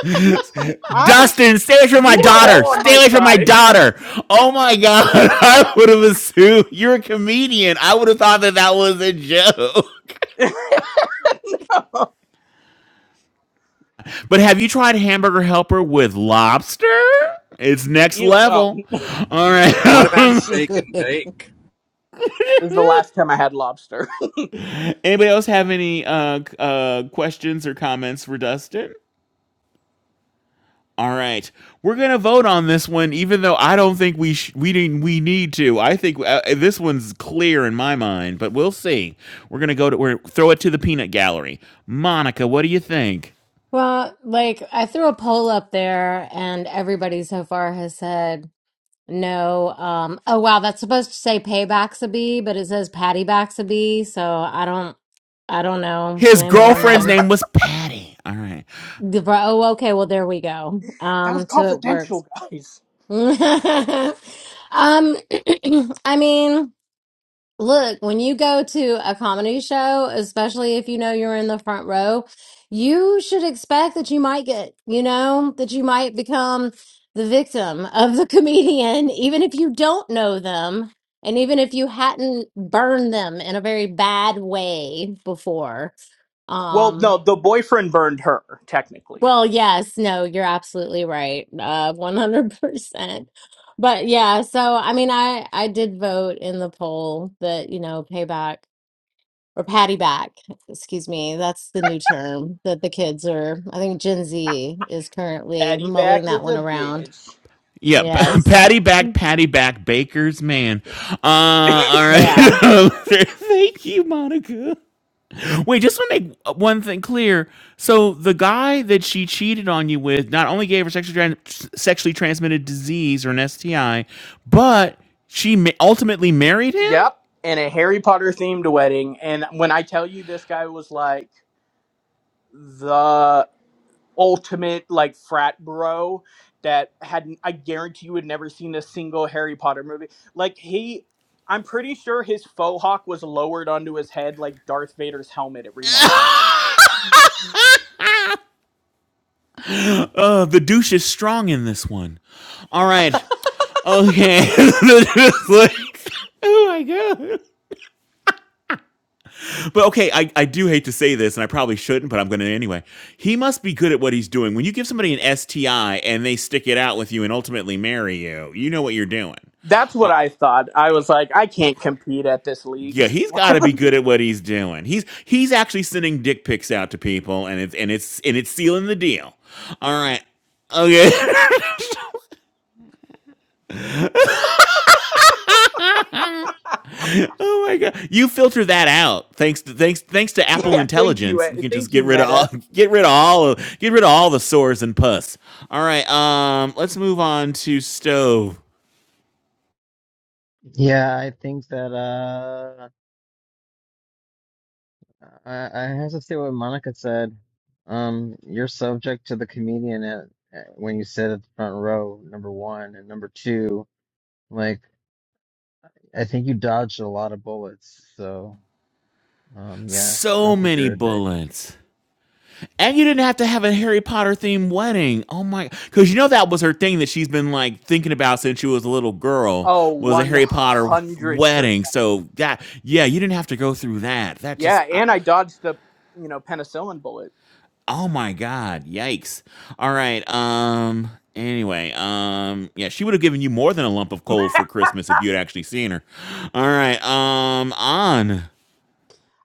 C: <laughs>
J: I,
C: Dustin, stay away from my
J: you were
C: daughter.
J: all on
C: Stay
J: my
C: away from my
J: side.
C: daughter. Oh my god, <laughs> I would have assumed you're a comedian. I would have thought that that was a joke.
J: <laughs>
C: But have you tried Hamburger Helper with lobster? It's next
J: you, oh,
C: level.
J: this
C: All
N: What about
C: right.
N: shake
M: <laughs>
N: and bake?
J: is the last time I had lobster. <laughs>
C: <laughs> Anybody else have any uh, uh, questions or comments for Dustin? All right, we're gonna vote on this one, even though I don't think we sh- we didn't we need to. I think uh, this one's clear in my mind, but we'll see. We're gonna go to we're throw it to the peanut gallery. Monica, what do you think?
A: Well, like I threw a poll up there, and everybody so far has said no. Um, oh wow, that's supposed to say paybacks a but it says patty backs so I don't, I don't know.
C: His
A: Blame it on
C: girlfriend's
A: my.
C: name was Patty. All right,
A: Oh, okay. Well, there we go.
J: That was
A: Um, so it works.
J: confidential, guys.
A: <laughs> um, <clears throat> I mean, look, when you go to a comedy show, especially if you know you're in the front row, you should expect that you might get, you know, that you might become the victim of the <laughs> comedian, even if you don't know them, and even if you hadn't burned them in a very bad way before.
J: Well,
A: Um,
J: no, the boyfriend burned her, technically.
A: well, yes, no, you're absolutely right. Uh, 100%. But yeah, so I mean, I I did vote in the poll that, you know, payback or patty back, excuse me. That's the new term that the kids are. I think Gen Z is currently
J: Patty
A: mulling
J: back
A: that
J: is
A: one
J: a
A: around.
J: bitch.
C: yep, yeah, <laughs>
A: Yes.
C: Patty back, Patty back, Baker's man. Uh, all right,
A: Yeah.
C: <laughs> thank you, Monica. Wait, just want to make uh, one thing clear. So the guy that she cheated on you with not only gave her sexually tran- sexually transmitted disease or an STI, but she ma- ultimately married him.
J: Yep, in a Harry Potter themed wedding. And when I tell you, this guy was like the ultimate like frat bro that hadn't I guarantee you had never seen a single Harry Potter movie. Like he I'm pretty sure his faux hawk was lowered onto his head like Darth Vader's helmet every morning.
C: Uh, the douche is strong in this one. All right, okay. <laughs> Like, oh my god. But okay, I, I do hate to say this, and I probably shouldn't, but I'm going to anyway. He must be good at what he's doing. When you give somebody an STI and they stick it out with you and ultimately marry you, you know what you're doing.
J: That's
C: Uh,
J: what I thought. I was like, I can't compete at this league.
C: Yeah, he's got to be good at what he's doing. He's he's actually sending dick pics out to people, and it's and it's and it's sealing the deal. All right, okay. <laughs> oh my god, you filter that out thanks to thanks thanks to
J: <laughs>
C: Apple
J: yeah, thank you.
C: Intelligence.
J: eh,
C: You can just
J: Thank you,
C: get rid of all
J: Meta.
C: <laughs> get rid of all of get rid of all the sores and pus. All right, um, let's move on to stove.
B: Yeah, I think that uh I, I have to say what Monica said. Um, you're subject to the comedian at, at when you sit at the front row, number one, and number two, like I think you dodged a lot of bullets. So, um, yeah, I
C: So
B: don't think
C: many
B: you're a dick.
C: bullets. And you didn't have to have a Harry Potter themed wedding. Oh my, because you know that was her thing that she's been like thinking about since she was a little girl
J: Oh,
C: was a Harry Potter
J: 100%.
C: wedding. So that, yeah, you didn't have to go through that. That
J: Yeah,
C: just, I,
J: and I dodged the, you know, penicillin bullet.
C: oh my God, yikes. All right. Um. Anyway, um, yeah, she would have given you more than a lump of coal for Christmas if you had actually seen her. All right. Um. On.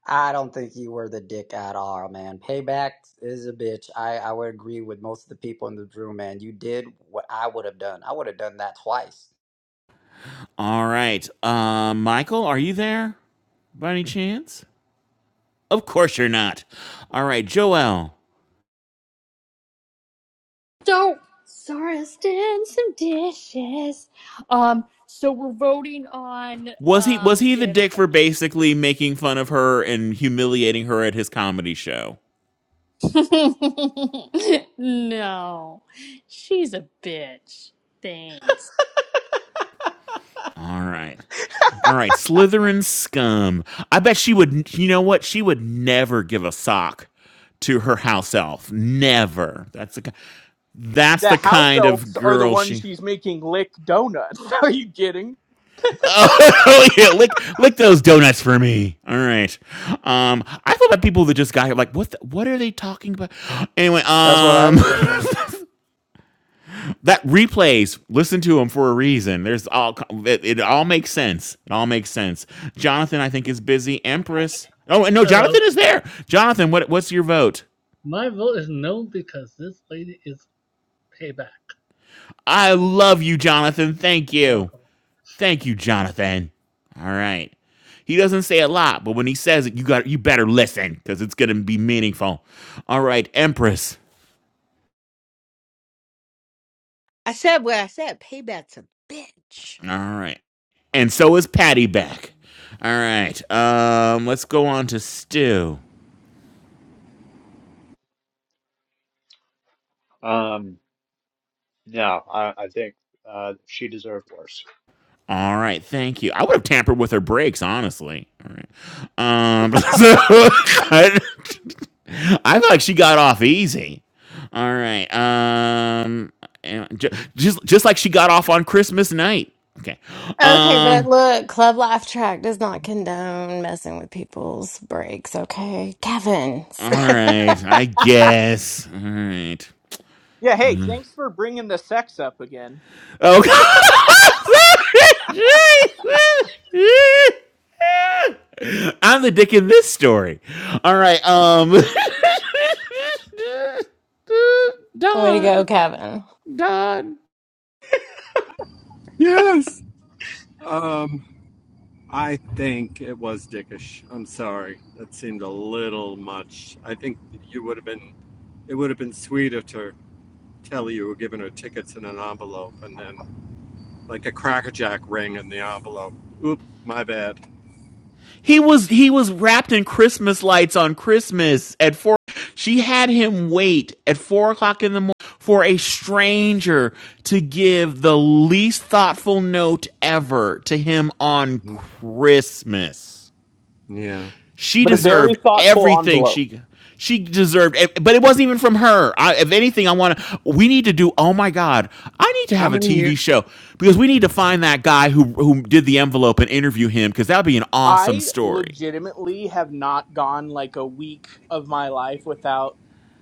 D: I don't think you were the dick at all, man. Payback is a bitch. I, I would agree with most of the people in the room, man. You did what I would have done. I would have done that twice.
C: All right. Um. Michael, are you there by any chance? Of course you're not. All right, Joel.
L: don't sorry i was doing some dishes um so we're voting on
C: Was he was
L: um
C: he the
L: if
C: dick for basically making fun of her and humiliating her at his comedy show?
L: <laughs> no she's a bitch thanks
C: All right. All right, Slytherin scum. I bet she would you know what? She would never give a sock to her house elf. Never. That's the that's
J: The
C: the
J: house
C: kind of
J: elves are the
C: girl
J: ones
C: she
J: she's making lick donuts. <laughs> Are you kidding?
C: Oh <laughs> yeah, lick lick those donuts for me. All right. Um, I thought about people that just got here, like, what the, what are they talking about? <gasps> Anyway,
P: That's what I
C: um,
P: was wondering.
C: <laughs> that replays. Listen to them for a reason. There's all it, it all makes sense. It all makes sense. Jonathan, I think, is busy. Empress. Oh no,
Q: Hello,
C: Jonathan is there. Jonathan, what what's your vote?
Q: my vote is no because this lady is payback.
C: I love you, Jonathan. Thank you. Thank you, Jonathan. All right. He doesn't say a lot, but when he says it, you got you better listen because it's gonna be meaningful. All right, Empress.
M: I said what I said. Payback's a bitch.
C: All right. And so is Patty back. All right. Um, let's go on to Stu.
K: Um no, I I think uh she deserved worse.
C: All right, thank you. I would have tampered with her brakes, honestly. All right. Um,
D: <laughs>
C: <laughs> <laughs> I feel like she got off easy. All right. Um, and ju- just just like she got off on Christmas night. Okay.
A: Okay, but
C: Um.
A: look, Club Laugh Track does not condone messing with people's breaks, okay? Kevin,
C: All
A: stop.
C: right.
J: <laughs>
C: I guess. All right.
J: Yeah, hey, thanks for bringing the sex up again.
C: Okay. <laughs> I'm the dick in this story. All right. Um. <laughs>
A: Way to go,
C: Don.
A: Kevin.
C: Don.
N: Yes. Um, I think it was dickish. I'm sorry, that seemed a little much. I think you would have been. It would have been sweeter to tell you you were giving her tickets in an envelope and then like a cracker jack ring in the envelope. Oop, my bad.
C: He was he was wrapped in Christmas lights on Christmas at four. She had him wait at four o'clock in the morning for a stranger to give the least thoughtful note ever to him on
N: Mm,
C: Christmas.
N: Yeah,
C: She
J: But a
N: I know.
J: very
C: deserved
N: But
J: thoughtful
C: everything
J: envelope.
C: she she deserved, eh, but it wasn't even from her. I, if anything, I want to. We need to do. Oh my God, I need to
N: how
C: have a
N: many years?
C: TV show because we need to find that guy who who did the envelope and interview him because that'd be an awesome
J: I
C: story.
J: legitimately have not gone like a week of my life without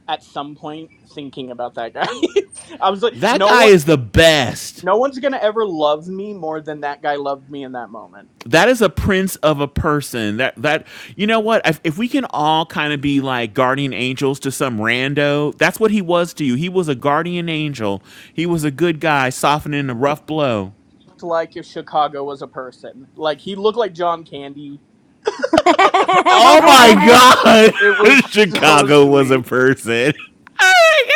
J: at some point thinking about that guy. <laughs> I was like,
C: That
J: no
C: guy
J: one
C: is the best.
J: no one's going to ever love me more than that guy loved me in that moment.
C: That is a prince of a person. That that you know what? If, if we can all kind of be like guardian angels to some rando, that's what he was to you. He was a guardian angel. He was a good guy softening a rough blow.
J: Looked like if Chicago was a person. Like he looked like John Candy.
C: Oh my
A: <laughs>
C: god!
J: It was
C: <laughs>
J: so <laughs>
C: Chicago was a
J: sweet.
C: person. <laughs> Oh my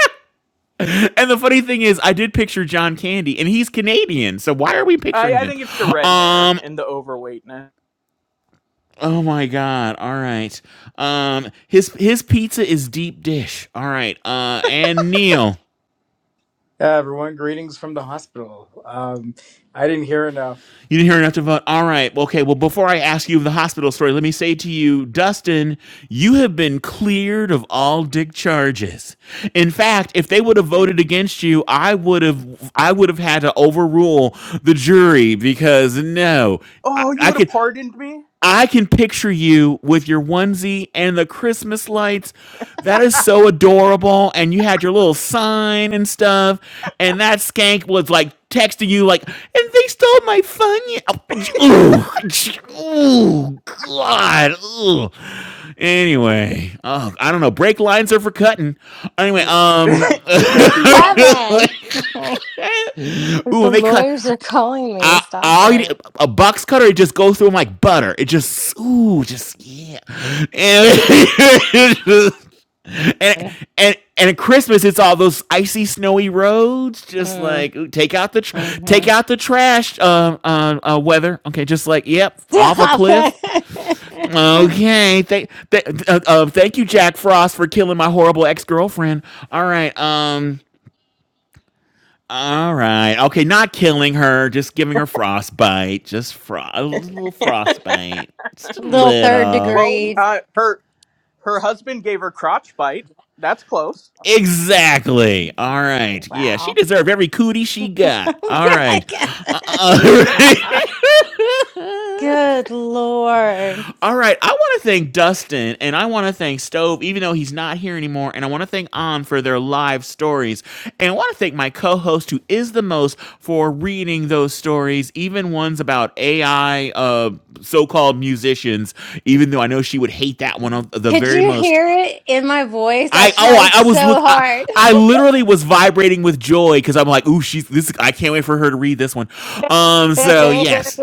C: God. And the funny thing is, I did picture John Candy, and he's Canadian, so why are we
J: I,
C: picturing
J: I
C: him?
J: think it's the red hair
C: Um,
J: and the overweightness.
C: Oh my god. All right. Um his his pizza is deep dish. All right. Uh and Neil.
P: Yeah, everyone, greetings from the hospital. Um, I didn't hear enough.
C: You didn't hear enough to vote. All right. Well, Okay. Well, before I ask you the hospital story, let me say to you, Dustin, you have been cleared of all dick charges. In fact, if they would have
J: Thank
C: voted
J: you.
C: against you, I would have I would have had to overrule the jury because no. I,
J: Oh, you
C: I
J: would have
C: could
J: pardoned me?
C: I can picture you with your onesie and the Christmas lights. That is so adorable. And you had your little sign and stuff. And that skank was like texting you, like, and they stole my fun. Oh, <sniffs> ooh, God. Ooh. Anyway, oh, I don't know. Brake lines are for cutting. Anyway,
J: <laughs>
C: um, <laughs>
J: Thank you, Your Honor.
A: Kevin, <laughs> like,
C: ooh,
A: the
C: and they cut.
A: lawyers are calling me.
C: I,
A: Stop
C: all you,
A: it.
C: a box cutter, it just goes through them like butter. It just ooh, just yeah, and <laughs> just, and and, and at Christmas, it's all those icy, snowy roads. Just
A: Mm,
C: like ooh, take out the tr- take
A: mhm.
C: out the trash. Um, uh, uh, uh, weather. Okay, just like yep, off a
A: Stop
C: cliff.
A: it.
C: Okay, thank th- uh, uh, thank you, Jack Frost, for killing my horrible ex girlfriend. All right, um. All right. Okay, not killing her, just giving her frostbite. Just fro- a little frostbite. Just
A: <laughs>
C: a
A: Little third
C: little.
J: Well,
A: degree.
J: uh, her her husband gave her crotch bite. That's close.
C: Exactly. All right. Yeah, she
A: Wow.
C: deserved every cootie she
A: <laughs>
C: got. All
A: yeah, I
C: right.
A: guess.
C: Uh, uh, <laughs> all
A: Stop.
C: right. <laughs>
A: Good Lord.
C: All right. I want to thank Dustin and I want to thank Stove, even though he's not here anymore. And I want to thank On for their live stories. And I want to thank my co host, who is the most, for reading those stories, even ones about AI uh, so called musicians, even though I know she would hate that one of the
A: Could
C: very
A: you
C: most.
A: hear it in my voice? I
C: I oh
A: tried
C: I, I was
A: so
C: look I,
A: hard.
C: I literally was vibrating with joy because I'm like ooh she's this I can't wait for her to read this one, um so yes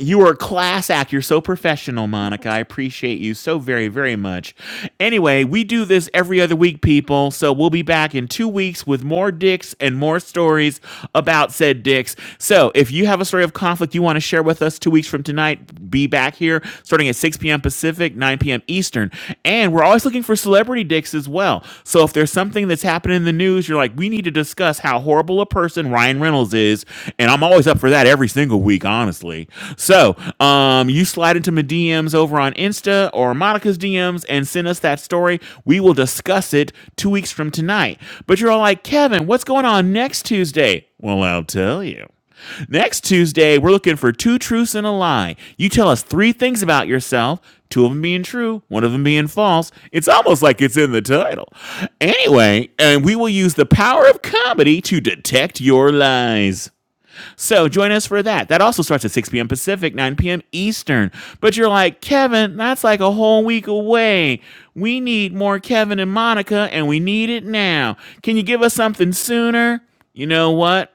C: you are a class act. You're so professional, Monica. I appreciate you so very, very much. Anyway, we do this every other week, people. So we'll be back in two weeks with more dicks and more stories about said dicks. So if you have a story of conflict you want to share with us two weeks from tonight, be back here starting at 6 p.m. Pacific, 9 p.m. Eastern. And we're always looking for celebrity dicks topics as well. So if there's something that's happening in the news, you're like, we need to discuss how horrible a person Ryan Reynolds is, and I'm always up for that every single week, honestly. So um, you slide into my DMs over on Insta or Monica's DMs and send us that story. We will discuss it two weeks from tonight. But you're all like, Kevin, what's going on next Tuesday? Well, I'll tell you. Next Tuesday, we're looking for two truths and a lie. You tell us three things about yourself, two of them being true, one of them being false. It's almost like it's in the title. Anyway, and we will use the power of comedy to detect your lies. So join us for that. That also starts at 6 p.m. Pacific, 9 p.m. Eastern. But you're like, Kevin, that's like a whole week away. We need more Kevin and Monica, and we need it now. Can you give us something sooner? You know what?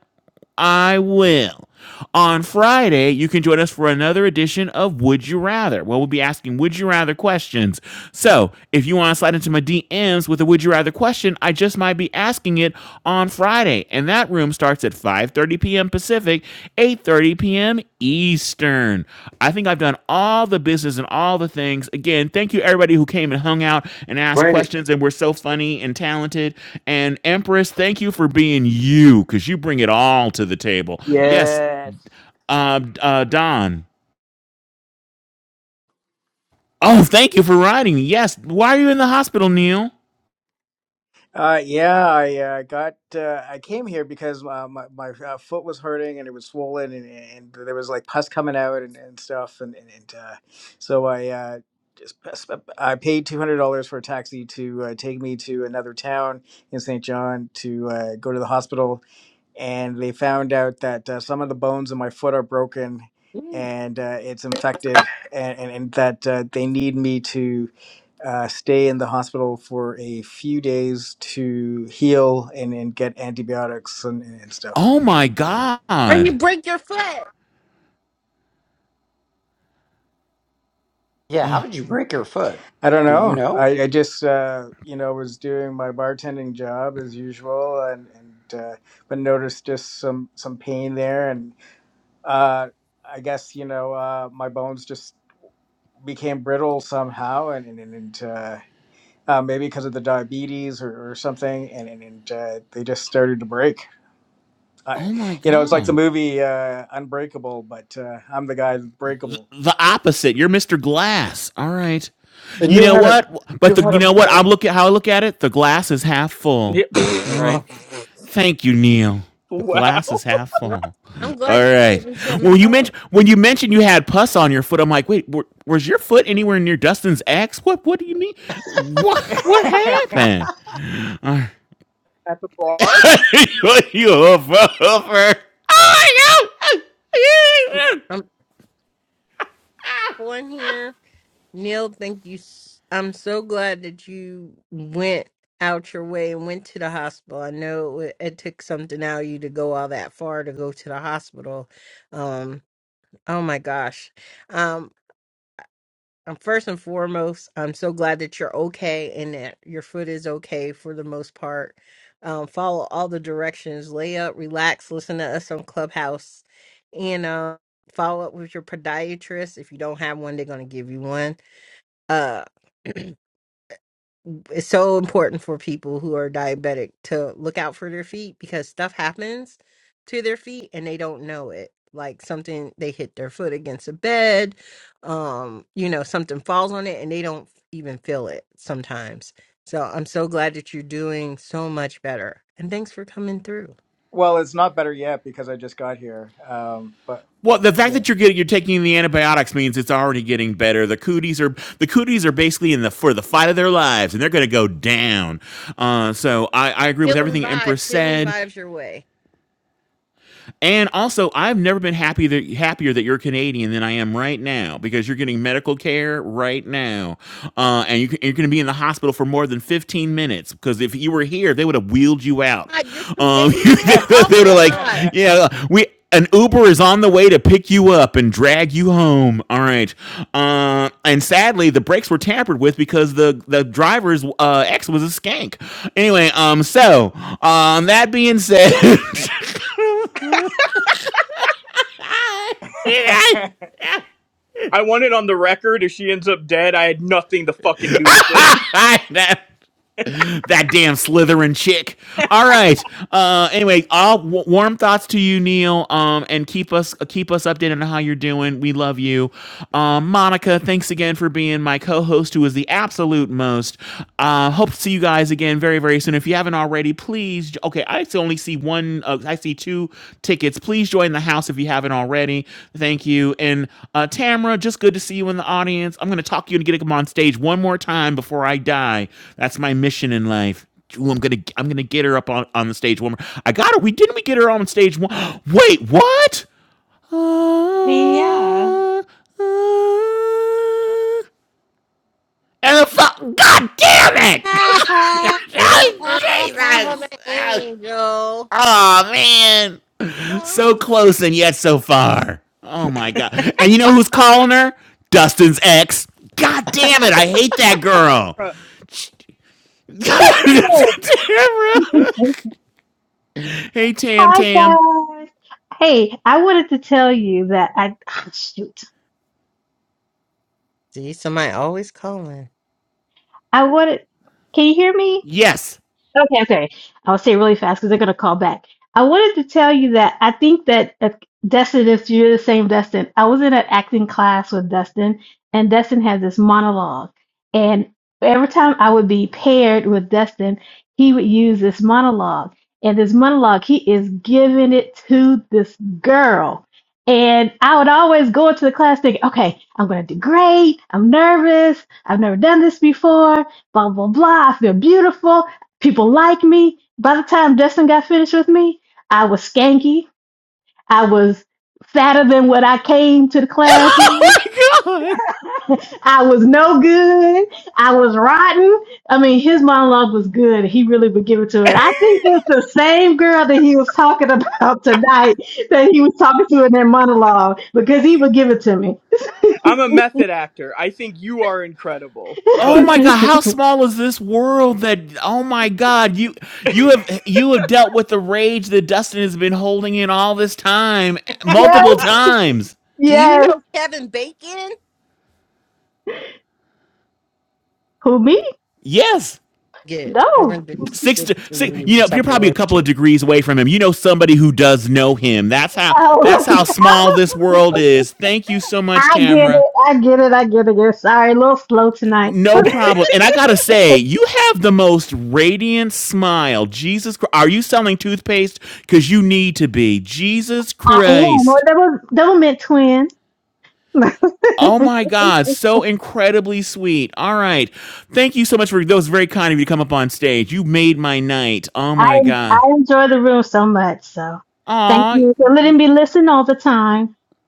C: I will. On Friday, you can join us for another edition of Would You Rather, where we'll be asking Would You Rather questions. So, if you want to slide into my DMs with a Would You Rather question, I just might be asking it on Friday, and that room starts at 5:30 p.m. Pacific. Pacific, 8:30 p.m. Eastern. I think I've done all the business and all the things. Again, thank you everybody who came and hung out and asked
N: Wait,
C: questions and were so funny and talented. And Empress, thank you for being you cuz you bring it all to the table. Yes,
J: Yes.
C: uh, uh Don. Oh, thank you for writing. Yes. Why are you in the hospital, Neil?
P: Uh, yeah, I uh, got. Uh, I came here because uh, my my uh, foot was hurting and it was swollen and, and there was like pus coming out and, and stuff and and, and uh, so I uh, just I paid two hundred dollars for a taxi to uh, take me to another town in St. John to uh, go to the hospital and they found out that uh, some of the bones in my foot are broken and uh, it's infected and, and, and that uh, they need me to uh, stay in the hospital for a few days to heal and, and get antibiotics and, and stuff
C: Oh my
M: When you
C: god.
M: break your foot.
D: yeah, how
C: Oh,
D: did you break your foot?
P: i don't
D: Do you
P: know
D: know?
P: i, I just uh, you know was doing my bartending job as usual and, and uh, but noticed just some some pain there and uh, i guess you know uh, my bones just became brittle somehow, and and, and uh, uh, maybe because of the diabetes or, or something, and and, and uh, they just started to break. I,
C: oh my
P: you know, it's like the
C: god.
P: movie uh, Unbreakable, but uh, I'm the guy that's breakable.
C: the opposite. You're Mr. Glass. All right.
N: and
C: You
N: you
C: know
N: had a
C: what?
N: you
C: But the
N: had
C: you
N: a
C: know what? I'm look at how I look at it. The glass is half
J: Yeah.
C: full.
J: <laughs>
C: All
N: uh,
C: right. Thank you, Neil. The glass
J: wow.
C: is half
M: Well,
C: full.
M: I'm glad
C: All
M: you gave
C: right.
M: me some
C: Well, you
M: help.
C: mentioned when you mentioned you had pus on your foot, I'm like, wait, wa- was your foot anywhere near Dustin's ex? What? What do you mean? What? What
P: <laughs>
C: happened?
J: At the bar.
C: <laughs> you a hoof- hoofer? Oh
M: I'm,
C: my god!
M: I'm thankful in here. Neil, thank you. s- I'm so glad that you went out your way and went to the hospital. I know it, wa- it took something out of you to go all that far to go to the hospital. Um, oh my gosh. Um, Um, first and foremost, I'm so glad that you're okay and that your foot is okay for the most part. Um, follow all the directions, lay up, relax, listen to us on Clubhouse, and uh, follow up with your podiatrist. If you don't have one, they're going to give you one. Uh, <clears throat> it's so important for people who are diabetic to look out for their feet because stuff happens to their feet and they don't know it like something they hit their foot against a bed um you know something falls on it and they don't even feel it sometimes so i'm so glad that you're doing so much better and thanks for coming through
P: well, it's not better yet because I just got here, um, but
C: Well, the fact
P: yeah.
C: that you're getting you're taking the antibiotics means it's already getting better. The cooties are the cooties are basically in the for the fight of their lives, and they're going to go down. Uh, so I, I agree with
M: healing
C: everything Empress
M: vibes healing
C: said.
M: vibes your way
C: And also, I've never been happy that, happier that you're Canadian than I am right now because you're getting medical care right now, uh, and you, are going to be in the hospital for more than 15 minutes. Because if you were here, they would have wheeled you out.
M: god you're
C: Um, <laughs>
M: canadian
C: they
M: oh
C: would
M: my
C: have like,
M: god
C: yeah, we an Uber is on the way to pick you up and drag you home. All right. Uh, and sadly, the brakes were tampered with because the the driver's uh, ex was a skank. Anyway, um, so um, that being said. <laughs> <laughs>
P: <laughs>
J: I want it on the record. If she ends up dead, I had nothing to fucking do with it.
C: I, that that damn Slytherin chick. All right. Uh, anyway, all w- warm thoughts to you, Neil. Um, and keep us uh, keep us updated on how you're doing. We love you, um, Monica. Thanks again for being my co-host, who is the absolute most. Uh, hope to see you guys again very very soon. If you haven't already, please. Okay, I only see see one. Uh, I see two tickets. Please join the house if you haven't already. Thank you. And uh, Tamara, just good to see you in the audience. I'm going to talk you and get him on stage one more time before I die. That's my mission in life. Ooh, I'm gonna I'm gonna get her up on, on the stage one more. I got her. We didn't we get her on stage one? <gasps> Wait, what?
A: <laughs> yeah.
C: Uh, uh, and the fu- God damn it! <laughs>
A: <laughs>
M: i'm an
C: Jesus!
M: angel
C: Oh man! So close and yet so far. Oh my god. And you know who's calling her? Dustin's ex. God damn it, I hate that
J: <laughs>
C: girl.
J: Bruh.
R: It
C: <laughs>
R: is. <laughs>
C: Hey Tam
R: Hi
C: Tam.
R: guys. Hey, I wanted to tell you that I <laughs> <sighs> shoot.
M: See, somebody always calling.
R: I wanted. Can you hear me?
C: Yes.
R: Okay, okay. I'll say it really fast because they're going to call back. I wanted to tell you that I think that uh, Destin is you're the same Destin. I was in an acting class with Destin, and Destin has this monologue. And every time I would be paired with Destin, he would use this monologue. And this monologue, he is giving it to this girl. And I would always go into the class thinking, okay, I'm going to do great. I'm nervous. I've never done this before. Blah, blah, blah. I feel beautiful people like me. By the time Dustin got finished with me, I was skanky. I was fatter than what I came to the
C: <laughs>
R: class.
C: Oh
R: in.
C: my god.
R: I was no good. I was rotten. I mean, his monologue was good. He really would give it to it.
J: <laughs>
R: I think it's the same girl that he was talking <laughs> about tonight that he was talking to in their monologue because he would give it to me.
J: I'm a method actor. I think you are incredible,
C: Oh
J: but
R: <laughs>
C: my god, how small is this world that oh my god, you you have you have dealt with the rage that Dustin has been holding in all this time multiple
J: <laughs>
R: yes.
C: times.
M: Do you
R: Yes.
M: know Kevin Bacon?
R: Who me?
C: Yes.
M: Yes,
R: No.
M: seven to
C: Six,
M: six
C: to, six,
M: degrees
C: you
M: of
C: know, you're probably a
M: separation.
C: couple of degrees away from him. You know somebody who does know him. That's how that's how small this
R: Oh. <laughs>
C: world is. Thank you so much,
R: I get
C: Tamra.
R: it. I get it. I get it. You're sorry. A little slow tonight.
C: No problem. And I gotta say, you have the most radiant smile. Jesus, Christ. are you selling toothpaste? Because you need to be. Jesus
R: I am. Well,
C: Christ.
R: Double was Doublemint twin. <laughs> I
C: Oh my God, so incredibly sweet. All right. Thank you so much for those very kind of you to come up on stage. You made my night. Oh my
R: I
C: God.
R: enjoy the room so much. So thank
C: Aw,
R: you for letting me listen all the time.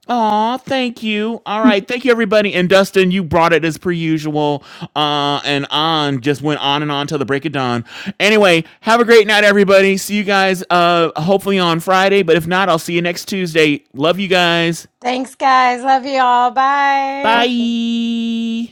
C: Aw, thank you. All right, thank you, everybody. And Dustin, you brought it as per usual. Uh, and on just went on and on till the break of dawn. Anyway, have a great night, everybody. See you guys, uh, hopefully on Friday. But if not, I'll see you next Tuesday. Love you guys.
A: Thanks, guys. Love you all. Bye.
C: Bye.